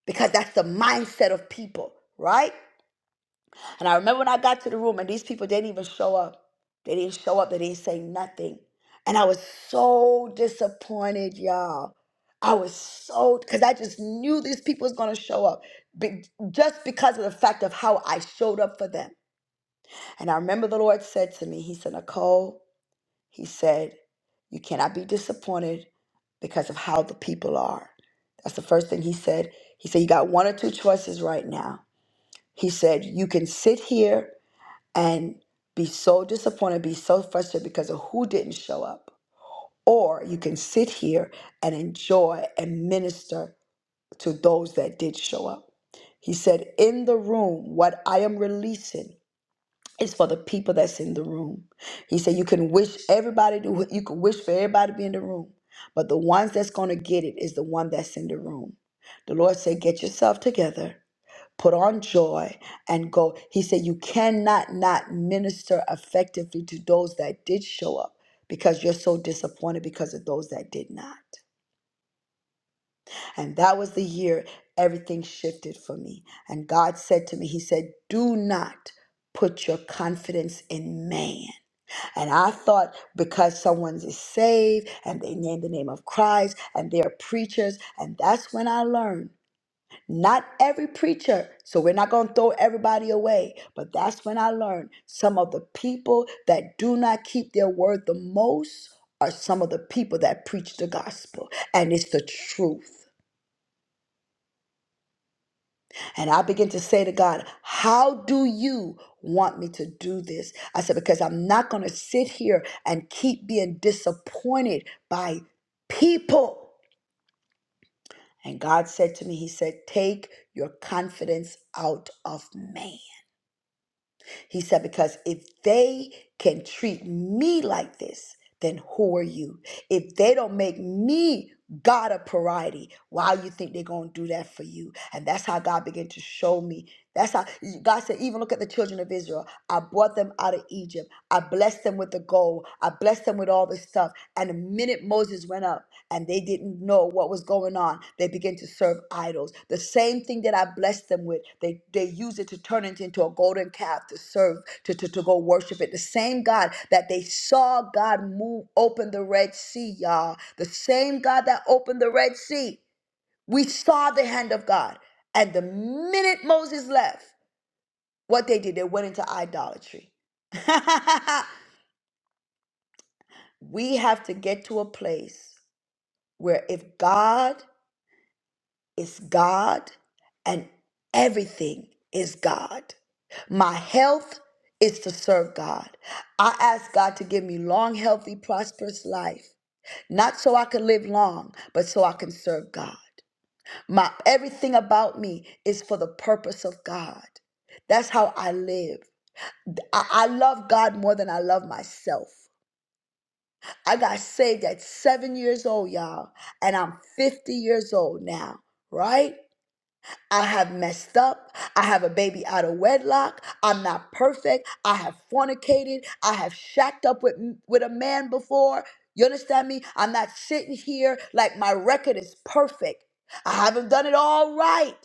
Speaker 1: because that's the mindset of people right and I remember when I got to the room and these people didn't even show up. They didn't show up. They didn't say nothing. And I was so disappointed, y'all. I was so because I just knew these people was gonna show up, be, just because of the fact of how I showed up for them. And I remember the Lord said to me, He said, Nicole, He said, you cannot be disappointed because of how the people are. That's the first thing He said. He said, you got one or two choices right now. He said, you can sit here and be so disappointed, be so frustrated because of who didn't show up. Or you can sit here and enjoy and minister to those that did show up. He said, In the room, what I am releasing is for the people that's in the room. He said, You can wish everybody to, you can wish for everybody to be in the room, but the ones that's going to get it is the one that's in the room. The Lord said, Get yourself together put on joy and go he said you cannot not minister effectively to those that did show up because you're so disappointed because of those that did not and that was the year everything shifted for me and god said to me he said do not put your confidence in man and i thought because someone is saved and they name the name of christ and they are preachers and that's when i learned not every preacher, so we're not going to throw everybody away. But that's when I learned some of the people that do not keep their word the most are some of the people that preach the gospel, and it's the truth. And I begin to say to God, How do you want me to do this? I said, Because I'm not going to sit here and keep being disappointed by people. And God said to me, He said, Take your confidence out of man. He said, Because if they can treat me like this, then who are you? If they don't make me God of priority, why you think they're going to do that for you? And that's how God began to show me that's how God said, even look at the children of Israel. I brought them out of Egypt. I blessed them with the gold. I blessed them with all this stuff. And the minute Moses went up and they didn't know what was going on, they began to serve idols. The same thing that I blessed them with, they, they used it to turn it into a golden calf to serve, to, to, to go worship it. The same God that they saw God move, open the Red Sea, y'all. The same God that opened the Red Sea. We saw the hand of God. And the minute Moses left, what they did, they went into idolatry. (laughs) we have to get to a place where if God is God and everything is God, my health is to serve God. I ask God to give me long, healthy, prosperous life, not so I can live long, but so I can serve God. My everything about me is for the purpose of God. That's how I live. I, I love God more than I love myself. I got saved at seven years old, y'all, and I'm 50 years old now, right? I have messed up. I have a baby out of wedlock. I'm not perfect. I have fornicated. I have shacked up with with a man before. You understand me? I'm not sitting here like my record is perfect. I haven't done it all right.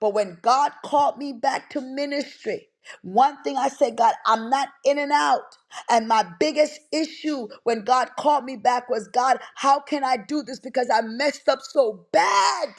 Speaker 1: But when God called me back to ministry, one thing I said, God, I'm not in and out. And my biggest issue when God called me back was, God, how can I do this? Because I messed up so bad.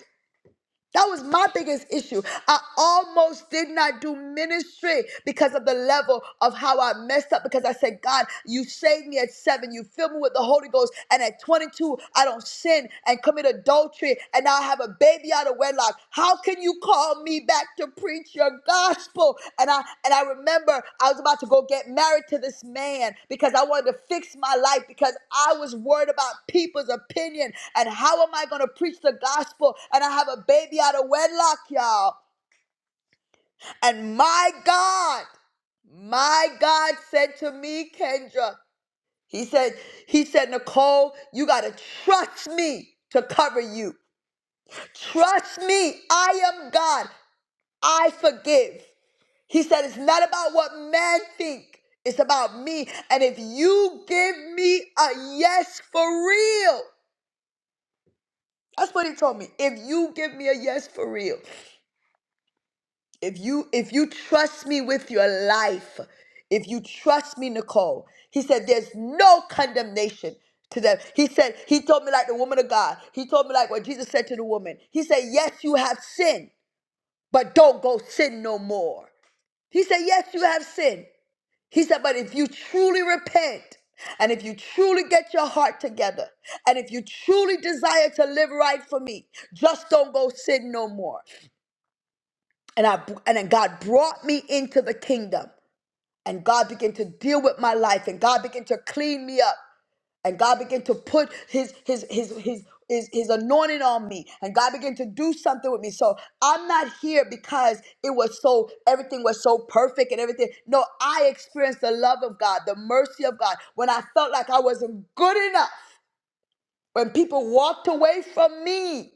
Speaker 1: That was my biggest issue. I almost did not do ministry because of the level of how I messed up. Because I said, God, you saved me at seven. You filled me with the Holy Ghost. And at 22, I don't sin and commit adultery. And now I have a baby out of wedlock. How can you called me back to preach your gospel and i and i remember i was about to go get married to this man because i wanted to fix my life because i was worried about people's opinion and how am i going to preach the gospel and i have a baby out of wedlock y'all and my god my god said to me kendra he said he said nicole you got to trust me to cover you trust me i am god i forgive He said, It's not about what man think. It's about me. And if you give me a yes for real, that's what he told me. If you give me a yes for real, if you if you trust me with your life, if you trust me, Nicole, he said, There's no condemnation to them. He said, He told me like the woman of God. He told me like what Jesus said to the woman. He said, Yes, you have sinned, but don't go sin no more. He said, Yes, you have sinned. He said, but if you truly repent, and if you truly get your heart together, and if you truly desire to live right for me, just don't go sin no more. And I and then God brought me into the kingdom. And God began to deal with my life, and God began to clean me up and God began to put his his his his his, his anointing on me and God began to do something with me. So I'm not here because it was so everything was so perfect and everything. No, I experienced the love of God, the mercy of God when I felt like I wasn't good enough. When people walked away from me,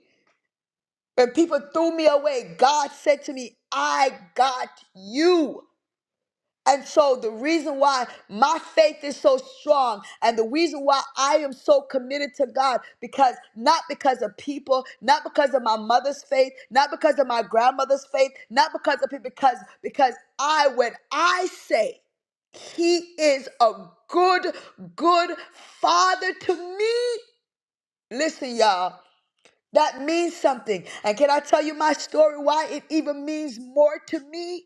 Speaker 1: when people threw me away, God said to me, "I got you." And so, the reason why my faith is so strong, and the reason why I am so committed to God, because not because of people, not because of my mother's faith, not because of my grandmother's faith, not because of people, because, because I, when I say He is a good, good Father to me, listen, y'all, that means something. And can I tell you my story, why it even means more to me?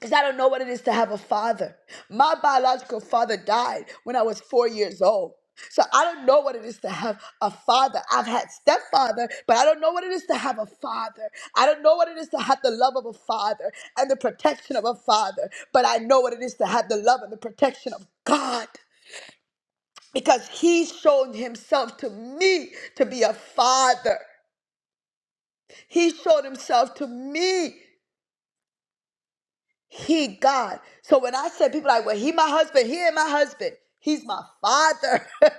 Speaker 1: Because I don't know what it is to have a father. My biological father died when I was four years old. So I don't know what it is to have a father. I've had stepfather, but I don't know what it is to have a father. I don't know what it is to have the love of a father and the protection of a father, but I know what it is to have the love and the protection of God because he showed himself to me to be a father. He showed himself to me He God. So when I said people like, well, he my husband, he ain't my husband. He's my father. (laughs)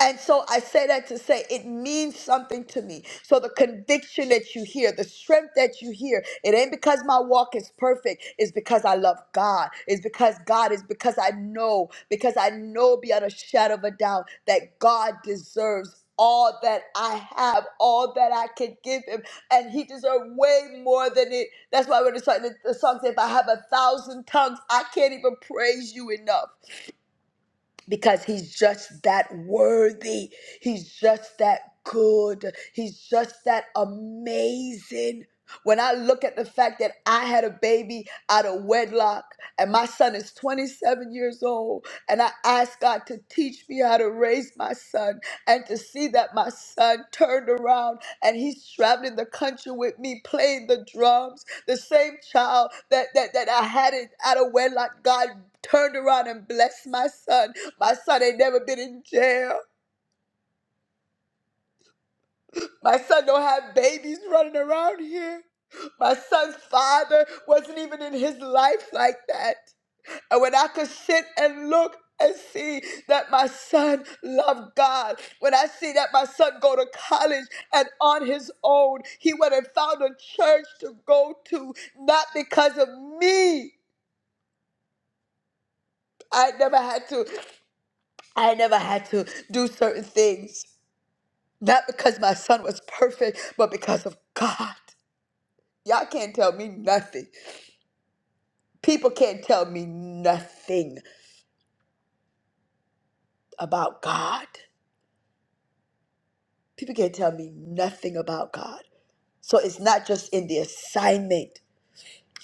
Speaker 1: And so I say that to say it means something to me. So the conviction that you hear, the strength that you hear, it ain't because my walk is perfect. It's because I love God. It's because God is because I know, because I know beyond a shadow of a doubt that God deserves all that I have, all that I can give him. And he deserves way more than it. That's why when the song, the the song says, if I have a thousand tongues, I can't even praise you enough because he's just that worthy. He's just that good. He's just that amazing. When I look at the fact that I had a baby out of wedlock and my son is 27 years old, and I asked God to teach me how to raise my son and to see that my son turned around and he's traveling the country with me playing the drums, the same child that, that, that I had it out of wedlock, God turned around and blessed my son my son ain't never been in jail. My son don't have babies running around here. My son's father wasn't even in his life like that. And when I could sit and look and see that my son loved God, when I see that my son go to college and on his own, he went and found a church to go to, not because of me. I never had to. I never had to do certain things. Not because my son was perfect, but because of God. Y'all can't tell me nothing. People can't tell me nothing about God. People can't tell me nothing about God. So it's not just in the assignment.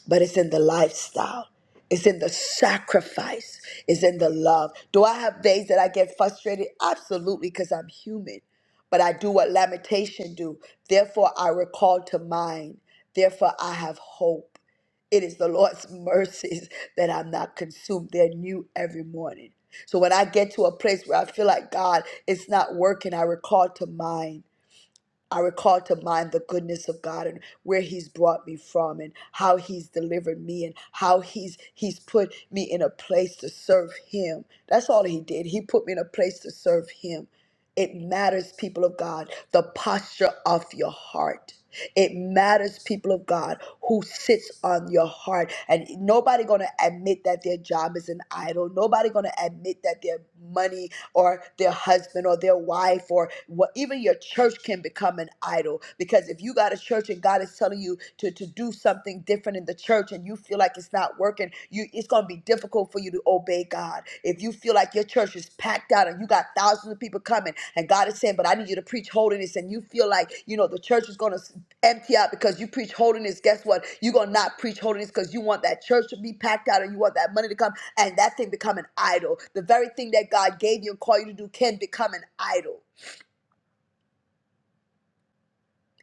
Speaker 1: but it's in the lifestyle. It's in the sacrifice. It's in the love. Do I have days that I get frustrated? Absolutely, because I'm human. But I do what lamentation do. Therefore, I recall to mind. Therefore, I have hope. It is the Lord's (laughs) mercies that I'm not consumed. They're new every morning. So when I get to a place where I feel like God, it's not working, I recall to mind. I recall to mind the goodness of God and where He's brought me from and how He's delivered me and how He's He's put me in a place to serve Him. That's all He did. He put me in a place to serve Him. It matters, people of God, the posture of your heart. It matters, people of God, who sits on your heart. And nobody gonna admit that their job is an idol. Nobody gonna admit that their money or their husband or their wife or what even your church can become an idol. Because if you got a church and God is telling you to, to do something different in the church and you you feel like it's not working, you it's gonna be difficult for you to obey God. If you feel like your church is packed out and you got thousands of people coming, and God is saying, "But I need you to preach holiness," and you feel like you know the church is gonna empty out because you preach holiness. Guess what? You're gonna not preach holiness because you want that church to be packed out and you want that money to come, and that thing become an idol. The very thing that God gave you and called you to do can become an idol.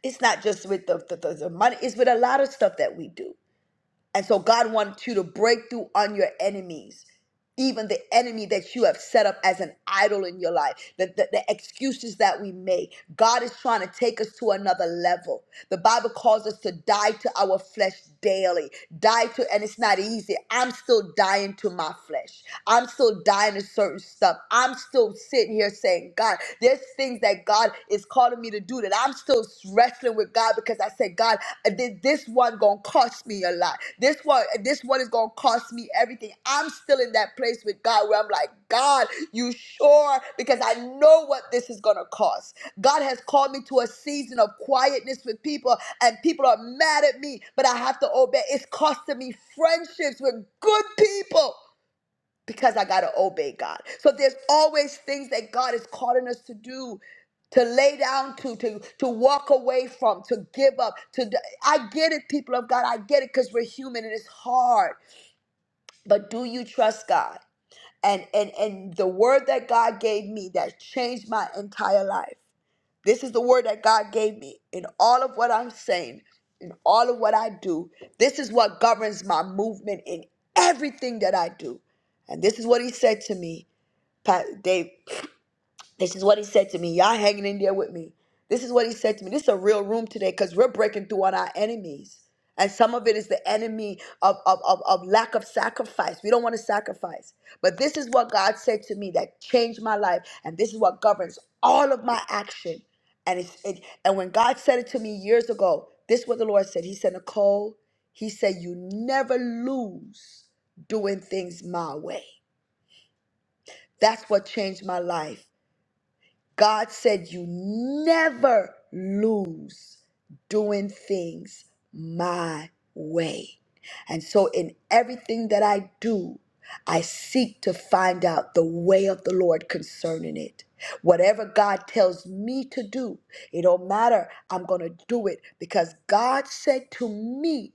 Speaker 1: It's not just with the, the, the the money; it's with a lot of stuff that we do And so God wants you to break through on your enemies, even the enemy that you have set up as an idol in your life, the, the, the excuses that we make. God is trying to take us to another level. The Bible calls us to die to our flesh daily. Die to, and it's not easy. I'm still dying to my flesh. I'm still dying to certain stuff. I'm still sitting here saying, God, there's things that God is calling me to do that I'm still was wrestling with God because I said, God, this, this one gonna cost me a lot. This one, uh, this one is gonna cost me everything. I'm still in that place with God where I'm like, God, you sure? Because I know what this is gonna cost. God has called me to a season of quietness with people, and people are mad at me, but I have to obey. It's costing me friendships with good people because I got to obey God. So there's always things that God is calling us to do, to lay down to, to, to walk away from, to give up. To d- I get it, people of God. I get it because we're human and it's hard. But do you trust God? And, and and the word that God gave me that changed my entire life. This is the word that God gave me in all of what I'm saying, in all of what I do. This is what governs my movement in everything that I do. And this is what he said to me Pa- Dave, this is what he said to me. Y'all hanging in there with me. This is what he said to me. This is a real room today because we're breaking through on our enemies. And some of it is the enemy of, of, of, of lack of sacrifice. We don't want to sacrifice. But this is what God said to me that changed my life. And this is what governs all of my action. And it's it, and when God said it to me years ago, this is what the Lord said. He said, Nicole, he said, you never lose doing things my way. That's what changed my life. God said you never lose doing things my way. And so in everything that I do, I seek to find out the way of the Lord concerning it. Whatever God tells me to do, it don't matter. I'm going to do it because God said to me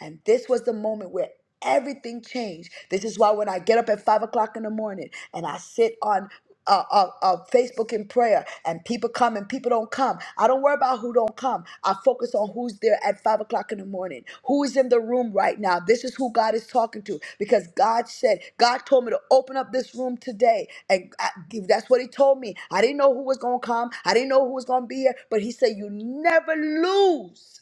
Speaker 1: and this was the moment where everything changed. This is why when I get up at five o'clock in the morning and I sit on uh, uh, uh, Facebook in prayer, and people come and people don't come. I don't worry about who don't come. I focus on who's there at five o'clock in the morning. Who is in the room right now? This is who God is talking to because God said God told me to open up this room today, and I, that's what He told me. I didn't know who was gonna come. I didn't know who was gonna be here, but He said you never lose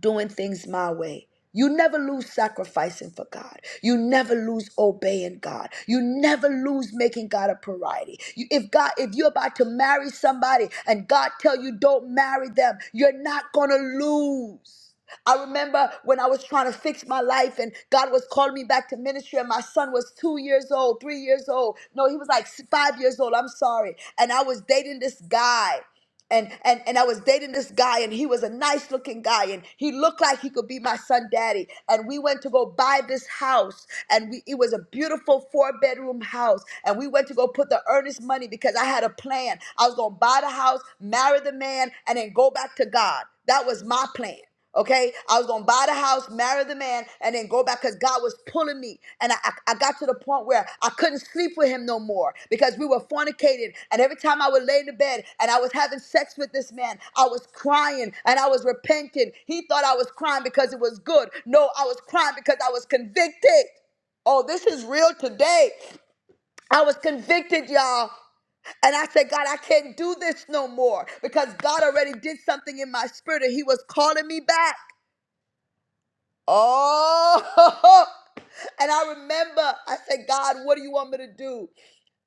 Speaker 1: doing things my way. You never lose sacrificing for God. You never lose obeying God. You never lose making God a priority. You- if God, if you're about to marry somebody and God tell you don't marry them, you're not gonna lose. I remember when I was trying to fix my life and God was calling me back to ministry and my son was two years old, three years old. No, he was like s- five years old. I'm sorry. And I was dating this guy and and and I was dating this guy and he was a nice looking guy and he looked like he could be my son daddy and we went to go buy this house and we it was a beautiful four bedroom house and we went to go put the earnest money because I had a plan I was going to buy the house marry the man and then go back to God that was my plan Okay, I was gonna buy the house, marry the man, and then go back because God was pulling me. And I, I, I got to the point where I couldn't sleep with him no more because we were fornicating. And every time I would lay in the bed and I was having sex with this man, I was crying and I was repenting. He thought I was crying because it was good. No, I was crying because I was convicted. Oh, this is real today. I was convicted, y'all. And I said, God, I can't do this no more because God already did something in my spirit and He was calling me back. Oh, (laughs) and I remember I said, God, what do you want me to do?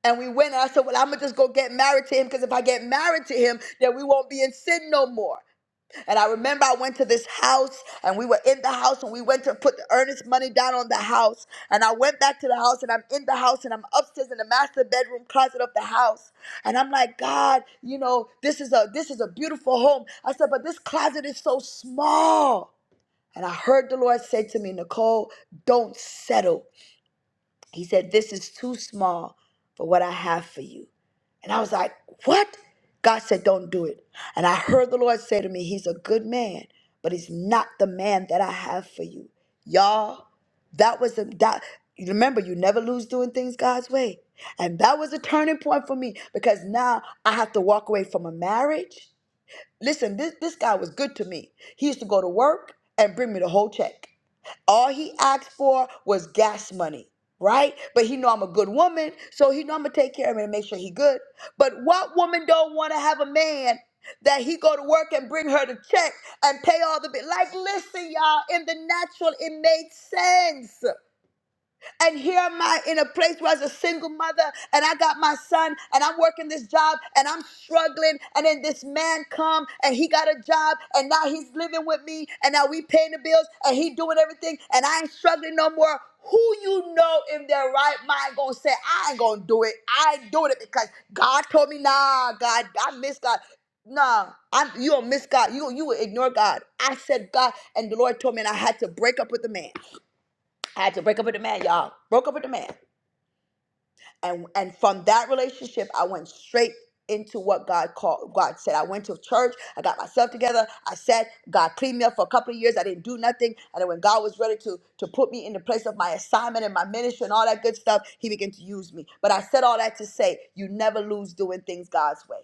Speaker 1: And we went and I said, Well, I'm gonna just go get married to him because if I get married to him, then we won't be in sin no more. And I remember I went to this house and we were in the house and we went to put the earnest money down on the house. And I went back to the house and I'm in the house and I'm upstairs in the master bedroom closet of the house. And I'm like, God, you know, this is a this is a beautiful home. I said, but this closet is so small. And I heard the Lord say to me, Nicole, don't settle. He said, This is too small for what I have for you. And I was like, What? God said, Don't do it. And I heard the Lord say to me, He's a good man, but he's not the man that I have for you. Y'all, that was a that remember you never lose doing things God's way. And that was a turning point for me because now I have to walk away from a marriage. Listen, this, this guy was good to me. He used to go to work and bring me the whole check. All he asked for was gas money, right? But he know I'm a good woman, so he know I'm gonna take care of him and make sure he good. But what woman don't want to have a man that he go to work and bring her the check and pay all the bill? Like, listen, y'all, in the natural, it made sense. And here am I in a place where I was a single mother and I got my son and I'm working this job and I'm struggling. And then this man come and he got a job and now he's living with me and now we paying the bills and he doing everything and I ain't struggling no more. Who you know in their right mind gonna say, I ain't gonna do it. I ain't doing it because God told me, nah, God, I miss God. Nah, I'm you don't miss God. You you will ignore God. I said God, and the Lord told me, and I had to break up with the man. I had to break up with the man, y'all. Broke up with the man. And and from that relationship, I went straight into what God called God said. I went to church, I got myself together. I said, God cleaned me up for a couple of years. I didn't do nothing. And then when God was ready to to put me in the place of my assignment and my ministry and all that good stuff, he began to use me. But I said all that to say you never lose doing things God's way.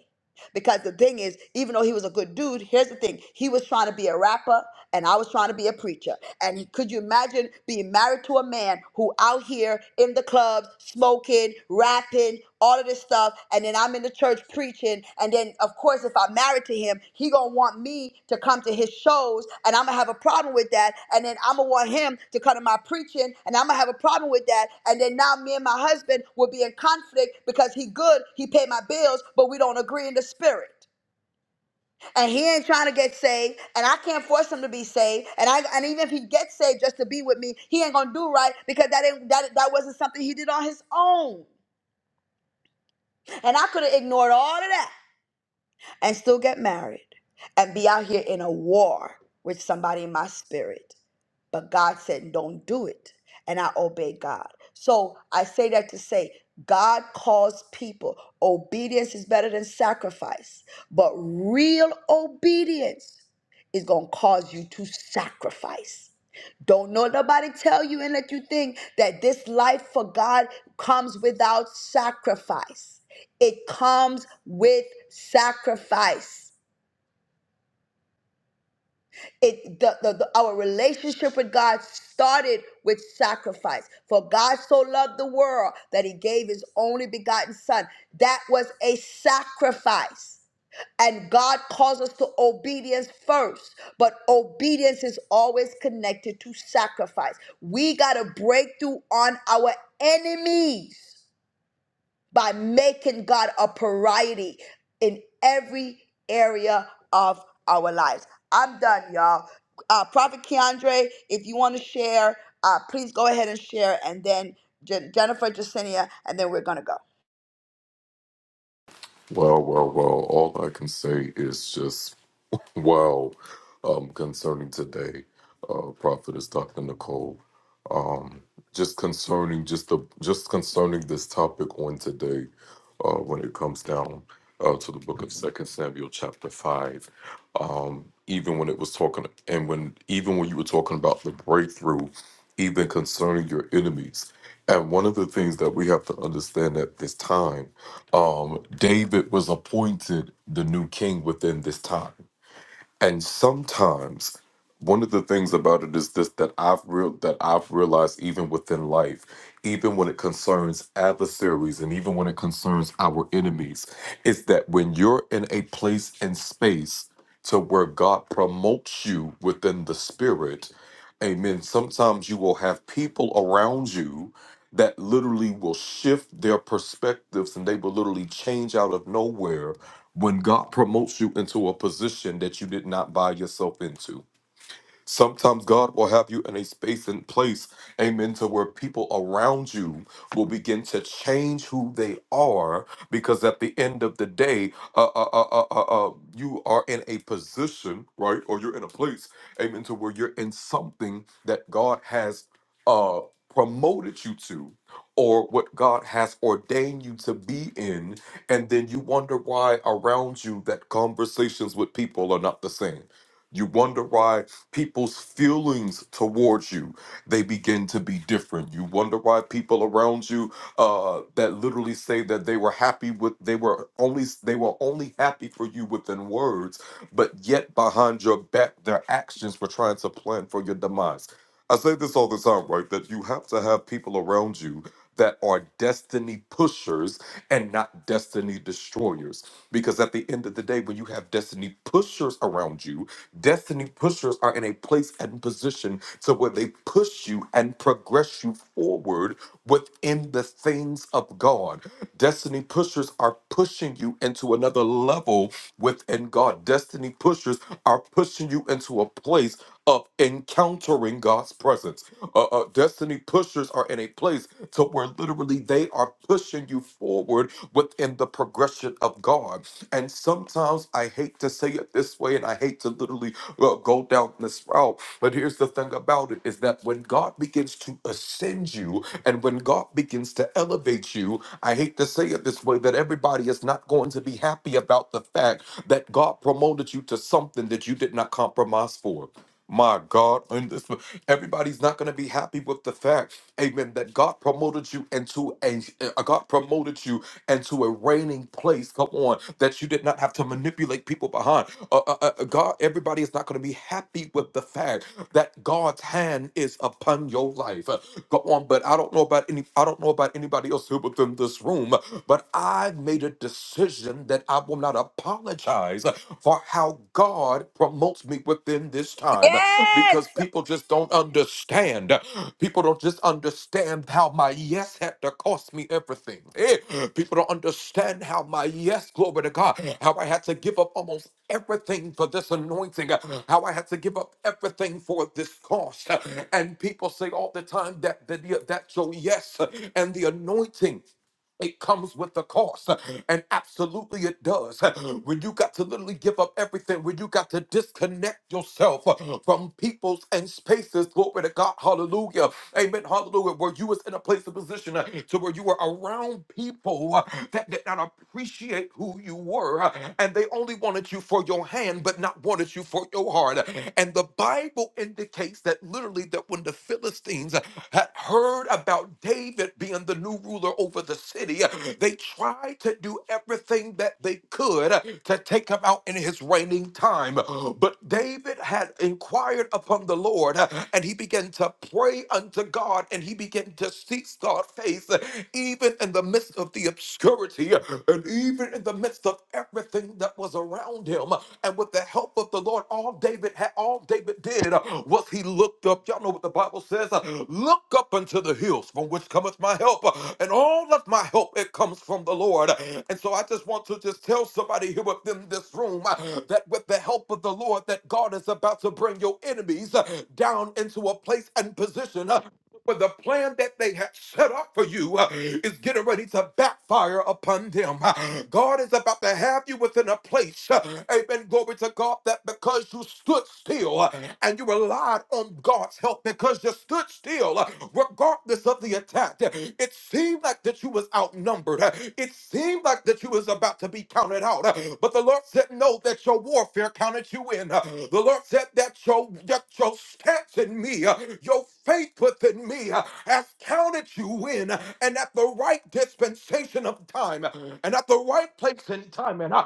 Speaker 1: Because the thing is, even though he was a good dude, here's the thing he was trying to be a rapper and I was trying to be a preacher. And he- could you imagine being married to a man who out here in the clubs, smoking, rapping, all of this stuff, and then I'm in the church preaching, and then of of course, if I'm married to him, he gonna want me to come to his shows, and I'm gonna have a problem with that. And then I'm gonna want him to come to my preaching, and I'm gonna have a problem with that. And then now me and my husband will be in conflict because he good, he pay my bills, but we don't agree in the spirit. And he ain't trying to get saved, and I can't force him to be saved. And I, and even if he gets saved just to be with me, he ain't gonna do right because that ain't that that wasn't something he did on his own. And I could have ignored all of that. and still get married and be out here in a war with somebody in my spirit but God said, don't do it. And I obeyed God. So I say that to say, God calls people. Obedience is better than sacrifice, but real obedience is going to cause you to sacrifice. Don't know nobody tell you and let you think that this life for God comes without sacrifice. It comes with sacrifice. It the, the, the- our relationship with God started with sacrifice. For God so loved the world that he gave his only begotten son. That was a sacrifice. And God calls us to obedience first, but obedience is always connected to sacrifice. We got to break through on our enemies by making God a priority in every area of our lives. I'm done, y'all. Uh, Prophet Keandre, if you want to share, uh, please go ahead and share, and then Jen- Jennifer, Jacinia, and then we're going to go.
Speaker 6: Well, well, well. All I can say is just wow um, concerning today. Uh, prophetess Dr. Nicole. um, just concerning just the just concerning this topic on today, uh, when it comes down uh, to the book of Second Samuel chapter five, um, even when it was talking and when even when you were talking about the breakthrough, even concerning your enemies. And one of the things that we have to understand at this time, um, David was appointed the new king within this time. And sometimes one of the things about it is this that I've real that I've realized even within life, even when it concerns adversaries and even when it concerns our enemies, is that when you're in a place and space to where God promotes you within the spirit, amen. Sometimes you will have people around you that literally will shift their perspectives and they will literally change out of nowhere when God promotes you into a position that you did not buy yourself into Sometimes God will have you in a space and place, amen, to where people around you will begin to change who they are because at the end of the day, uh, uh, uh, uh, uh, uh, you are in a position, right? Or you're in a place, amen, to where you're in something that God has uh, promoted you to or what God has ordained you to be in. And then you wonder why around you that conversations with people are not the same. You wonder why people's feelings towards you they begin to be different you wonder why people around you uh that literally say that they were happy with they were only they were only happy for you within words but yet behind your back their actions were trying to plan for your demise i say this all the time right that you have to have people around you that are destiny pushers and not destiny destroyers because at the end of the day when you have destiny pushers around you Destiny pushers are in a place and position to where they push you and progress you forward within the things of God. Destiny pushers are pushing you into another level within God. Destiny pushers are pushing you into a place of encountering God's presence. Uh, uh, destiny pushers are in a place to where literally they are pushing you forward within the progression of God. And sometimes I hate to say it this way, and I hate to literally uh, go down this route. But here's the thing about it is that when God begins to ascend you, and when God begins to elevate you, I hate to say it this way, that everybody is not going to time to be happy about the fact that God promoted you to something that you did not compromise for. My God, and this- everybody's not going to be happy with the fact, Amen, that God promoted you into a uh, God promoted you into a reigning place. Come on, that you did not have to manipulate people behind. Uh, uh, uh, uh, God, everybody is not going to be happy with the fact that God's hand is upon your life. Uh, Go on, but I don't know about any. I don't know about anybody else here within this room, but I I've made a decision that I will not apologize for how God promotes me within this time
Speaker 1: Yes.
Speaker 6: because people just don't understand. People don't just understand how my yes had to cost me everything. Eh, People don't understand how my yes, glory to God, how I had to give up almost everything for this anointing, how I had to give up everything for this cost. And people say all the time that, that, that your yes and the anointing it comes with the cost. And absolutely it does. When you got to literally give up everything, when you got to disconnect yourself from peoples and spaces, glory to God, hallelujah. Amen, hallelujah. Where you was in a place of position to where you were around people that did not appreciate who you were, and they only wanted you for your hand, but not wanted you for your heart. And the Bible in indicates that literally that when the Philistines uh, had heard about David being the new ruler over the city, uh, they tried to do everything that they could uh, to take him out in his reigning time. But David had inquired upon the Lord uh, and he began to pray unto God and he began to seek God's face uh, even in the midst of the obscurity uh, and even in the in the midst of everything that was around him. And with the help of the Lord, all David had, all David did uh, was he looked up. Y'all know what the Bible says: uh, "Look up unto the hills, from which cometh my help." Uh, And all of my help it comes from the Lord. And so I just want to just tell somebody here within this room uh, that with the help of the Lord, that God is about to bring your enemies uh, down into a place and position uh, when the plan that they had set up for you uh, is getting ready to backfire upon them. Uh, God is about to have you within a place, uh, amen, glory to God, that because you stood still uh, and you relied on God's help, because you stood still, uh, regardless of the attack, uh, it seemed seemed like that you was outnumbered. Uh, It seemed like that you was about to be counted out. Uh, But the Lord said, no, that your warfare counted you in. Uh, The Lord said that your, that your stance in me, uh, your faith within me uh, has counted you in. uh, And at the right dispensation of time uh, and at the right place and time. And I,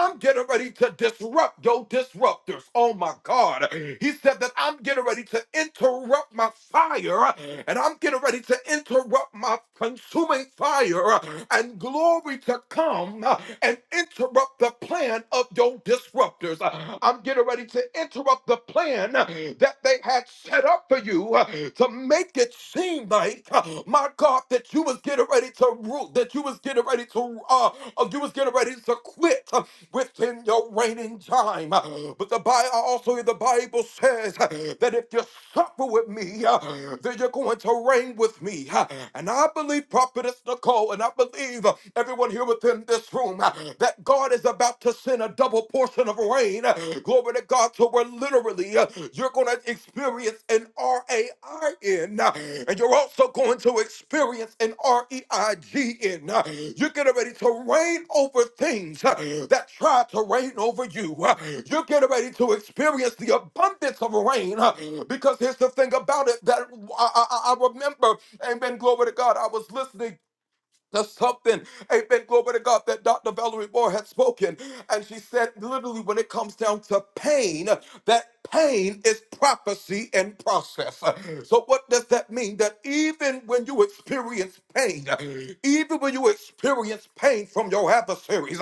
Speaker 6: I'm getting ready to disrupt your disruptors. Oh my God. He said that I'm getting ready to interrupt my fire and I'm getting ready to interrupt my consuming fire uh, and glory to come uh, and interrupt the plan of your disruptors. Uh, I'm getting ready to interrupt the plan uh, that they had set up for you uh, to make it seem like, uh, my God, that you was getting ready to rule, that you was getting ready to, uh, uh, you was getting ready to quit. uh, within your reigning time. But the Bible also the Bible says that if you suffer with me, then you're going to reign with me. And I believe Prophetess Nicole, and I believe everyone here within this room, that God is about to send a double portion of rain. Glory to God. So we're literally you're going to experience an R A I N, uh, and you're also going to experience an R E I G N. uh, You're getting ready to reign over things uh, that try to reign over you. uh, You're getting ready to experience the abundance of rain uh, because here's the thing about it that I, I, I remember, amen, glory to God, I was listening. To something, amen, glory to God, that Dr. Valerie Moore had spoken. And she said, literally, when it comes down to pain, that pain is prophecy and process. So, what does that mean? That even when you experience pain, even when you experience pain from your adversaries,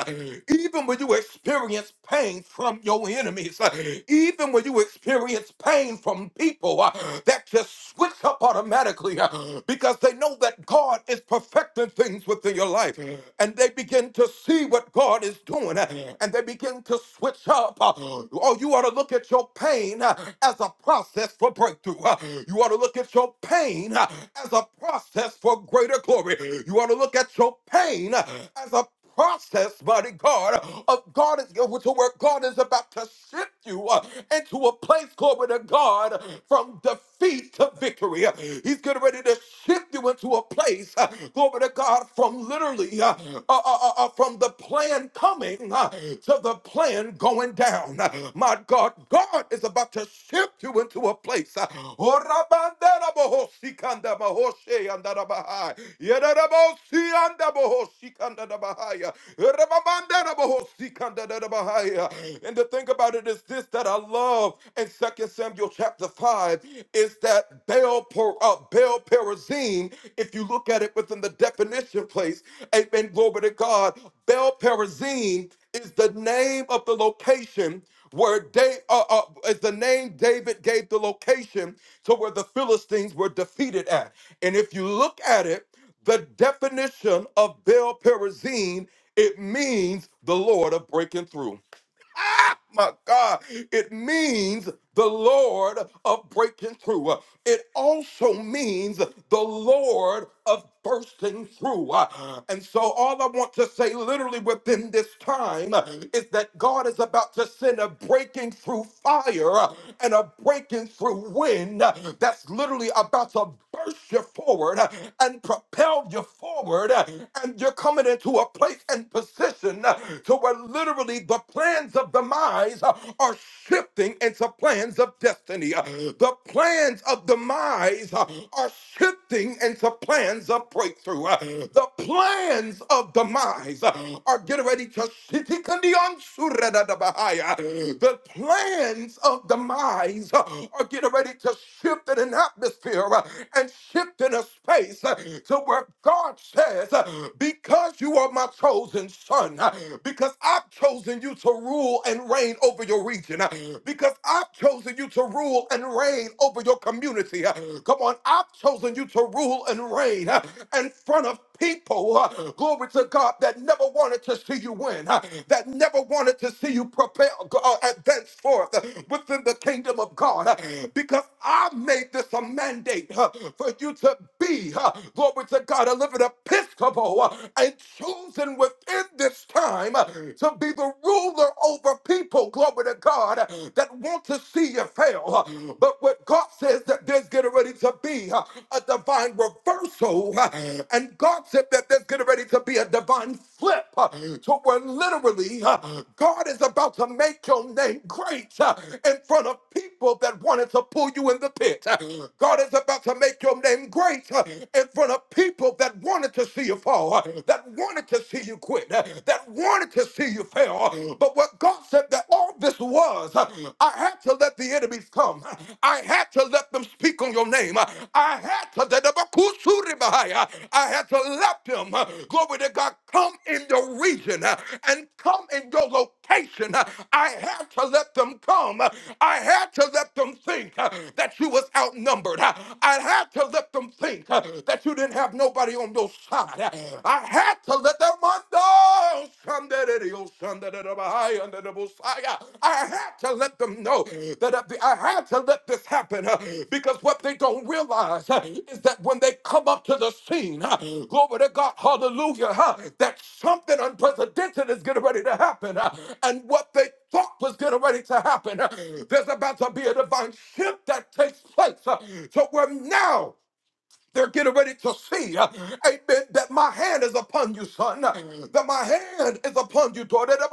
Speaker 6: even when you experience pain from your enemies, even when you experience pain from people uh, that just switch up automatically uh, because they know that God is perfecting things within your life and they begin to see what God is doing uh, and they begin to switch up. Uh, Oh, you ought ought to look at your pain uh, as a process for breakthrough. Uh, You ought to look at your pain uh, as a process for greater glory. You ought to look at your pain uh, as a process, mighty God, of God is with your word. God is about to shift you uh, into a place, glory to God, from defeat to victory. Uh, He's getting ready to shift you into a place, uh, glory to God, from literally uh, uh, uh, uh, uh, from the plan coming uh, to the plan going down. uh, my God, God is about to shift you into a place. uh, Oh, Rabandarabahosikandabahoseyandarabahai, Yedarabahosiyandabahosikandadabahai, Rababandarabahosikandadarabahai. And the thing about it is this that I love in Second Samuel chapter 5 is that Baal, per, uh, Baal Perazim, if you look at it within the definition place, amen, glory to God, Baal Perazim is the name of the location where Da- uh, uh, is the name David gave the location to where the Philistines were defeated at. And if you look at it, the definition of Baal Perazim, it means the Lord of breaking through. (laughs) My God, it means the Lord of breaking through. It also means the Lord of bursting through. And so, all I want to say literally within this time is that God is about to send a breaking through fire and a breaking through wind that's literally about to burst you forward and propel you forward. And you're coming into a a place and position uh, to where literally the plans of demise uh, are shifting into plans of destiny. Uh, The plans of demise uh, are shifting into plans of breakthrough. Uh, The plans of demise uh, are getting ready to the plans of demise uh, are getting ready to shift in an atmosphere uh, and shift in a space uh, to where God says, uh, Because you are my chosen son, uh, because I've chosen you to rule and reign over your region, uh, because I've chosen you to rule and reign over your community. uh, Come on, I've chosen you to rule and reign uh, in front of people, uh, glory to God, that never wanted to see you win, uh, that never wanted to see you propel, uh, advance forth uh, within the kingdom of of God uh, because I made this a mandate uh, for you to be, uh, glory to God, a living Episcopal uh, and chosen within this time uh, to be the ruler over people, glory to God, uh, that want to see you fail. uh, But what God says that there's getting ready to be uh, a divine reversal, uh, and God said that there's getting ready to be a divine flip uh, to where literally huh, God is about to make your name great uh, in front of people that wanted to pull you in the pit. Uh, God is about to make your name great uh, in front of people that wanted to see you fall, uh, that wanted to see you quit, uh, that wanted to see you fail. Uh, But what God said that all this was, uh, I had to let the enemies come. I had to let them speak on your name. I had had to, I had to let them, uh, glory to God, come in your region uh, and come in your location. Uh, I had to let them come. Uh, I had to let them think uh, that you was outnumbered. Uh, I had to let them think uh, that you didn't have nobody on your side. Uh, I had to let them under. I had to let them know that at the- I had to let this happen uh, because what they don't realize uh, is that when they come up to the scene, uh, glory to God, hallelujah, huh, that something unprecedented is getting ready to happen. uh, And what they thought was getting ready to happen, uh, there's about to be a divine shift that takes place. uh, So we're now. They're getting ready to see, uh, amen, that my hand is upon you, son, uh, that my hand is upon you, daughter. That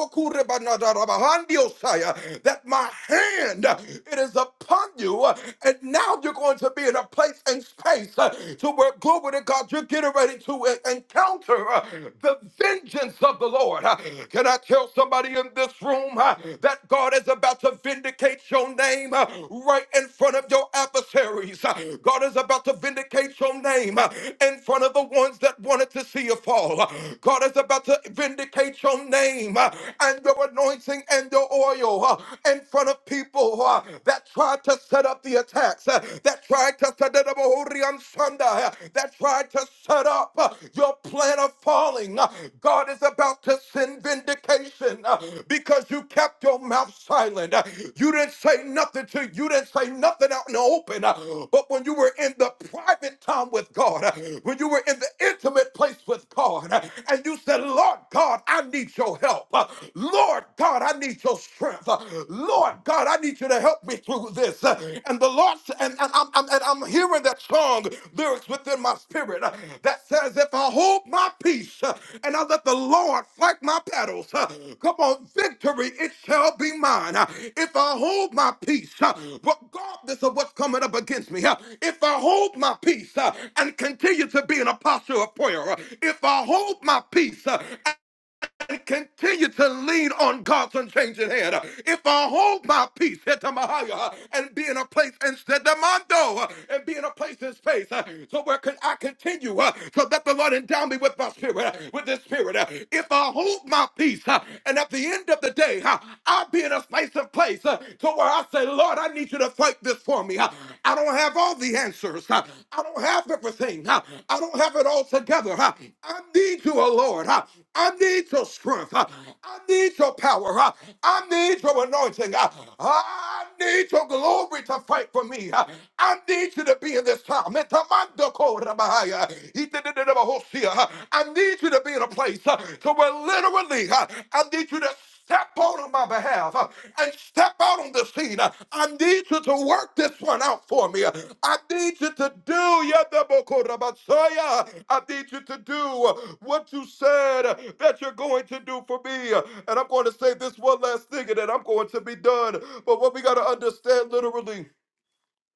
Speaker 6: my hand, uh, it is upon you. uh, And now you're going to be in a place and space uh, to where, glory to God, you're getting ready to uh, encounter uh, the vengeance of the Lord. Uh, Can I tell somebody in this room uh, that God? God is about to vindicate your name uh, right in front of your adversaries. Uh, God is about to vindicate your name uh, in front of the ones that wanted to see you fall. Uh, God is about to vindicate your name uh, and your anointing and your oil uh, in front of people uh, that tried to set up the attacks, uh, that tried to set up that tried to set up uh, your plan of falling, uh, God is about to send vindication uh, because you kept your mouth silent. Uh, You didn't say nothing to you didn't say nothing out in the open. uh, But when you were in the private time with God, uh, when you were in the intimate place with God, uh, and you said, Lord God, I need your help. Uh, Lord God, I need your strength. Uh, Lord God, I need you to help me through of this. And the Lord, and, and, I'm, I'm- and I'm hearing that song lyrics within my spirit uh, that says, If I hold my peace uh, and I let the Lord fight my battles, uh, come on, victory, it shall be mine. Uh, If I hold my peace, uh, regardless of what's coming up against me, uh, if I hold my peace uh, and continue to be an apostle of prayer, uh, if I hold my peace, uh, and continue to lean on God's unchanging hand. If I hold my peace, hit to my higher, and be in a place instead of my door, and be in a place in space, uh, so where can I continue uh, so that the Lord endow me with my spirit, uh, with His spirit. uh, If I hold my peace, uh, and at the end of the day, uh, I'll be in a space and place uh, to where I say, Lord, I need you to fight this for me. uh, I don't have all the answers. uh, I don't have everything. uh, I don't have it all together. uh, I need you, oh Lord. uh, I need your strength. I need your power. I need your anointing. I need your glory to fight for me. I need you to be in this time. I need you to be in a place to where literally I need you to Step out on my behalf uh, and step out on the scene. Uh, I need you to work this one out for me. Uh, I need you to do Yadabokorabasaya. I need you to do uh, what you said uh, that you're going to do for me. Uh, And I'm going to say this one last thing and then I'm going to be done. But what we got to understand literally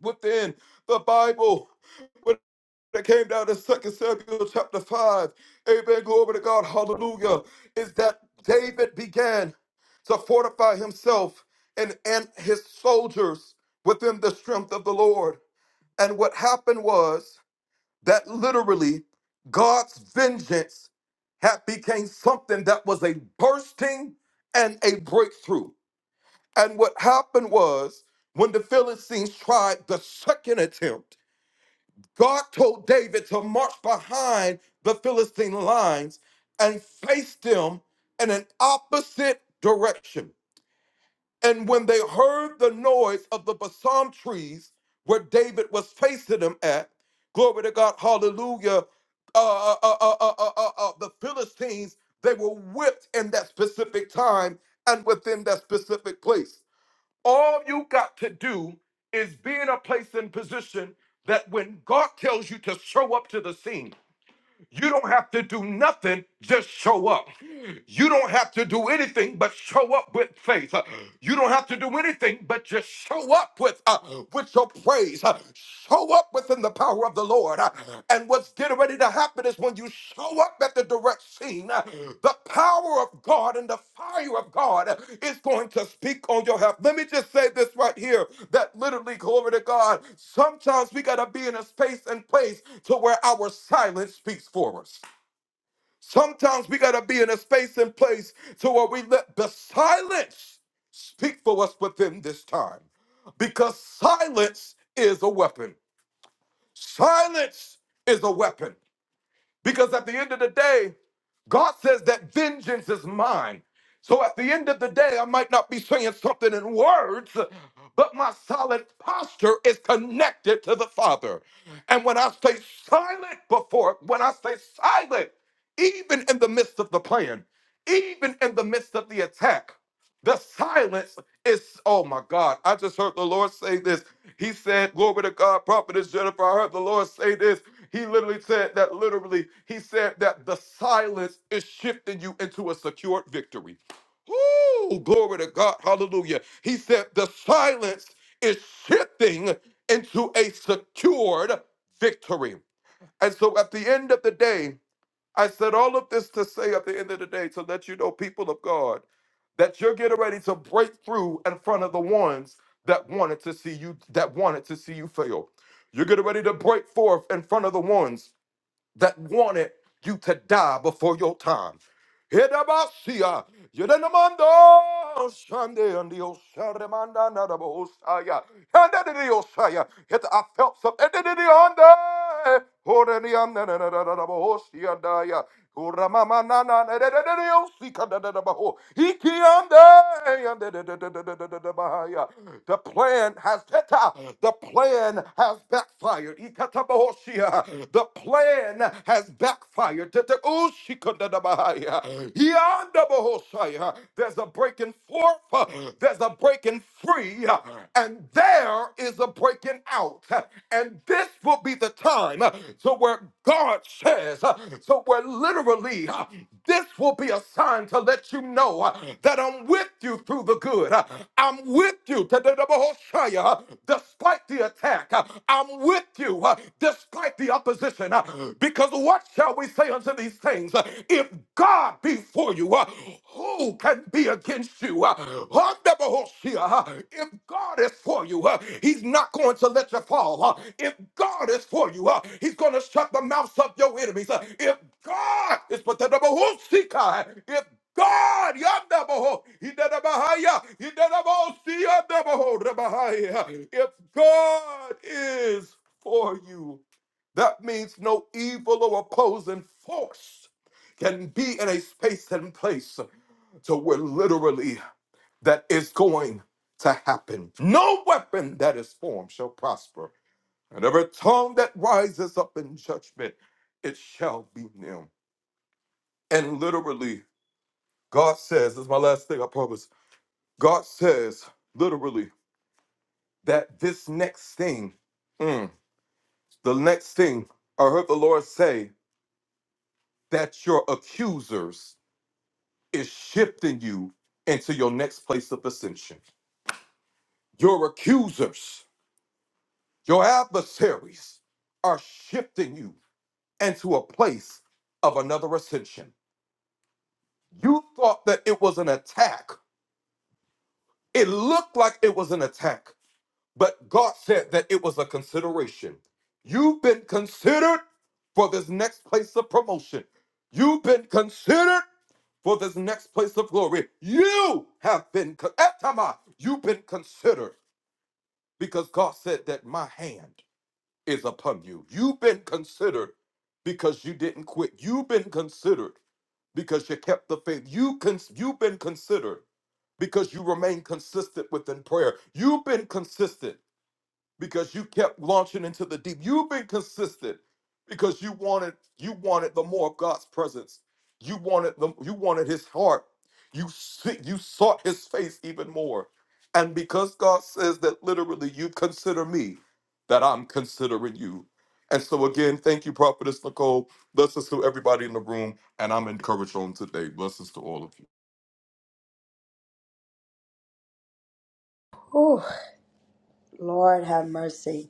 Speaker 6: within the Bible that came down to Second Samuel chapter 5. Amen. Glory to God. Hallelujah. Is that David began to fortify himself and, and his soldiers within the strength of the Lord. And what happened was that literally God's vengeance had became something that was a bursting and a breakthrough. And what happened was when the Philistines tried the second attempt, God told David to march behind the Philistine lines and face them in an opposite direction. And when they heard the noise of the balsam trees where David was facing them at, glory to God, hallelujah, uh, uh, uh, uh, uh, uh, uh, uh, uh, the Philistines, they were whipped in that specific time and within that specific place. All you got to do is be in a place and position that when God tells you to show up to the scene, you don't have to do nothing, just show up. You don't have to do anything but show up with faith. Uh, You don't have to do anything but just show up with uh, with your praise. Uh, Show up within the power of the Lord. Uh, And what's getting ready to happen is when you you show up at the direct scene, uh, the power of God and the fire of God uh, is going to speak on your health. Let me just say this right here that literally, glory to God, sometimes we got to be in a space and place to where our silence speaks for us. Sometimes we got to be in a space and place to where we let the silence speak for us within this time because silence is a weapon. Silence is a weapon. Because at the end of the day, God says that vengeance is mine. So at the end of the day, I might not be saying something in words, but my solid posture is connected to the Father. And when I stay silent before, when I stay silent, even in the midst of the plan, even in the midst of the attack, the silence is, oh my God, I just heard the Lord say this. He said, Glory to God, prophetess Jennifer. I heard the Lord say this. He literally said that literally, he said that the silence is shifting you into a secured victory. Oh, glory to God. Hallelujah. He said the silence is shifting into a secured victory. And so at the end of the day, I said all of this to say at the end of the day to let you know, people of God, that you're getting ready to break through in front of the ones that wanted to see you that wanted to see you fail. You're getting ready to break forth in front of the ones that wanted you to die before your time. Hedabasia, yedanamando, shande, andio, sharemanda, nadabo, osaya, handadidio, I felt something. Edididionde, horenianda, nadadadadabo, the plan has the plan has backfired. The plan has backfired. There's a breaking forth, there's a breaking free, and there is a breaking out. And this will be the time uh, to where God says, uh, to where literally uh, this will be a sign to let you know uh, that I'm with you through the good. Uh, I'm with you, to the double Hoshea, uh, despite the attack. Uh, I'm with you uh, despite the opposition. Uh, Because what shall we say unto these things? Uh, If God be for you, uh, who can be against you? Uh, Handabahoshia, uh, If God is for you, uh, He's not going to let you fall. Uh, If God is for you, uh, He's going to shut the mouths of your enemies. Uh, If God is for the if God, Yandabaho, Hidadabahaya, Hidadabahosi, Yandabaho, Rabahaya, if God is for you, that means no evil or opposing force can be in a space and place to where literally that is going to happen. No weapon that is formed shall prosper, and every tongue that rises up in judgment, it shall be nil. And literally, God says, this is my last thing, I promise. God says, literally, that this next thing, mm, the next thing, I heard the Lord say that your accusers is shifting you into your next place of ascension. Your accusers Your adversaries are shifting you into a place of another ascension. You thought that it was an attack. It looked like it was an attack, but God said that it was a consideration. You've been considered for this next place of promotion. You've been considered for this next place of glory. You have been, con- Etama, you've been considered because God said that my hand is upon you. You've been considered because you didn't quit. You've been considered because you kept the faith. You cons- you've been considered because you remain consistent within prayer. You've been consistent because you kept launching into the deep. You've been consistent because you wanted you wanted the more of God's presence. You wanted the you wanted His heart. You se- you sought His face even more, and because God says that literally, you consider me, that I'm considering you. And so again, thank you, Prophetess Nicole. Blessings to everybody in the room, and I'm encouraged on today. Blessings to all of you.
Speaker 1: Whew. Lord have mercy.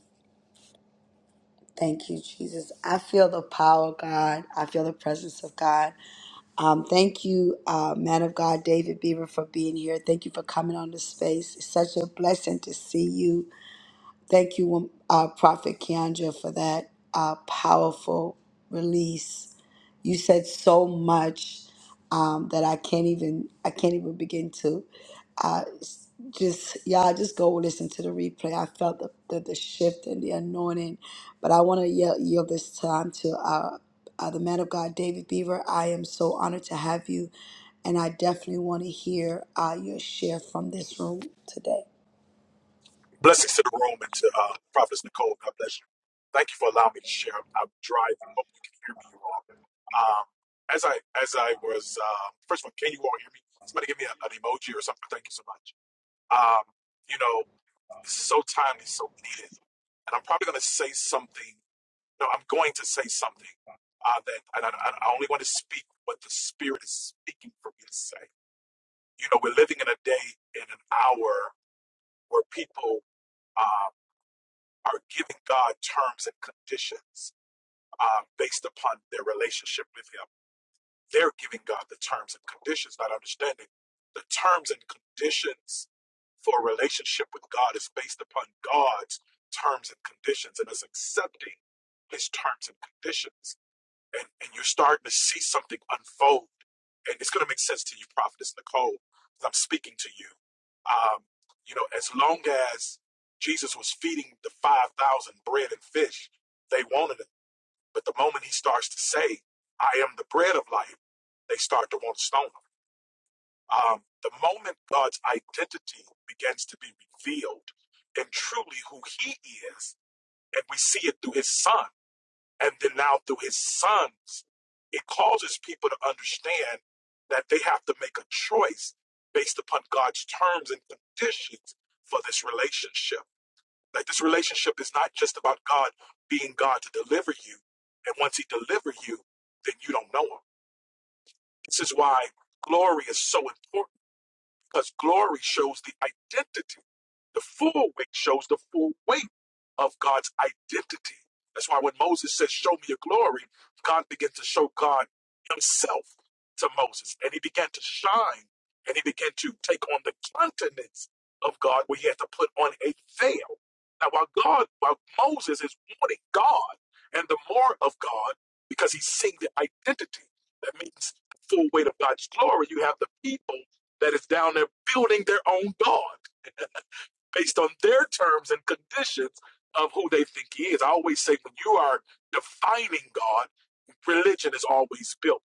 Speaker 1: Thank you, Jesus. I feel the power of God. I feel the presence of God. Um, thank you, uh, man of God, David Beaver, for being here. Thank you for coming on this space. It's such a blessing to see you. Thank you, um, uh, Prophet Keandra, for that uh, powerful release. You said so much um, that I can't even I can't even begin to uh, s- just y'all just go listen to the replay. I felt the, the, the shift and the anointing, but I want to yield, yield this time to uh, uh, the man of God, David Beaver. I am so honored to have you, and I definitely want to hear uh, your share from this room today.
Speaker 9: Blessings to the room and to uh, Prophetess Nicole. God bless you. Thank you for allowing me to share. I'm, I'm driving. Hope you can hear me. Um, as I as I was um, first of all, can you all hear me? Somebody give me a, an emoji or something. Thank you so much. Um, you know, this is so timely, so needed, and I'm probably going to say something. No, I'm going to say something uh, that, and I, I I only want to speak what the Spirit is speaking for me to say. You know, we're living in a day in an hour where people. um, are giving God terms and conditions uh, based upon their relationship with Him. They're giving God the terms and conditions, not understanding the terms and conditions for a relationship with God is based upon God's terms and conditions and us accepting His terms and conditions and, and you're starting to see something unfold. And it's going to make sense to you, Prophetess Nicole, because I'm speaking to you. Um, you know, as long as Jesus was feeding the 5,000 bread and fish, they wanted it. But the moment he starts to say, I am the bread of life, they start to want to stone him. Um, the moment God's identity begins to be revealed and truly who he is, and we see it through his son. And then now through his sons, it causes people to understand that they have to make a choice based upon God's terms and conditions for this relationship. Like this relationship is not just about God being God to deliver you. And once he delivers you, then you don't know him. This is why glory is so important because glory shows the identity. The full weight shows the full weight of God's identity. That's why when Moses says, Show me your glory, God began to show God himself to Moses. And he began to shine and he began to take on the countenance of God where he had to put on a veil. Now, while God, while Moses is wanting God and the more of God, because he's seeing the identity, that means the full weight of God's glory, you have the people that is down there building their own God based on their terms and conditions of who they think he is. I always say when you are defining God, religion is always built.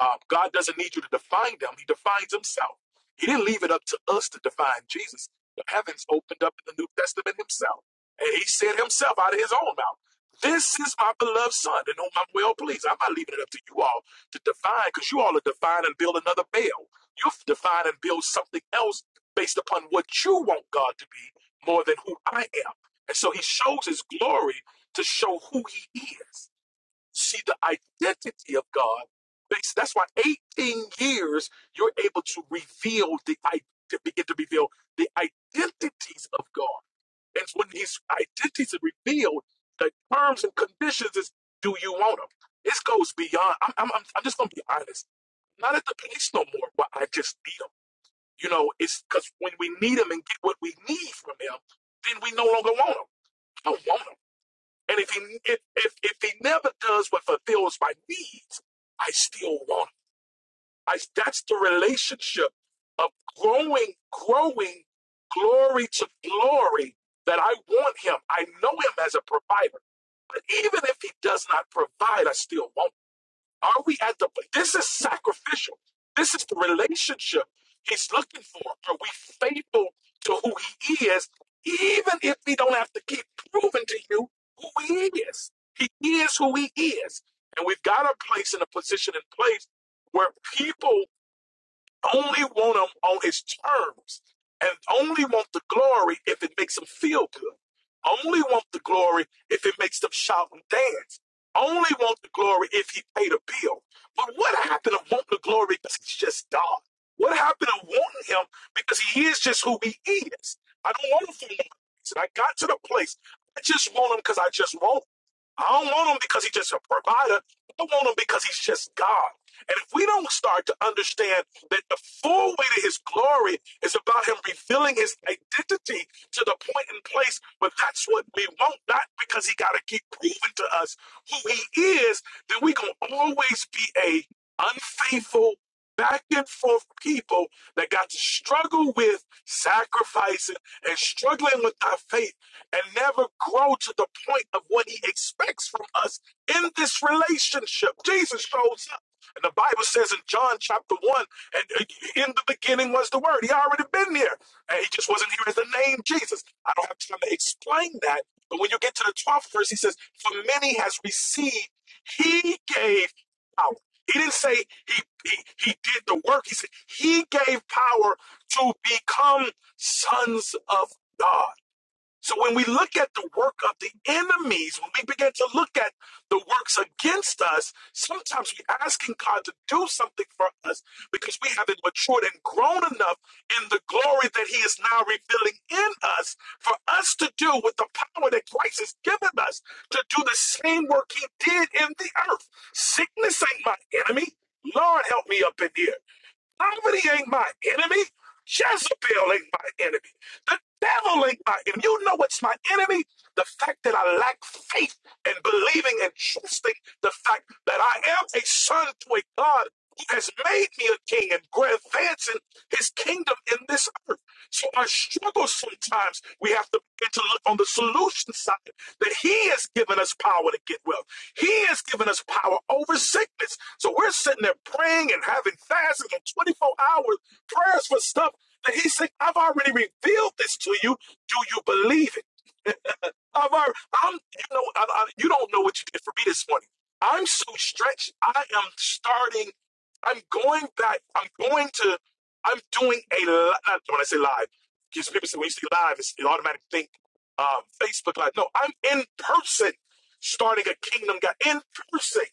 Speaker 9: Um, God doesn't need you to define him; he defines himself. He didn't leave it up to us to define Jesus. The heavens opened up in the New Testament himself. And he said himself out of his own mouth, This is my beloved son, and whom I'm well pleased. I'm not leaving it up to you all to define, because you all are define and build another Baal. You define and build something else based upon what you want God to be more than who I am. And so he shows his glory to show who he is. See the identity of God. Based, that's why 18 years you're able to reveal the to begin to reveal the identities of God. And when his identities are revealed, the terms and conditions is do you want them? This goes beyond. I'm, I'm, I'm just going to be honest. not at the place no more where I just need them. You know, it's because when we need him and get what we need from him, then we no longer want him. I don't want him. And if he if if, if he never does what fulfills my needs, I still want him. I that's the relationship of growing, growing, glory to glory. That I want him. I know him as a provider. But even if he does not provide, I still want him. Are we at the this is sacrificial. This is the relationship he's looking for. Are we faithful to who he is, even if we don't have to keep proving to you who he is? He is who he is. And we've got a place and a position in place where people only want him on his terms and only want the glory if it makes them feel good. Only want the glory if it makes them shout and dance. Only want the glory if he paid a bill. But what happened to wanting the glory because he's just God? What happened to wanting him because he is just who he is? I don't want him for no reason. I got to the place. I just want him because I just want him. I don't want him because he's just a provider. I want him because he's just God. And if we don't start to understand that the full weight of his glory is about him revealing his identity to the point and place where that's what we want, not because he got to keep proving to us who he is, then we going to always be a unfaithful, back and forth people that got to struggle with sacrificing and struggling with our faith and never grow to the point of what he expects from us in this relationship. Jesus shows up. And the Bible says in John chapter 1, and uh, in the beginning was the word. He already been here. And he just wasn't here as the name Jesus. I don't have time to explain that. But when you get to the 12th verse, he says, For many has received, he gave power. He didn't say he, he, he did the work. He said he gave power to become sons of God. So when we look at the work of the enemies, when we begin to look at the works against us, sometimes we're asking God to do something for us because we haven't matured and grown enough in the glory that He is now revealing in us for us to do with the power that Christ has given us to do the same work He did in the earth. Sickness ain't my enemy. Lord, help me up in here. Poverty ain't my enemy. Jezebel ain't my enemy. The devil ain't my enemy. You know what's my enemy? The fact that I lack faith and believing and trusting the fact that I am a son to a God who has made me a king and we're advancing his kingdom in this earth. So our struggles sometimes we have to begin to look on the solution side that he has given us power to get well. He has given us power over sickness. So we're sitting there praying and having fasting and 24 hours prayers for stuff that He said, I've already revealed this to you. Do you believe it? I've already, I'm, you know, I, I, you don't know what you did for me this morning. I'm so stretched. I am starting. I'm going back. I'm going to. I'm doing a. li- Not when I say live, because people say when you say live, it's, it automatically think um, Facebook live. No, I'm in person, starting a kingdom. God in person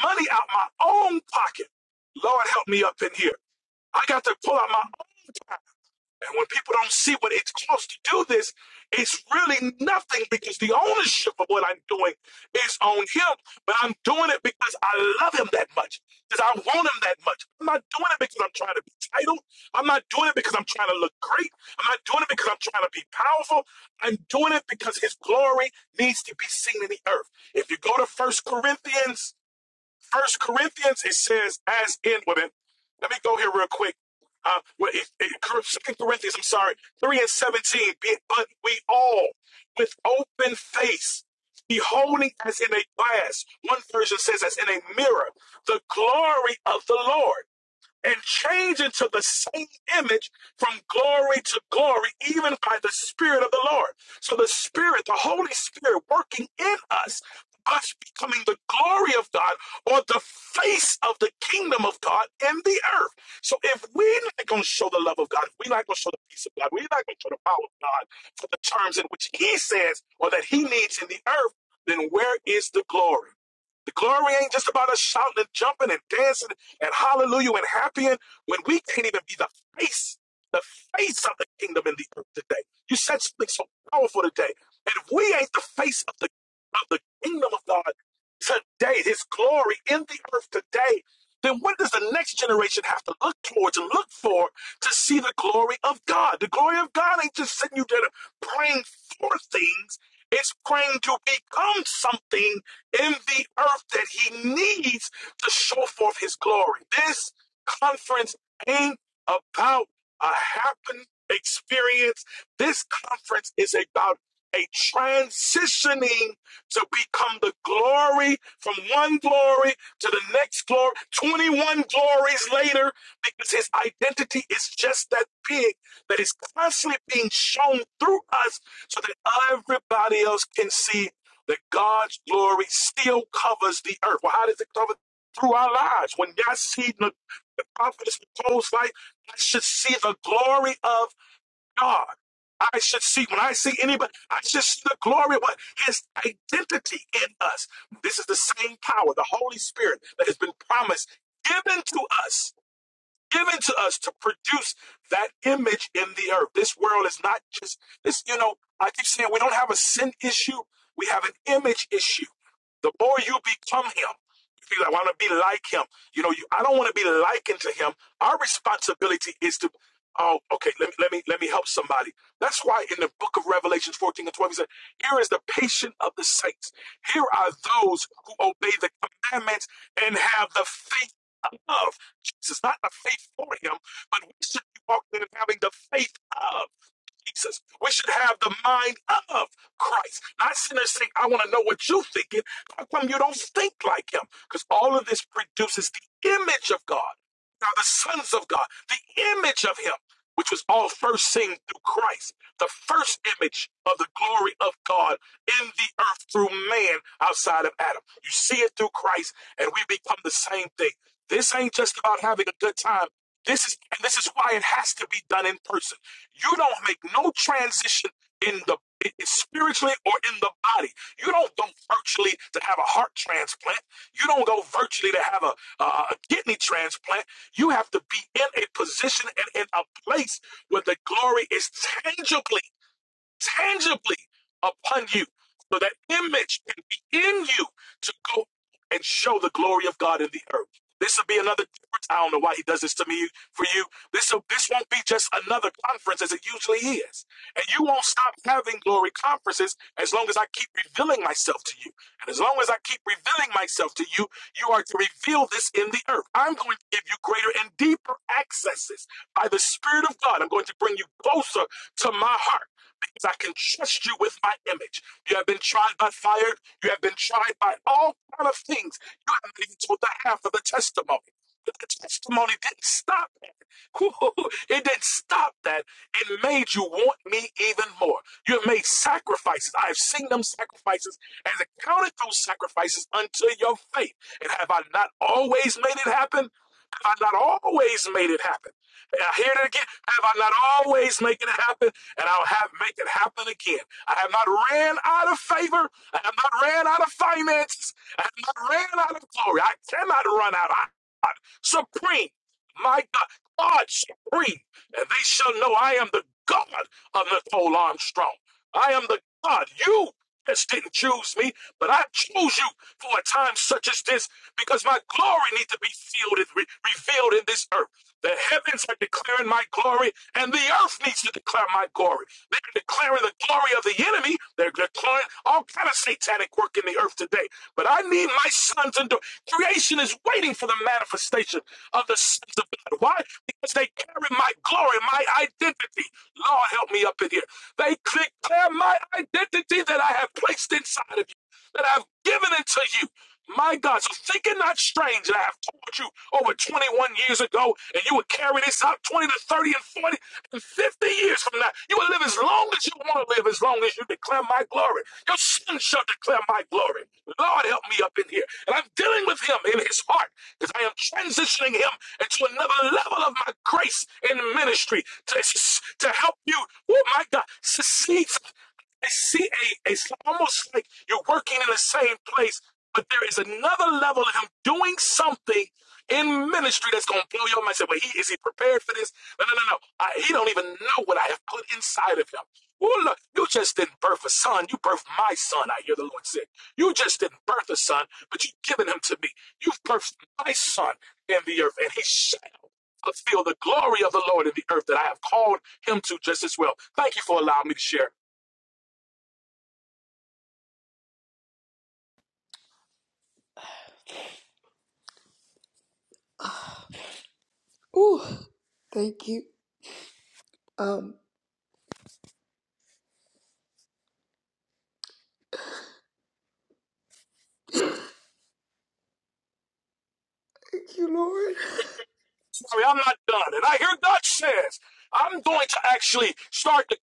Speaker 9: money out my own pocket. Lord, help me up in here. I got to pull out my own. pocket. And when people don't see what it's cost to do this, it's really nothing because the ownership of what I'm doing is on him. But I'm doing it because I love him that much, because I want him that much. I'm not doing it because I'm trying to be titled. I'm not doing it because I'm trying to look great. I'm not doing it because I'm trying to be powerful. I'm doing it because his glory needs to be seen in the earth. If you go to First Corinthians First Corinthians, it says, as in women. Let me go here real quick. Uh, well, it, it, Second Corinthians, I'm sorry, three and seventeen. But we all, with open face, beholding as in a glass. One version says, as in a mirror, the glory of the Lord and change into the same image from glory to glory, even by the Spirit of the Lord. So the Spirit, the Holy Spirit working in us, us becoming the glory of God or the face of the kingdom of God in the earth. So if we're not going to show the love of God, if we're not going to show the peace of God, we're not going to show the power of God for the terms in which He says or that He needs in the earth, then where is the glory? The glory ain't just about us shouting and jumping and dancing and hallelujah and happy in when we can't even be the face, the face of the kingdom in the earth today. You said something so powerful today. And if we ain't the face of the of the kingdom of God today, his glory in the earth today, then what does the next generation have to look towards and look for to see the glory of God? The glory of God ain't just sitting you there praying for things. It's praying to become something in the earth that he needs to show forth his glory. This conference ain't about a happen experience. This conference is about a transitioning to become the glory from one glory to the next glory, 21 glories later, because his identity is just that big that is constantly being shown through us so that everybody else can see that God's glory still covers the earth. Well, how does it cover through our lives. When God sees the, the prophet's proposed life, I should see the glory of God. I should see, when I see anybody, I should see the glory of what his identity in us. This is the same power, the Holy Spirit that has been promised, given to us given to us to produce that image in the earth. This world is not just this, you know, I keep saying we don't have a sin issue, we have an image issue. The more you become him, you feel like I want to be like him. You know, you, I don't want to be likened to him. Our responsibility is to Oh, okay. Let me let me let me help somebody. That's why in the book of Revelations 14 and 12, he said, Here is the patient of the saints. Here are those who obey the commandments and have the faith of. Jesus, not the faith for him, but we should be walking in and having the faith of. Jesus. We should have the mind of Christ. Not sinners. there saying, I want to know what you're thinking. How come you don't think like him? Because all of this produces the image of God. Now, the sons of God, the image of him, which was all first seen through Christ, the first image of the glory of God in the earth through man outside of Adam. You see it through Christ, and we become the same thing. This ain't just about having a good time. This is, and this is why it has to be done in person. You don't make no transition in the i- i- spiritually or in the body. You don't go virtually to have a heart transplant. You don't go virtually to have a, a, a kidney transplant. You have to be in a position and in a place where the glory is tangibly tangibly upon you so that image can be in you to go and show the glory of God in the earth. This will be another difference. I don't know why he does this to me for you. This will, this won't be just another conference as it usually is. And you won't stop having glory conferences as long as I keep revealing myself to you. And as long as I keep revealing myself to you, you are to reveal this in the earth. I'm going to give you greater and deeper accesses by the Spirit of God. I'm going to bring you closer to my heart. I can trust you with my image. You have been tried by fire. You have been tried by all kind of things. You haven't even told the half of the testimony. But the testimony didn't stop. that. (laughs) It didn't stop that. It made you want me even more. You have made sacrifices. I have seen them sacrifices and accounted those sacrifices unto your faith. And have I not always made it happen? Have I not always made it happen? I hear it again. Have I not always made it happen? And I'll have make it happen again. I have not ran out of favor. I have not ran out of finances. I have not ran out of glory. I cannot run out. I God, supreme. My God, God supreme. And they shall know I am the God of Nicole Armstrong. I am the God. You just didn't choose me, but I chose you for a time such as this because my glory needs to be sealed and re- revealed in this earth. The heavens are declaring my glory, and the earth needs to declare my glory. They're declaring the glory of the enemy. They're declaring all kind of satanic work in the earth today. But I need my sons and daughters. Creation is waiting for the manifestation of the sons of God. Why? Because they carry my glory, my identity. Lord, help me up in here. They declare my identity that I have placed inside of you, that I've given it to you. My God, so thinking not strange that I have taught you over 21 years ago, and you would carry this out 20 to 30 and 40 and 50 years from now. You will live as long as you want to live, as long as you declare my glory. Your son shall declare my glory. Lord, help me up in here. And I'm dealing with him in his heart because I am transitioning him into another level of my grace in ministry to, to help you, oh my God, succeed I see a, a almost like you're working in the same place, but there is another level of him doing something in ministry that's going to blow your mind. Say, well, he, is he prepared for this? No, no, no, no. I, he don't even know what I have put inside of him. Well, look, you just didn't birth a son. You birthed my son, I hear the Lord say. You just didn't birth a son, but you've given him to me. You've birthed my son in the earth, and he shall fulfill the glory of the Lord in the earth that I have called him to just as well. Thank you for allowing me to share.
Speaker 1: Ooh, thank you. Um, Thank you, Lord.
Speaker 9: sorry, I'm not done. And I hear God says, I'm going to actually start to.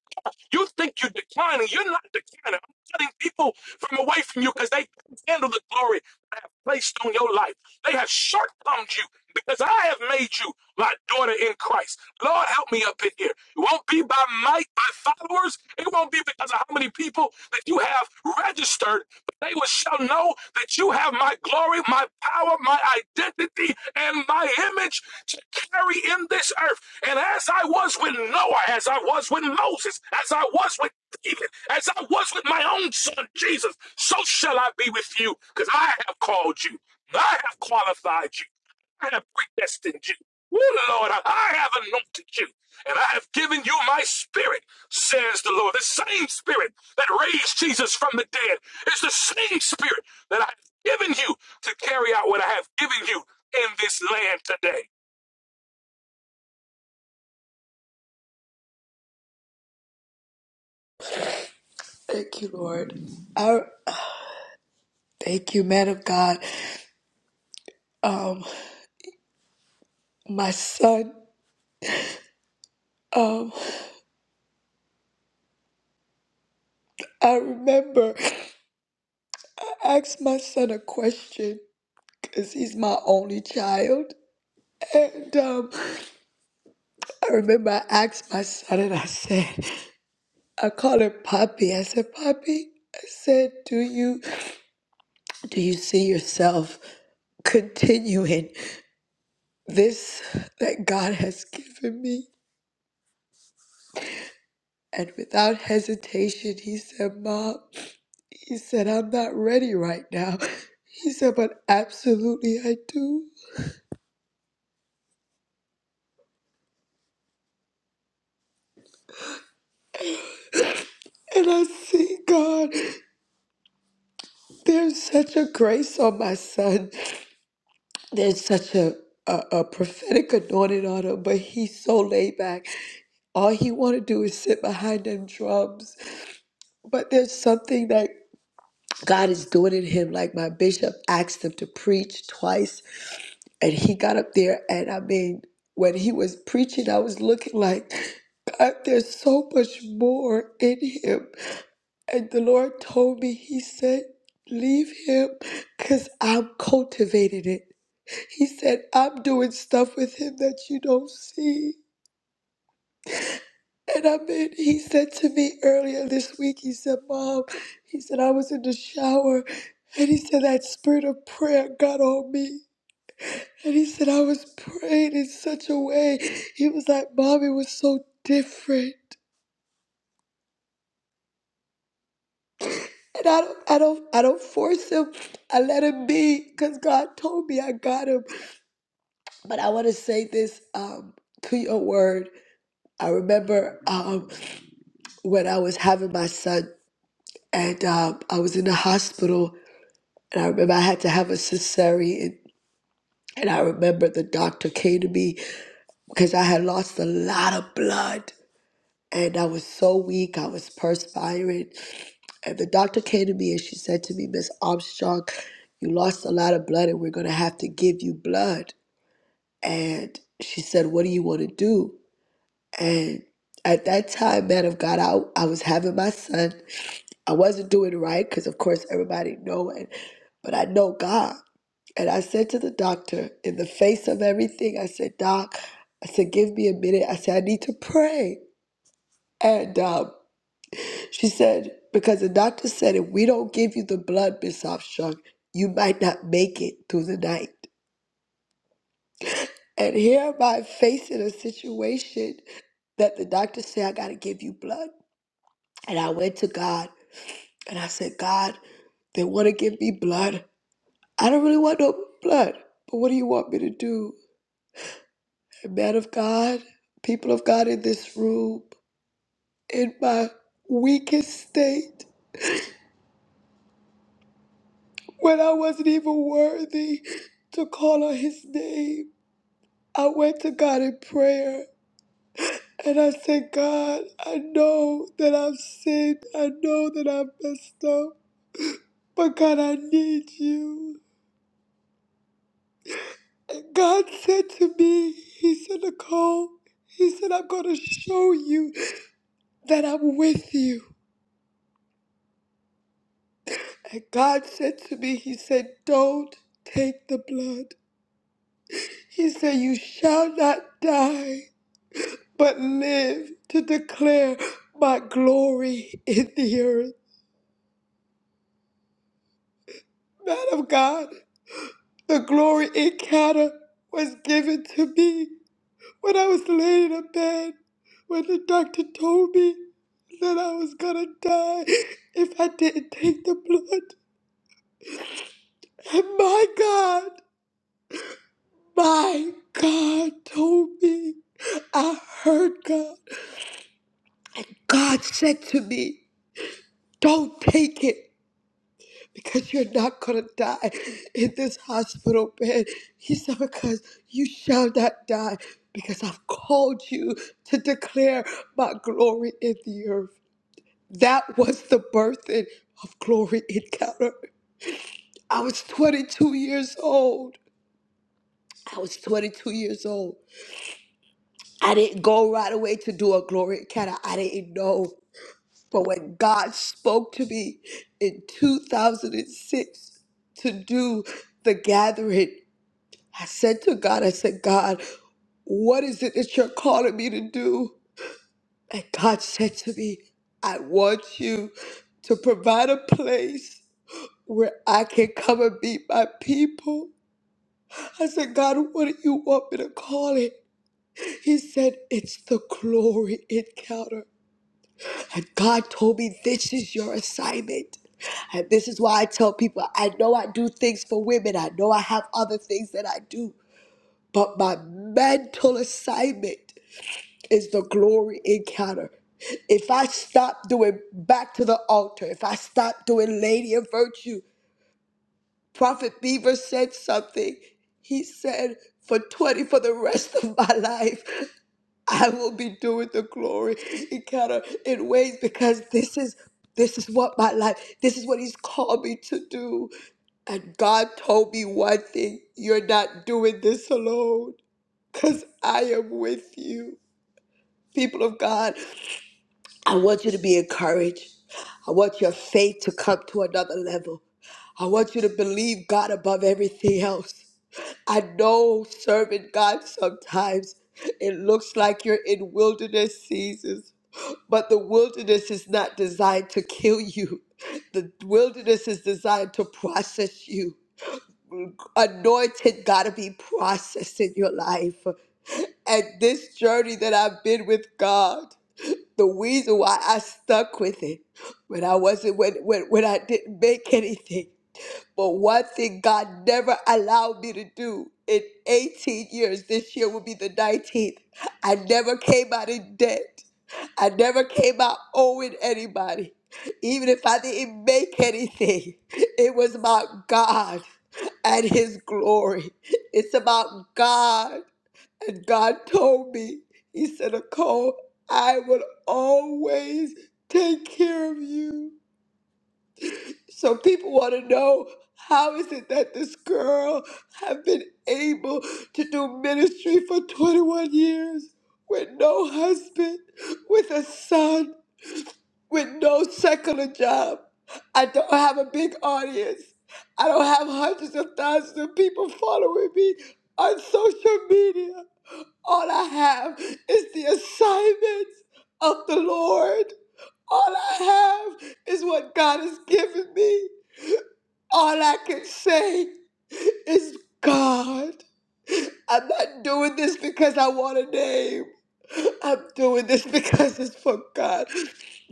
Speaker 9: You think you're declining. You're not declining. I'm cutting people from away from you because they can't handle the glory I have placed on your life. They have shortcomed you because I have made you my daughter in Christ. Lord, help me up in here. It won't be by might, by followers. It won't be because of how many people that you have registered, but they will shall know that you have my glory, my power, my identity, and my image to carry in this earth. And as I was with Noah, as I was with Moses, as I was with David, as I was with my own son Jesus, so shall I be with you, because I have called you, I have qualified you, I have predestined you. Oh Lord, I I have anointed you, and I have given you my spirit, says the Lord. The same spirit that raised Jesus from the dead is the same spirit that I have given you to carry out what I have given you in this land today.
Speaker 1: Thank you, Lord. I thank you, man of God. Um, my son. Um, I remember I asked my son a question because he's my only child, and um, I remember I asked my son and I said, I called him Poppy. I said, Poppy. I said, Do you do you see yourself continuing this that God has given me? And without hesitation, he said, Mom, he said, I'm not ready right now. He said, but absolutely I do. And I see, God, there's such a grace on my son. There's such a, a, a prophetic anointing on him, but he's so laid back. All he want to do is sit behind them drums. But there's something that God is doing in him. Like my bishop asked him to preach twice And he got up there, and I mean, when he was preaching, I was looking like, God, there's so much more in him. And the Lord told me, He said, Leave him because I'm cultivating it. He said, I'm doing stuff with him that you don't see. And I mean, he said to me earlier this week, he said, Mom, he said, I was in the shower. And he said, that spirit of prayer got on me. And he said, I was praying in such a way. He was like, Mommy was so different. And I don't, I don't, I don't force him. I let him be because God told me I got him. But I want to say this um, to your word. I remember um, when I was having my son and um, I was in the hospital and I remember I had to have a cesarean. And I remember the doctor came to me because I had lost a lot of blood. and I was so weak. I was perspiring. And the doctor came to me and she said to me, Miss Armstrong, you lost a lot of blood and we're going to have to give you blood. And she said, What do you want to do? And at that time, man of God, I, I was having my son. I wasn't doing right because, of course, everybody know it, but I know God. And I said to the doctor, in the face of everything, I said, Doc, I said, give me a minute. I said, I need to pray. And um, she said, because the doctor said if we don't give you the blood, Miss Armstrong, you might not make it through the night. And here am I facing a situation that the doctor said, I got to give you blood. And I went to God and I said, God, they want to give me blood. I don't really want no blood, but what do you want me to do? And man of God, people of God in this room, in my weakest state, when I wasn't even worthy to call on his name. I went to God in prayer and I said, God, I know that I've sinned. I know that I've messed up. But God, I need you. And God said to me, He said, Nicole, He said, I'm going to show you that I'm with you. And God said to me, He said, Don't take the blood. He said, You shall not die. but live to declare my glory in the earth. Man of God, the glory encounter was given to me when I was laying in a bed, when the doctor told me that I was gonna die if I didn't take the blood. And my God, my God told me, I heard God. God said to me, don't take it. because you're not going to die in this hospital bed. He said, Because you shall not die, because I've called you to declare my glory in the earth. That was the birthing of Glory Encounter. I was 22 years old. I was 22 years old. I didn't go right away to do a Glory Encounter, I didn't know. But when God spoke to me in 2006 to do the gathering, I said to God, I said, God, what is it that you're calling me to do? And God said to me, I want you to provide a place where I can come and meet my people. I said, God, what do you want me to call it? He said, It's the glory encounter. And God told me, This is your assignment. And this is why I tell people I know I do things for women, I know I have other things that I do, but my mental assignment. is the glory encounter. If I stop doing back to the altar, if I stop doing lady of virtue, Prophet Beaver said something. He said, for 20, for the rest of my life, I will be doing the glory encounter in ways because this is this is what my life, this is what he's called me to do. And God told me one thing, you're not doing this alone, because I am with you people of God. I want you to be encouraged. I want your faith to come to another level. I want you to believe God above everything else. I know serving God sometimes it looks like you're in wilderness seasons, but the wilderness is not designed to kill you. The wilderness is designed to process you. Anointed got to be processed in your life. And this journey that I've been with God the reason why I stuck with it when I wasn't when when, when I didn't make anything. But one thing God never allowed me to do in 18 years, this year will be the 19th. I never came out in debt. I never came out owing anybody. Even if I didn't make anything, it was about God and His glory. It's about God and God told me, He said, Nicole, I will always take care of you. So people want to know how is it that this girl have been able to do ministry for 21 years with no husband, with a son, with no secular job. I don't have a big audience. I don't have hundreds of thousands of people following me on social media. All I have is the assignments of the Lord. All I have is what God has given me. All I can say is, God, I'm not doing this because I want a name. I'm doing this because it's for God.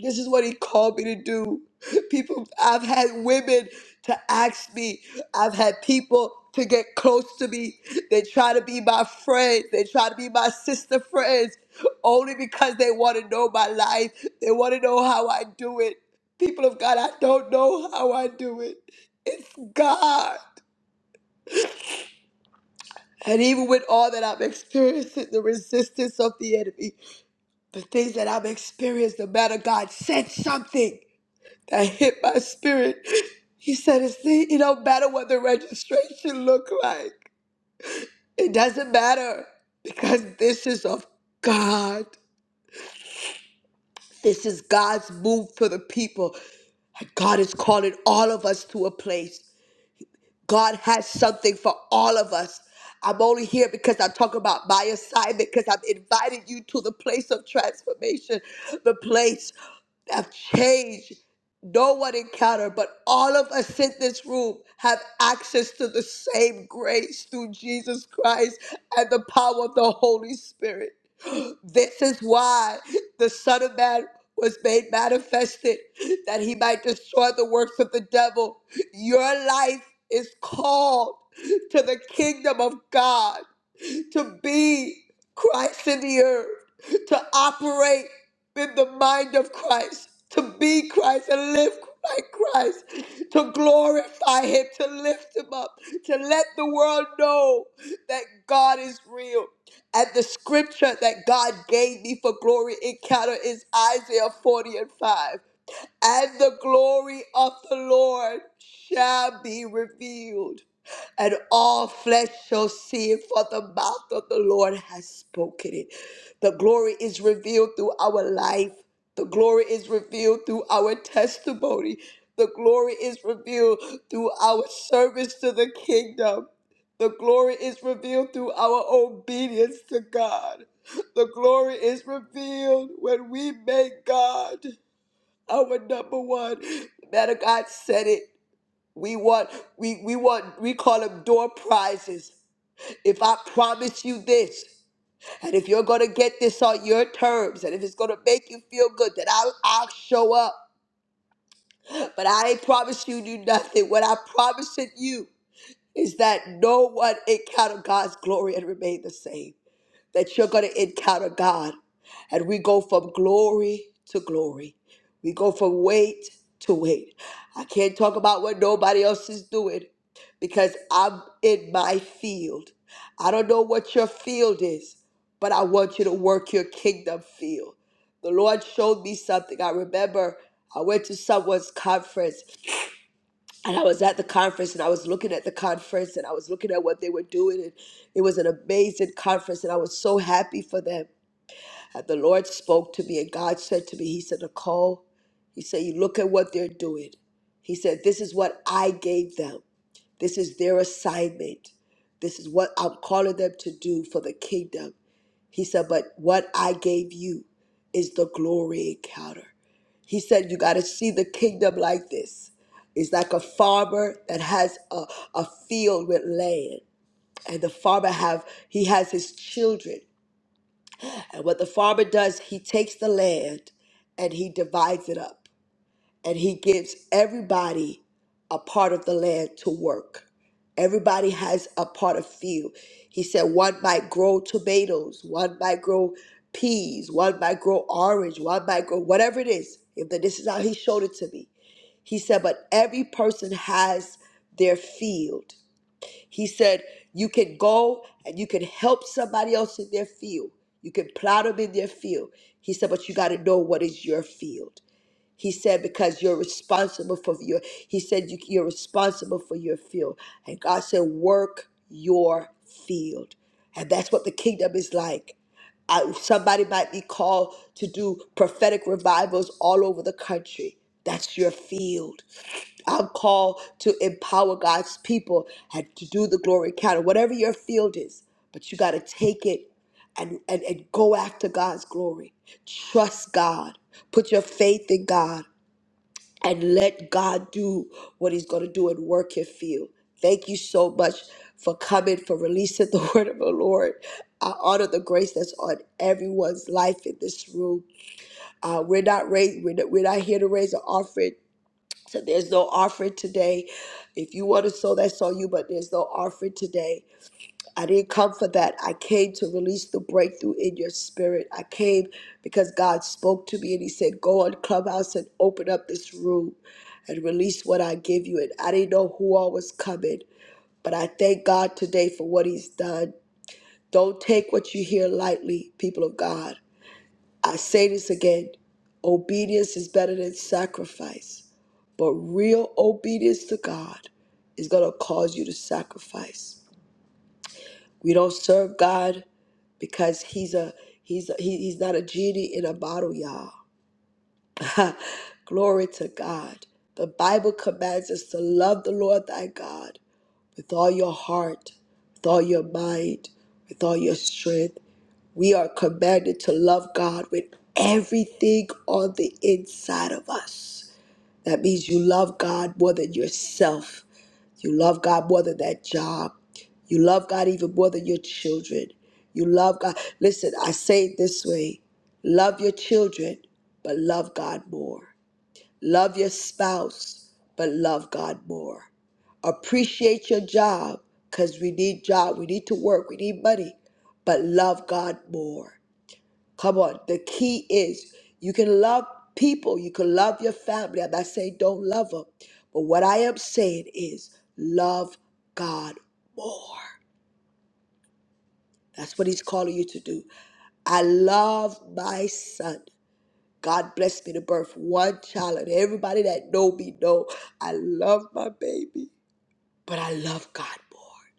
Speaker 1: This is what He called me to do. People, I've had women to ask me, I've had people to get close to me. They try to be my friends, they try to be my sister friends only because they want to know my life, they want to know how I do it. People of God, I don't know how I do it. It's God. And even with all that I'm experiencing, the resistance of the enemy, the things that I've experienced, the man of God said something that hit my spirit. He said, it's the, it don't matter what the registration look like. It doesn't matter because this is of God. This is God's move for the people. And God is calling all of us to a place. God has something for all of us. I'm only here because I talk about my assignment, because I've invited you to the place of transformation, the place of change no one encountered, but all of us in this room have access to the same grace through Jesus Christ and the power of the Holy Spirit. (gasps) This is why the Son of Man was made manifested, that he might destroy the works of the devil. Your life is called to the kingdom of God to be Christ in the earth, to operate in the mind of Christ, to be Christ and live like Christ, to glorify Him, to lift Him up, to let the world know that God is real. And the scripture that God gave me for glory encounter is Isaiah 40 and 5 and the glory of the Lord shall be revealed, and all flesh shall see it, for the mouth of the Lord has spoken it. The glory is revealed through our life, the glory is revealed through our testimony, the glory is revealed through our service to the kingdom. The glory is revealed through our obedience to God. The glory is revealed when we make God our number one. Man of God said it. We want, we, we want, we call them door prizes. If I promise you this, and if you're gonna get this on your terms, and if it's gonna make you feel good, then I'll, I'll show up. But I ain't promising you nothing. What I'm promising you is that no one encounter God's glory and remain the same. that you're going to encounter God. And we go from glory to glory. We go from weight to weight. I can't talk about what nobody else is doing because I'm in my field. I don't know what your field is, but I want you to work your kingdom field. The Lord showed me something. I remember I went to someone's conference and I was at the conference and I was looking at the conference and I was looking at what they were doing and it was an amazing conference and I was so happy for them. And the Lord spoke to me and God said to me, He said, Nicole, He said, you look at what they're doing. He said, This is what I gave them. This is their assignment. This is what I'm calling them to do for the kingdom. He said, But what I gave you is the glory encounter. He said, You got to see the kingdom like this. It's like a farmer that has a, a field with land, and the farmer have he has his children. And what the farmer does, he takes the land and he divides it up and he gives everybody a part of the land to work. Everybody has a part of field. He said one might grow tomatoes, one might grow peas, one might grow orange, one might grow whatever it is. If the, this is how he showed it to me. He said, but every person has their field. He said, you can go and you can help somebody else in their field. You can plow them in their field. He said, but you got to know what is your field. He said, because you're responsible for your, he said, you, you're responsible for your field. And God said, work your field. And that's what the kingdom is like. I, somebody might be called to do prophetic revivals all over the country. That's your field. I'm called to empower God's people and to do the glory counter, whatever your field is. But you got to take it and, and, and go after God's glory. Trust God. Put your faith in God and let God do what He's going to do and work in you. Thank you so much for coming, for releasing the (laughs) word of the Lord. I honor the grace that's on everyone's life in this room. Uh, we're not raise we're not, we're not here to raise an offering. So there's no offering today. If you want to sow, that's on you, but there's no offering today. I didn't come for that. I came to release the breakthrough in your spirit. I came because God spoke to me and He said, Go on Clubhouse and open up this room and release what I give you. And I didn't know who all was coming, but I thank God today for what He's done. Don't take what you hear lightly, people of God. I say this again obedience is better than sacrifice, but real obedience to God is going to cause you to sacrifice. We don't serve God because he's a he's a, he, he's not a genie in a bottle, y'all. (laughs) Glory to God. The Bible commands us to love the Lord thy God with all your heart, with all your mind, with all your strength. We are commanded to love God with everything on the inside of us. That means you love God more than yourself. You love God more than that job. You love God even more than your children. You love God. Listen, I say it this way love your children, but love God more. Love your spouse, but love God more. Appreciate your job because we need job. We need to work. We need money, but love God more. Come on. The key is you can love people, you can love your family. I'm not saying don't love them, but what I am saying is love God more. That's what He's calling you to do. I love my son. God blessed me to birth one child, and everybody that know me know I love my baby, but I love God more.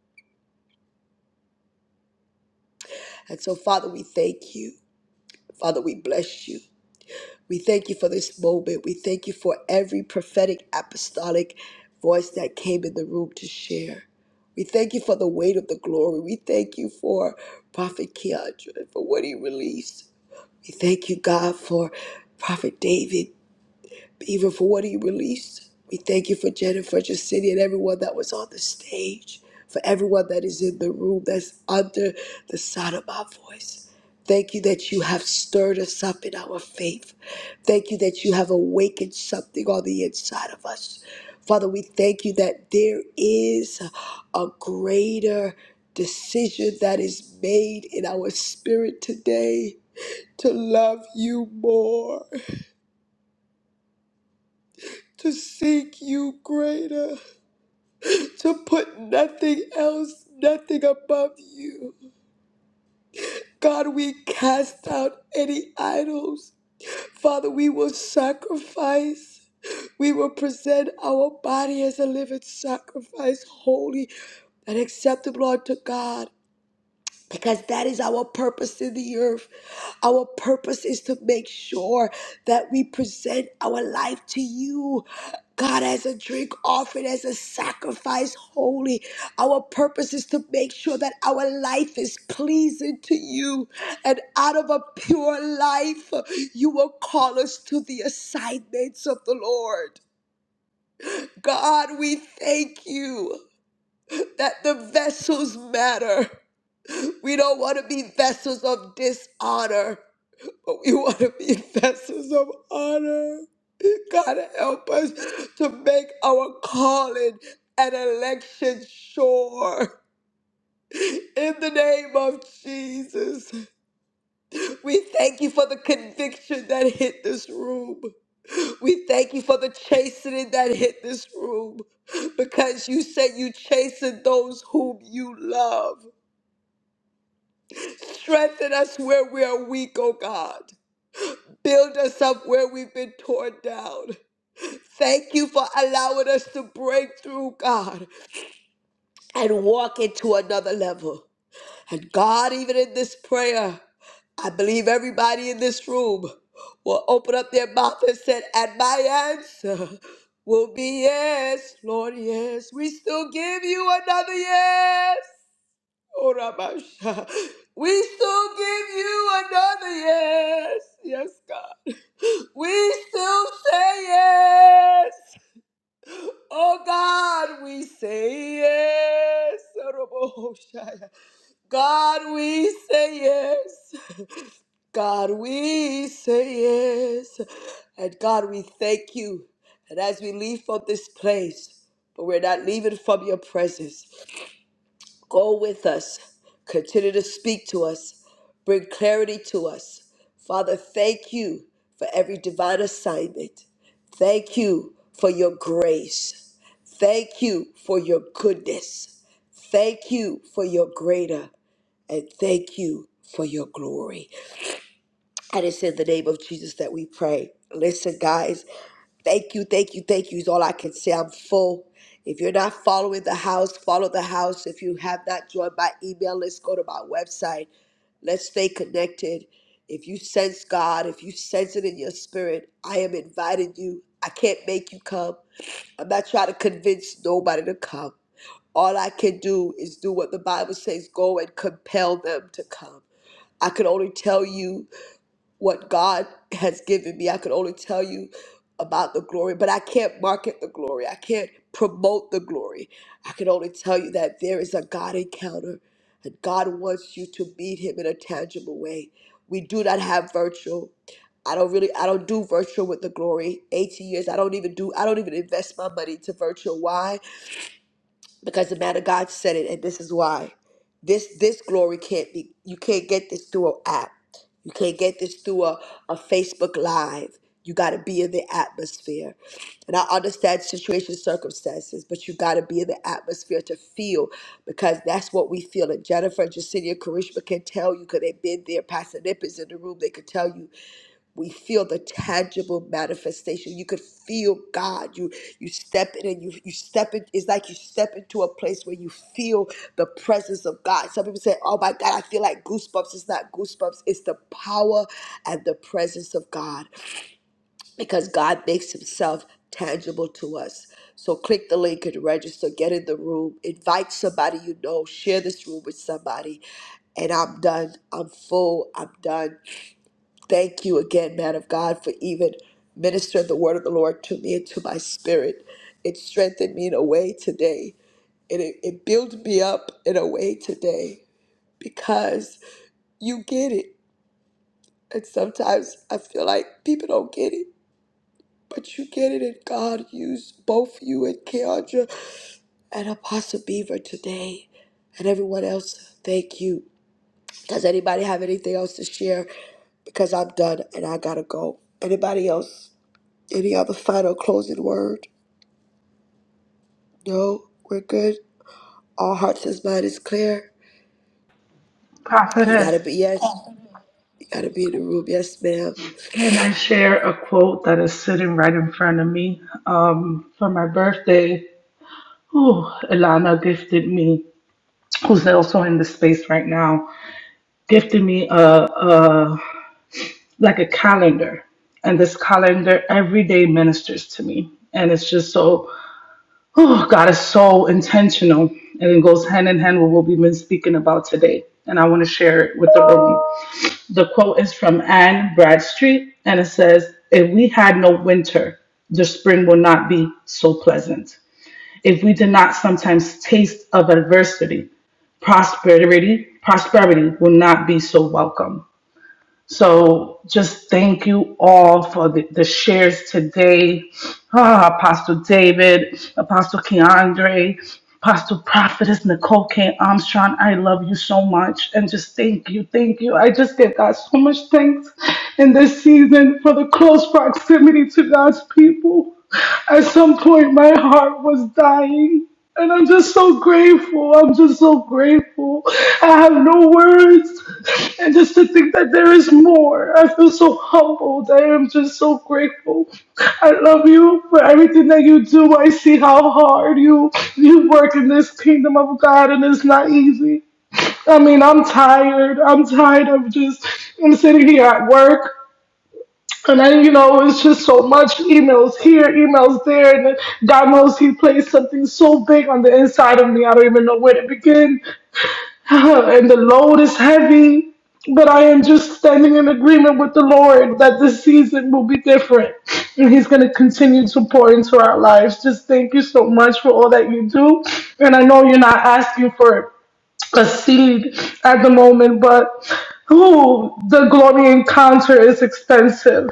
Speaker 1: And so, Father, we thank you. Father, we bless you. We thank you for this moment. We thank you for every prophetic apostolic voice that came in the room to share. We thank you for the weight of the glory. We thank you for Prophet Keandre, for what he released. We thank you, God, for Prophet David even for what he released. We thank you for Jennifer City and everyone that was on the stage, for everyone that is in the room that's under the sound of my voice. Thank you that you have stirred us up in our faith. Thank you that you have awakened something on the inside of us. Father, we thank you that there is a greater decision that is made in our spirit today to love you more to seek you greater, to put nothing else, nothing above you. God, we cast out any idols. Father, we will sacrifice. We will present our body as a living sacrifice, holy and acceptable unto God. because that is our purpose in the earth. Our purpose is to make sure that we present our life to you, God, as a drink offering, as a sacrifice, holy. Our purpose is to make sure that our life is pleasing to you. And out of a pure life, you will call us to the assignments of the Lord. God, we thank you that the vessels matter. We don't want to be vessels of dishonor, but we want to be (laughs) vessels of honor. God, help us to make our calling and election sure. In the name of Jesus, we thank you for the conviction that hit this room. We thank you for the chastening that hit this room because you said you chasten those whom you love. Strengthen us where we are weak, oh God. Build us up where we've been torn down. Thank you for allowing us to break through, God, and walk into another level. And God, even in this prayer, I believe everybody in this room will open up their mouth and said, and my answer will be yes, Lord, yes. We still give you another yes. Oh, Ramasha. We still give you another yes. Yes, God. We still say yes. Oh God, we say yes. God, we say yes. God, we say yes. And God, we thank you. And as we leave from this place, but we're not leaving from your presence. Go with us. Continue to speak to us. Bring clarity to us. Father, thank you for every divine assignment. Thank you for your grace. Thank you for your goodness. Thank you for your greater. And thank you for your glory. And it's in the name of Jesus that we pray. Listen, guys. Thank you, thank you, thank you is all I can say. I'm full. If you're not following the house, follow the house. If you have not joined my email, list, go to my website. Let's stay connected. If you sense God, if you sense it in your spirit, I am inviting you. I can't make you come. I'm not trying to convince nobody to come. All I can do is do what the Bible says go and compel them to come. I can only tell you what God has given me. I could only tell you about the glory, but I can't market the glory. I can't promote the glory. I can only tell you that there is a God encounter and God wants you to meet him in a tangible way. We do not have virtual. I don't really I don't do virtual with the glory. 18 years I don't even do I don't even invest my money to virtual. Why? because the man of God said it, and this is why. This this glory can't be. You can't get this through an app. You can't get this through a, a Facebook Live. You got to be in the atmosphere. And I understand situation, circumstances, but you got to be in the atmosphere to feel because that's what we feel. And Jennifer, Jacinia, Karishma can tell you because they've been there. Pastor Nip is in the room. They could tell you we feel the tangible manifestation you could feel god you you step in and you you step in it's like you step into a place where you feel the presence of god some people say oh my god i feel like goosebumps it's not goosebumps it's the power and the presence of god because god makes himself tangible to us so click the link and register get in the room invite somebody you know share this room with somebody and i'm done i'm full i'm done Thank you again, man of God, for even ministering the word of the Lord to me and to my spirit. It strengthened me in a way today. And it, it built me up in a way today because you get it. And sometimes I feel like people don't get it, but you get it. And God used both you and Keandra and Apostle Beaver today and everyone else. Thank you. Does anybody have anything else to share? Because I'm done and I gotta go. Anybody else? Any other final closing word? No, we're good. All hearts and mind is clear. You
Speaker 4: Prophetess,
Speaker 1: gotta be yes. You gotta be in the room. Yes, ma'am.
Speaker 4: and I share a quote that is sitting right in front of me. Um, for my birthday, ooh, Ilana gifted me, who's also in the space right now, gifted me. a. a like a calendar. This calendar every day ministers to me. And it's just so, oh, God is so intentional. And it goes hand in hand with what we've been speaking about today. And I want to share it with the room. The quote is from Anne Bradstreet, and it says, If we had no winter, the spring will not be so pleasant. If we did not sometimes taste of adversity, prosperity, prosperity will not be so welcome. So just thank you all for the, the shares today. Ah, Apostle David, Apostle Keandre, Apostle Prophetess Nicole K. Armstrong, I love you so much. And just thank you, thank you. I just give God so much thanks in this season for the close proximity to God's people. At some point, my heart was dying. And I'm just so grateful. I'm just so grateful. I have no words. And just to think that there is more. I feel so humbled. I am just so grateful. I love you for everything that you do. I see how hard you you work in this kingdom of God and it's not easy. I mean, I'm tired. I'm tired of just I'm sitting here at work. And then, you know, it's just so much emails here, emails there. And then God knows He placed something so big on the inside of me. I don't even know where to begin. (laughs) (sighs) and the load is heavy. But I am just standing in agreement with the Lord that this season will be different. And He's going to continue to pour into our lives. Just thank you so much for all that you do. And I know you're not asking for a seed at the moment, but ooh, the glory encounter is expensive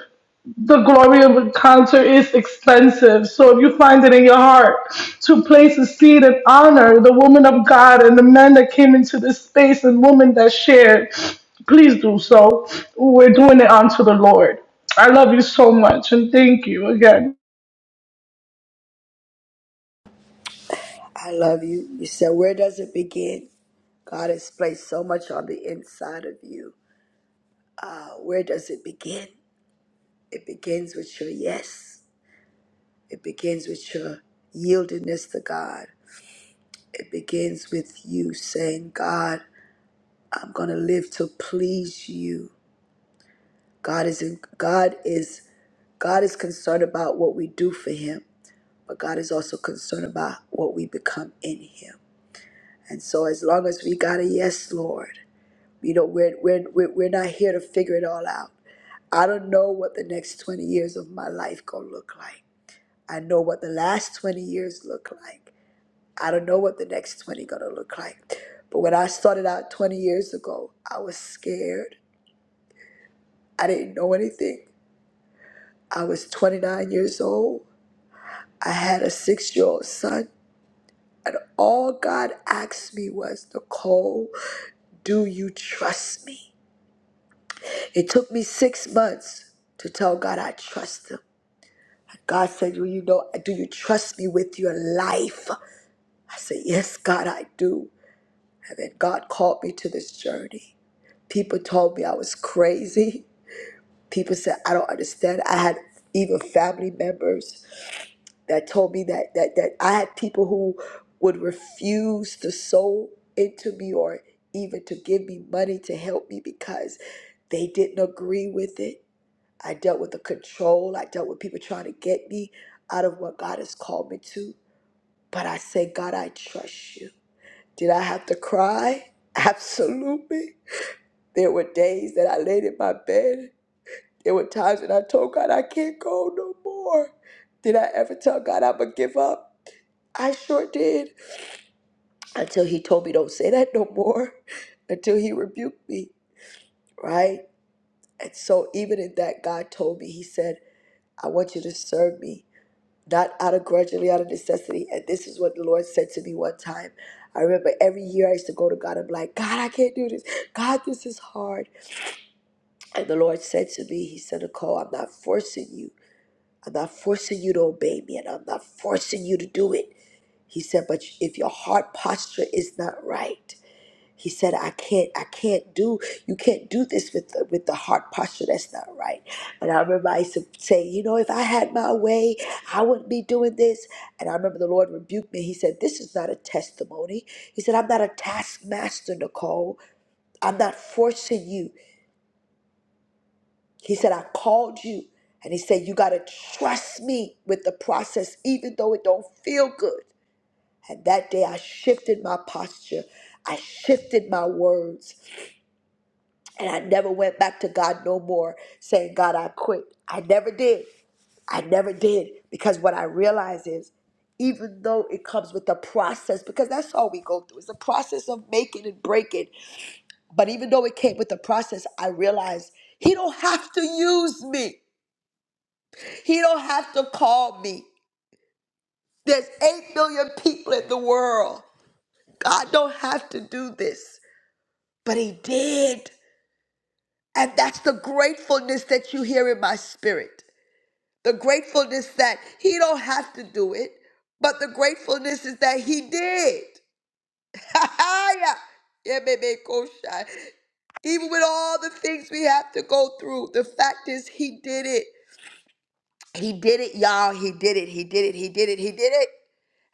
Speaker 4: the glory of a concert is expensive. So if you find it in your heart to place a seed and honor the woman of God and the men that came into this space and women that shared, please do so. We're doing it unto the Lord. I love you so much and thank you again.
Speaker 1: I love you. You said, where does it begin? God has placed so much on the inside of you. Uh, where does it begin? It begins with your yes. It begins with your yieldedness to God. It begins with you saying, God, I'm gonna live to please you. God is in God is God is concerned about what we do for Him, but God is also concerned about what we become in Him. And so, as long as we got a yes, Lord, you know, we're, we're, we're we're not here to figure it all out. I don't know what the next 20 years of my life gonna look like. I know what the last 20 years look like. I don't know what the next 20 gonna look like. But when I started out 20 years ago, I was scared. I didn't know anything. I was 29 years old. I had a six year old son. And all God asked me was, Nicole, do you trust me? It took me six months to tell God I trust him. God said, Well, you know, do you trust me with your life? I said, Yes, God, I do. And then God called me to this journey. People told me I was crazy. People said, I don't understand. I had even family members that told me that that that I had people who would refuse to sow into me or even to give me money to help me because they didn't agree with it. I dealt with the control. I dealt with people trying to get me out of what God has called me to. But I say, God, I trust you. Did I have to cry? (laughs) Absolutely. There were days that I laid in my bed. There were times that I told God I can't go no more. Did I ever tell God I'm gonna give up? I sure did. Until he told me, don't say that no more, (laughs) until he rebuked me, right? And so, even in that, God told me, He said, I want you to serve me, not out of grudgingly, out of necessity. And this is what the Lord said to me one time. I remember every year I used to go to God and be like, God, I can't do this. God, this is hard. And the Lord said to me, He said, Nicole, I'm not forcing you. I'm not forcing you to obey me, and I'm not forcing you to do it. He said, but if your heart posture is not right, He said, I can't, I can't do, you can't do this with the, with the heart posture. That's not right. And I remember I used to say, you know, if I had my way, I wouldn't be doing this. And I remember the Lord rebuked me. He said, this is not a testimony. He said, I'm not a taskmaster, Nicole. I'm not forcing you. He said, I called you. And he said, you got to trust me with the process, even though it don't feel good. And that day I shifted my posture. I shifted my words. And I never went back to God no more saying, God, I quit. I never did. I never did. Because what I realize is, even though it comes with a process, because that's all we go through, it's a process of making and breaking. But even though it came with the process, I realized He don't have to use me. He don't have to call me. There's 8 billion people in the world. God don't have to do this. But He did. And that's the gratefulness that you hear in my spirit. The gratefulness that he don't have to do it, but the gratefulness is that he did. (laughs) Yeah, baby, go shy. Even with all the things we have to go through, the fact is he did it. He did it, y'all. He did it. He did it. He did it. He did it.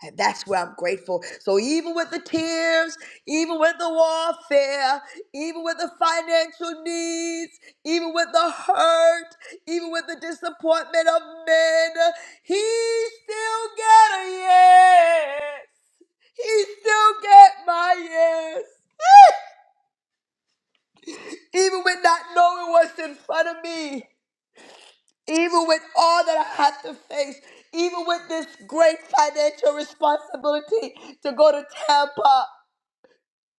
Speaker 1: And that's where I'm grateful. So even with the tears, even with the warfare, even with the financial needs, even with the hurt, even with the disappointment of men, he still got a yes. He still got my yes. Even with not knowing what's in front of me, even with all that I have to face, even with this great financial responsibility to go to Tampa.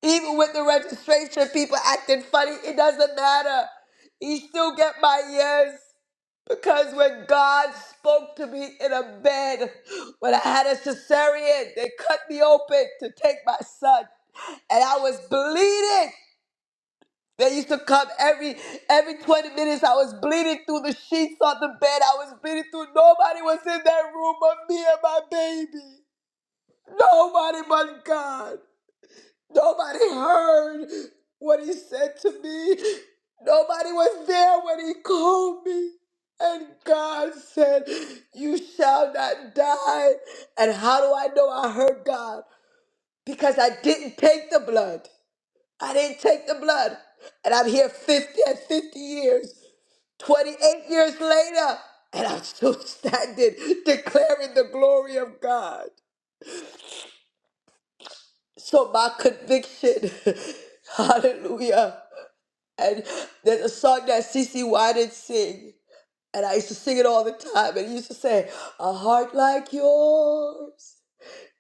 Speaker 1: Even with the registration, people acting funny, it doesn't matter. You still get my yes. Because when God spoke to me in a bed, when I had a cesarean, they cut me open to take my son. And I was bleeding. They used to come every every 20 minutes. I was bleeding through the sheets on the bed. I was bleeding through. Nobody was in that room but me and my baby. Nobody but God. Nobody heard what he said to me. Nobody was there when he called me. And God said, You shall not die. And how do I know I heard God? Because I didn't take the blood. I didn't take the blood. And I'm here 50 and 50 years, 28 years later, and I'm still (laughs) standing, declaring the glory of God. So my conviction, (laughs) hallelujah. And there's a song that CC Winans sing, and I used to sing it all the time. And he used to say, "A heart like yours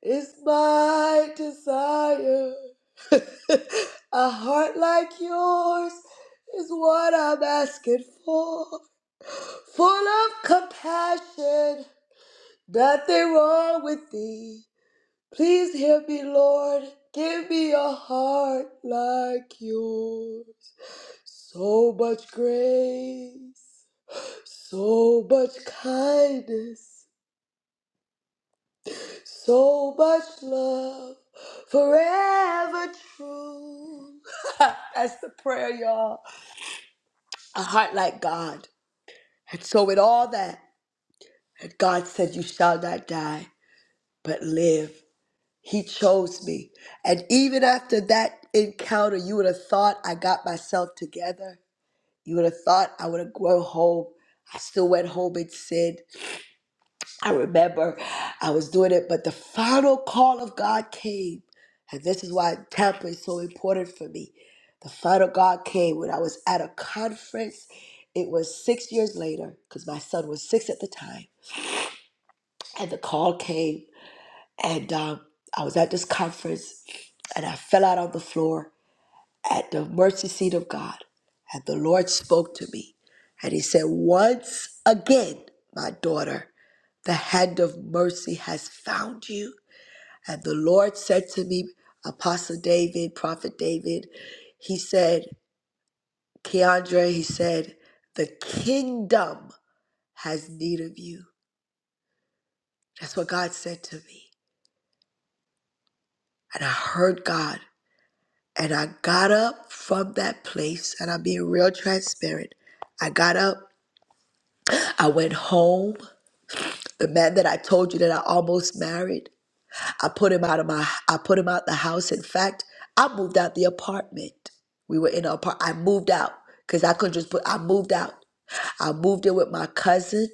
Speaker 1: is my desire. (laughs) a heart like yours is what I'm asking for, full of compassion. Nothing wrong with thee. Please hear me, Lord. Give me a heart like yours." So much grace, so much kindness, so much love, forever true. (laughs) That's the prayer, y'all. A heart like God. And so, with all that, and God said, You shall not die, but live. He chose me. And even after that encounter, you would have thought I got myself together. You would have thought I would have grown home. I still went home and sinned. I remember I was doing it, but the final call of God came. And this is why Tampa is so important for me. The final God came when I was at a conference. It was six years later, because my son was six at the time. And the call came, and um, I was at this conference, and I fell out on the floor at the mercy seat of God, and the Lord spoke to me, and He said, Once again, my daughter, the hand of mercy has found you. And the Lord said to me, Apostle David, Prophet David, He said, Keandre, He said, the kingdom has need of you. That's what God said to me. And I heard God. And I got up from that place, and I'm being real transparent. I got up I went home. The man that I told you that I almost married, I put him out of my I put him out the house. In fact, I moved out the apartment. We were in an apartment. I moved out because I couldn't just put I moved out. I moved in with my cousin.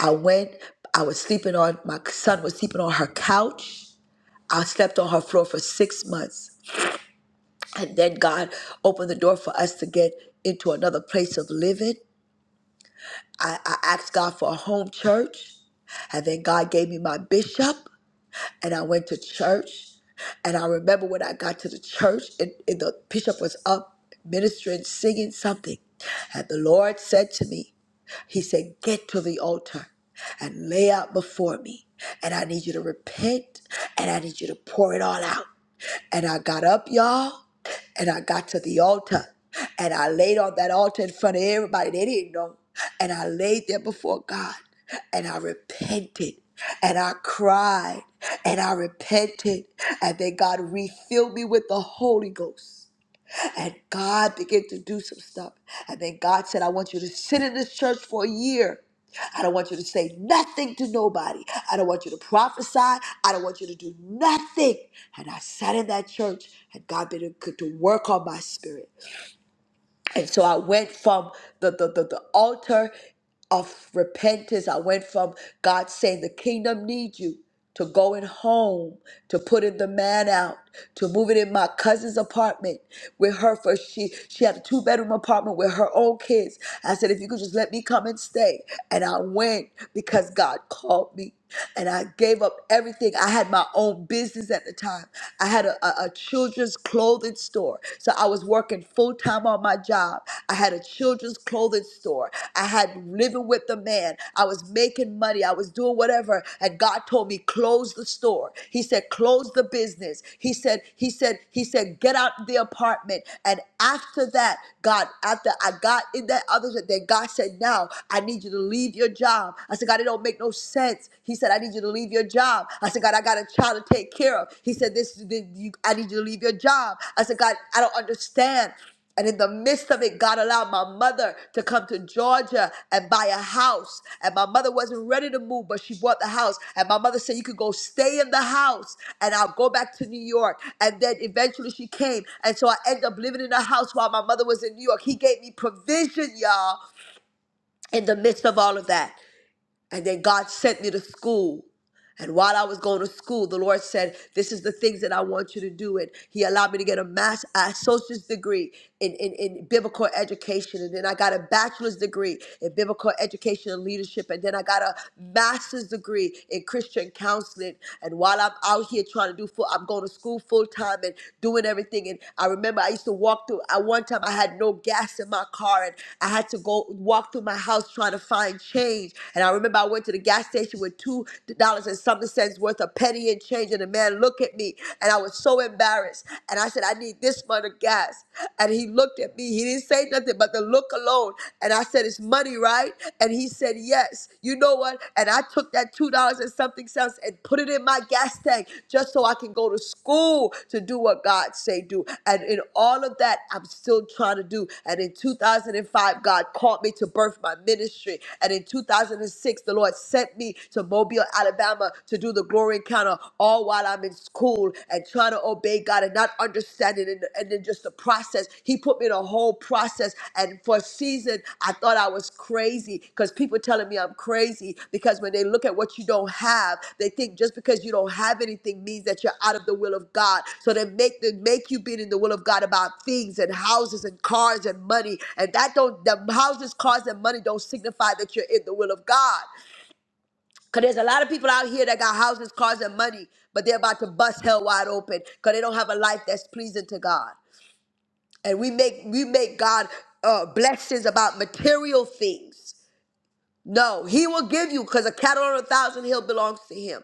Speaker 1: I went, I was sleeping on my son was sleeping on her couch. I slept on her floor for six months. And then God opened the door for us to get into another place of living. I, I asked God for a home church, and then God gave me my bishop, and I went to church. And I remember when I got to the church, and, and the bishop was up ministering, singing something. And the Lord said to me, He said, Get to the altar and lay out before me. And I need you to repent, and I need you to pour it all out. And I got up, y'all. And I got to the altar and I laid on that altar in front of everybody. They didn't know. And I laid there before God and I repented and I cried and I repented. And then God refilled me with the Holy Ghost. And God began to do some stuff. And then God said, I want you to sit in this church for a year. I don't want you to say nothing to nobody. I don't want you to prophesy. I don't want you to do nothing. And I sat in that church, and God began to to work on my spirit. And so I went from the, the, the, the altar of repentance. I went from God saying, The kingdom needs you to going home, to putting the man out, to moving in my cousin's apartment with her for she she had a two-bedroom apartment with her own kids. I said, if you could just let me come and stay. And I went because God called me. And I gave up everything. I had my own business at the time. I had a, a, a children's clothing store. So I was working full time on my job. I had a children's clothing store. I had living with the man. I was making money. I was doing whatever. And God told me, close the store. He said, close the business. He said, He said, He said, get out the apartment. And after that, God, after I got in that other, then God said, now I need you to leave your job. I said, God, it don't make no sense. He said, I need you to leave your job job. I said, God, I got a child to take care of. He said, This, this you, I need you to leave your job. I said, God, I don't understand. And in the midst of it, God allowed my mother to come to Georgia and buy a house. And my mother wasn't ready to move, but she bought the house. And my mother said, You could go stay in the house and I'll go back to New York. And then eventually she came. And so I ended up living in a house while my mother was in New York. He gave me provision, y'all, in the midst of all of that. And then God sent me to school. And while I was going to school, the Lord said, This is the things that I want you to do. And He allowed me to get a mass associate's degree in, in, in biblical education. And then I got a bachelor's degree in biblical education and leadership. And then I got a master's degree in Christian counseling. And while I'm out here trying to do full, I'm going to school full time and doing everything. And I remember I used to walk through, I one time I had no gas in my car and I had to go walk through my house trying to find change. And I remember I went to the gas station with two two dollars and something cents worth of petty and change. And the man looked at me and I was so embarrassed. And I said, I need this much of gas. And he looked at me. He didn't say nothing but the look alone. And I said, It's money, right? And he said, Yes. You know what? And I took that two dollars and something cents and put it in my gas tank just so I can go to school to do what God say do. And in all of that, I'm still trying to do. And in 2005, God called me to birth my ministry. And in 2006, the Lord sent me me to Mobile, Alabama to do the glory encounter all while I'm in school and trying to obey God and not understanding and, and then just the process. He put me in a whole process. And for a season, I thought I was crazy because people telling me I'm crazy because when they look at what you don't have, they think just because you don't have anything means that you're out of the will of God. So they make they make you being in the will of God about things and houses and cars and money. And that don't the houses, cars, and money don't signify that you're in the will of God. Cause there's a lot of people out here that got houses, cars, and money, but they're about to bust hell wide open because they don't have a life that's pleasing to God. And we make we make God uh, blessings about material things. No, He will give you because a cattle on a thousand hill belongs to Him.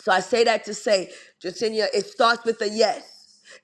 Speaker 1: So I say that to say, Jacinia, it starts with a yes.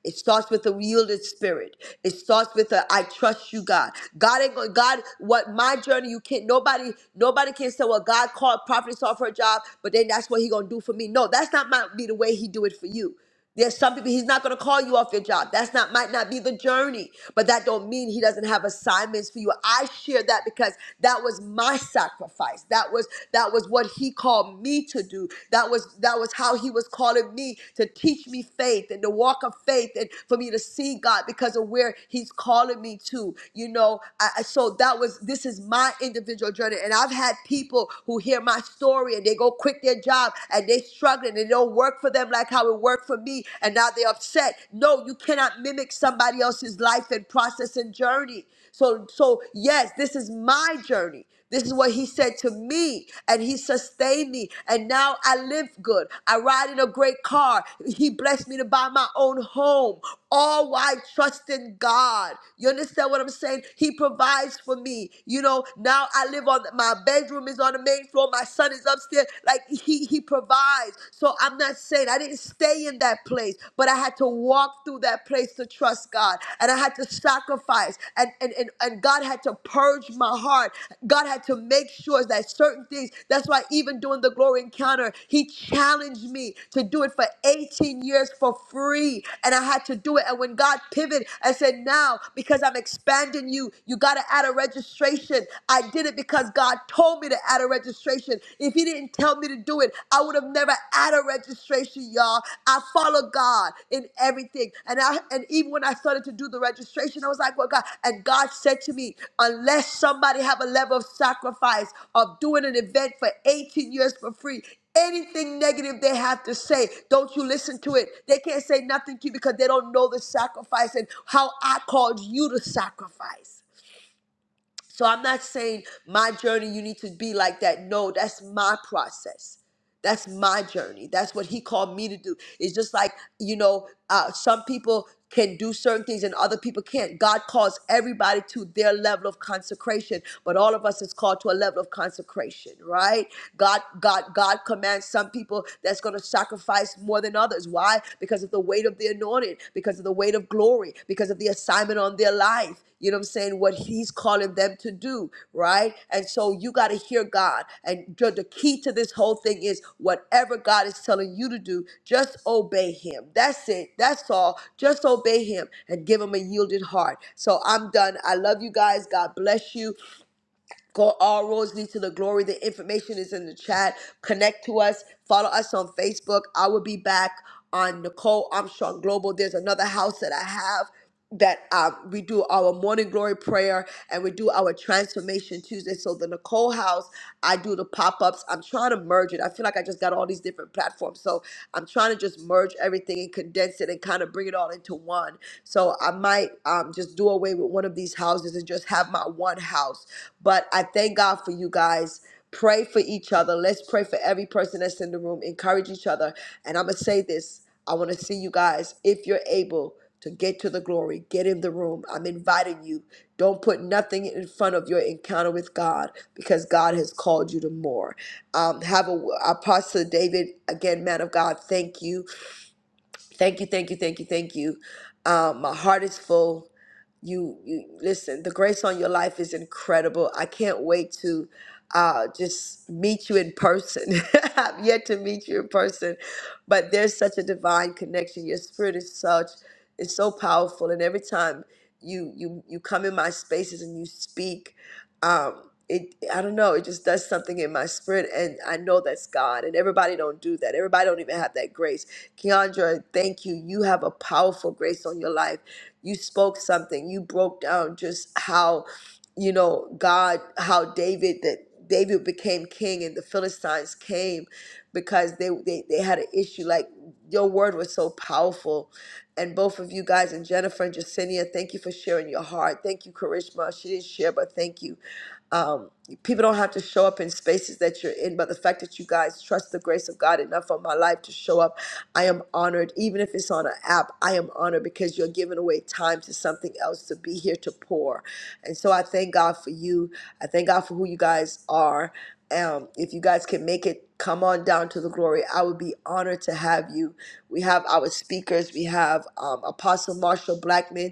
Speaker 1: It starts with a yielded spirit. It starts with a I trust you, God. God ain't going God, what my journey, you can't nobody, nobody can say, well, God called prophets off her job, but then that's what he gonna do for me. No, that's not my be the way he do it for you. There's some people he's not going to call you off your job. That's not might not be the journey, but that don't mean he doesn't have assignments for you. I share that because that was my sacrifice. That was that was what he called me to do. That was that was how he was calling me to teach me faith and to walk of faith and for me to see God because of where he's calling me to. You know, I, I- so that was this is my individual journey and I've had people who hear my story and they go quit their job and they struggling and it don't work for them like how it worked for me, and now they're upset. No, you cannot mimic somebody else's life and process and journey. So, so yes, this is my journey. This is what he said to me, and he sustained me. And now I live good. I ride in a great car. He blessed me to buy my own home, all while trusting God. You understand what I'm saying? He provides for me. You know, now I live on my bedroom is on the main floor. My son is upstairs. Like he he provides. So I'm not saying I didn't stay in that place, but I had to walk through that place to trust God. And I had to sacrifice. And and and, and God had to purge my heart. God had to make sure that certain things, that's why even during the glory encounter, he challenged me to do it for 18 years for free. And I had to do it. And when God pivoted and said, now because I'm expanding you, you gotta add a registration. I did it did it because God told me to add a registration. If He didn't tell me to do it, I would have never added a registration, y'all. I follow God in everything. And I and even when I started to do the registration, I was like, well, God, and God said to me, unless somebody have a level of sacrifice of doing an event for 18 years for free, anything negative they have to say, don't you listen to it. They can't say nothing to you because they don't know the sacrifice and how I called you to sacrifice. So I'm not saying my journey, you need to be like that. No, that's my process. That's my journey. That's what he called me to do. It's just like, you know, uh, some people can do certain things and other people can't. God calls everybody to their level of consecration, but all of us is called to a level of consecration, right? God, God, God commands some people that's going to sacrifice more than others others. Why? Because of the weight of the anointing, because of the weight of glory, because of the assignment on their life. You know what I'm saying? What he's calling them to do, right? And so you got to hear God. And the the key to this whole thing is whatever God is telling you to do, just obey him. That's it. That's all. Just obey him and give him a yielded heart. So I'm done. I love you guys. God bless you. Call all roads lead to the glory. The information is in the chat. Connect to us. Follow us on Facebook. I will be back on Nicole Armstrong Global. There's another house that I have that um, we do our morning glory prayer and we do our transformation Tuesday. So the Nicole house, I do the pop-ups. I'm trying to merge it. I feel like I just got all these different platforms. So I'm trying to just merge everything and condense it and kind of bring it all into one. So I might um, just do away with one of these houses and just have my one house but I thank God for you guys. Pray for each other. Let's pray for every person that's in the room. Encourage each other. And I'm going to say this I want to see you guys, if you're able to get to the glory, get in the room. I'm inviting you. Don't put nothing in front of your encounter with God because God has called you to more. Um, have a Apostle David, again, man of God, thank you. Thank you, thank you, thank you, thank you. Um, my heart is full. You, you listen. The grace on your life is incredible. I can't wait to uh, just meet you in person. (laughs) I've yet to meet you in person, but there's such a divine connection. Your spirit is such, it's so powerful, and every time you you you come in my spaces and you speak, um, it I don't know, it just does something in my spirit, and I know that's God. And everybody don't do that. Everybody don't even have that grace Keandra, thank you. You have a powerful grace on your life. You spoke something. You broke down just how, you know, God, how David that David became king and the Philistines came because they they, they had an issue. Like your word was so powerful. And both of you guys and Jennifer and Jacinia, thank you for sharing your heart. Thank you, Karishma. She didn't share, but thank you um, people don't have to show up in spaces that you're in, but the fact that you guys trust the grace of God enough on my life to show up, I am honored. Even if it's on an app, I am honored because you're giving away time to something else to be here to pour. And so I thank God for you. I thank God for who you guys are. Um, if you guys can make it, come on down to the glory. I would be honored to have you. We have our speakers. We have um, Apostle Marshall Blackman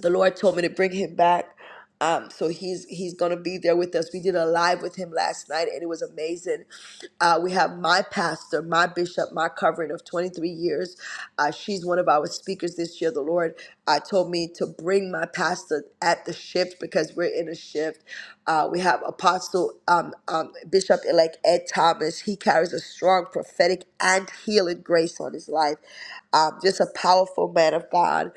Speaker 1: the Lord told me to bring him back. Um, so he's he's gonna be there with us. We did a live with him last night, and it was amazing. Uh, we have my pastor, my bishop, my covering of 23 years. Uh, she's one of our speakers this year. The Lord uh, told me to bring my pastor at the shift because we're in a shift. Uh, we have Apostle um, um, Bishop elect Ed Thomas. He carries a strong prophetic and healing grace on his life. Um, just a powerful man of God.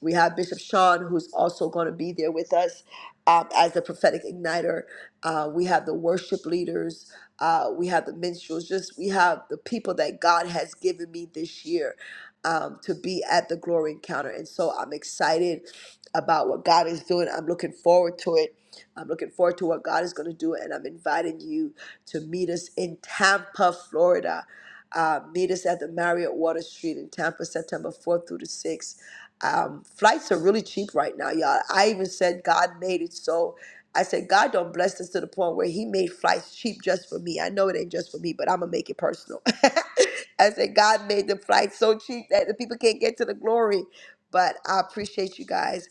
Speaker 1: We have Bishop Sean, who's also going to be there with us um, as the prophetic igniter. Uh, we have the worship leaders. Uh, we have the minstrels. Just we have the people that God has given me this year um, to be at the glory encounter. And so I'm excited about what God is doing. I'm looking forward to it. I'm looking forward to what God is going to do. And I'm inviting you to meet us in Tampa, Florida. Uh, meet us at the Marriott Water Street in Tampa, September 4th through the 6th. Um, flights are really cheap right now, y'all. I even said God made it so. I said God don't bless us to the point where He made flights cheap just for me. I know it ain't just for me, but I'm gonna make it personal. (laughs) I said God made the flights so cheap that the people can't get to the glory. But I appreciate you guys.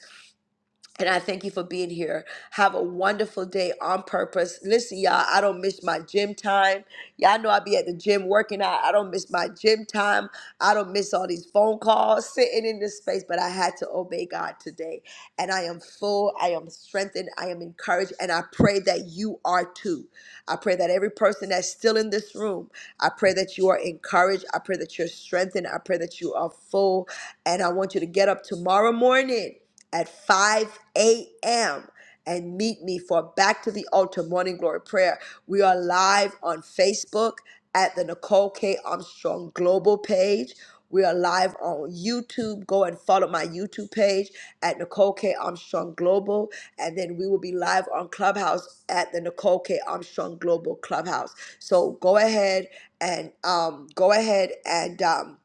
Speaker 1: And I thank you for being here. Have a wonderful day on purpose. Listen, y'all, I don't miss my gym time. Y'all know I be at the gym working out. I don't miss my gym time. I don't miss all these phone calls sitting in this space, but I had to obey God today. And I am full. I am strengthened. I am encouraged. And I pray that you are too. I pray that every person that's still in this room, I pray that you are encouraged. I pray that you're strengthened. I pray that you are full. And I want you to get up tomorrow morning at 5 a.m. and meet me for Back to the Altar Morning Glory Prayer. We are live on Facebook at the Nicole K. Armstrong Global page. We are live on YouTube. Go and follow my YouTube page at Nicole K. Armstrong Global. And then we will be live on Clubhouse at the Nicole K. Armstrong Global Clubhouse. So go ahead and um, go ahead and um,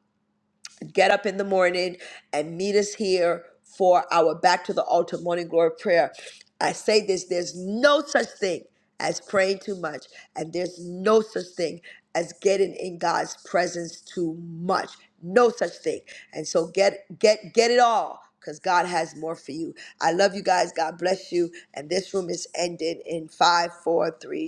Speaker 1: to get up in the morning and meet us here for our Back to the Altar Morning Glory Prayer. I say this there's no such thing as praying too much, and there's no such thing as getting in God's presence too much. No such thing. And so get get get it all because God has more for you. I love you guys. God bless you. And this room is ending in five, four, three,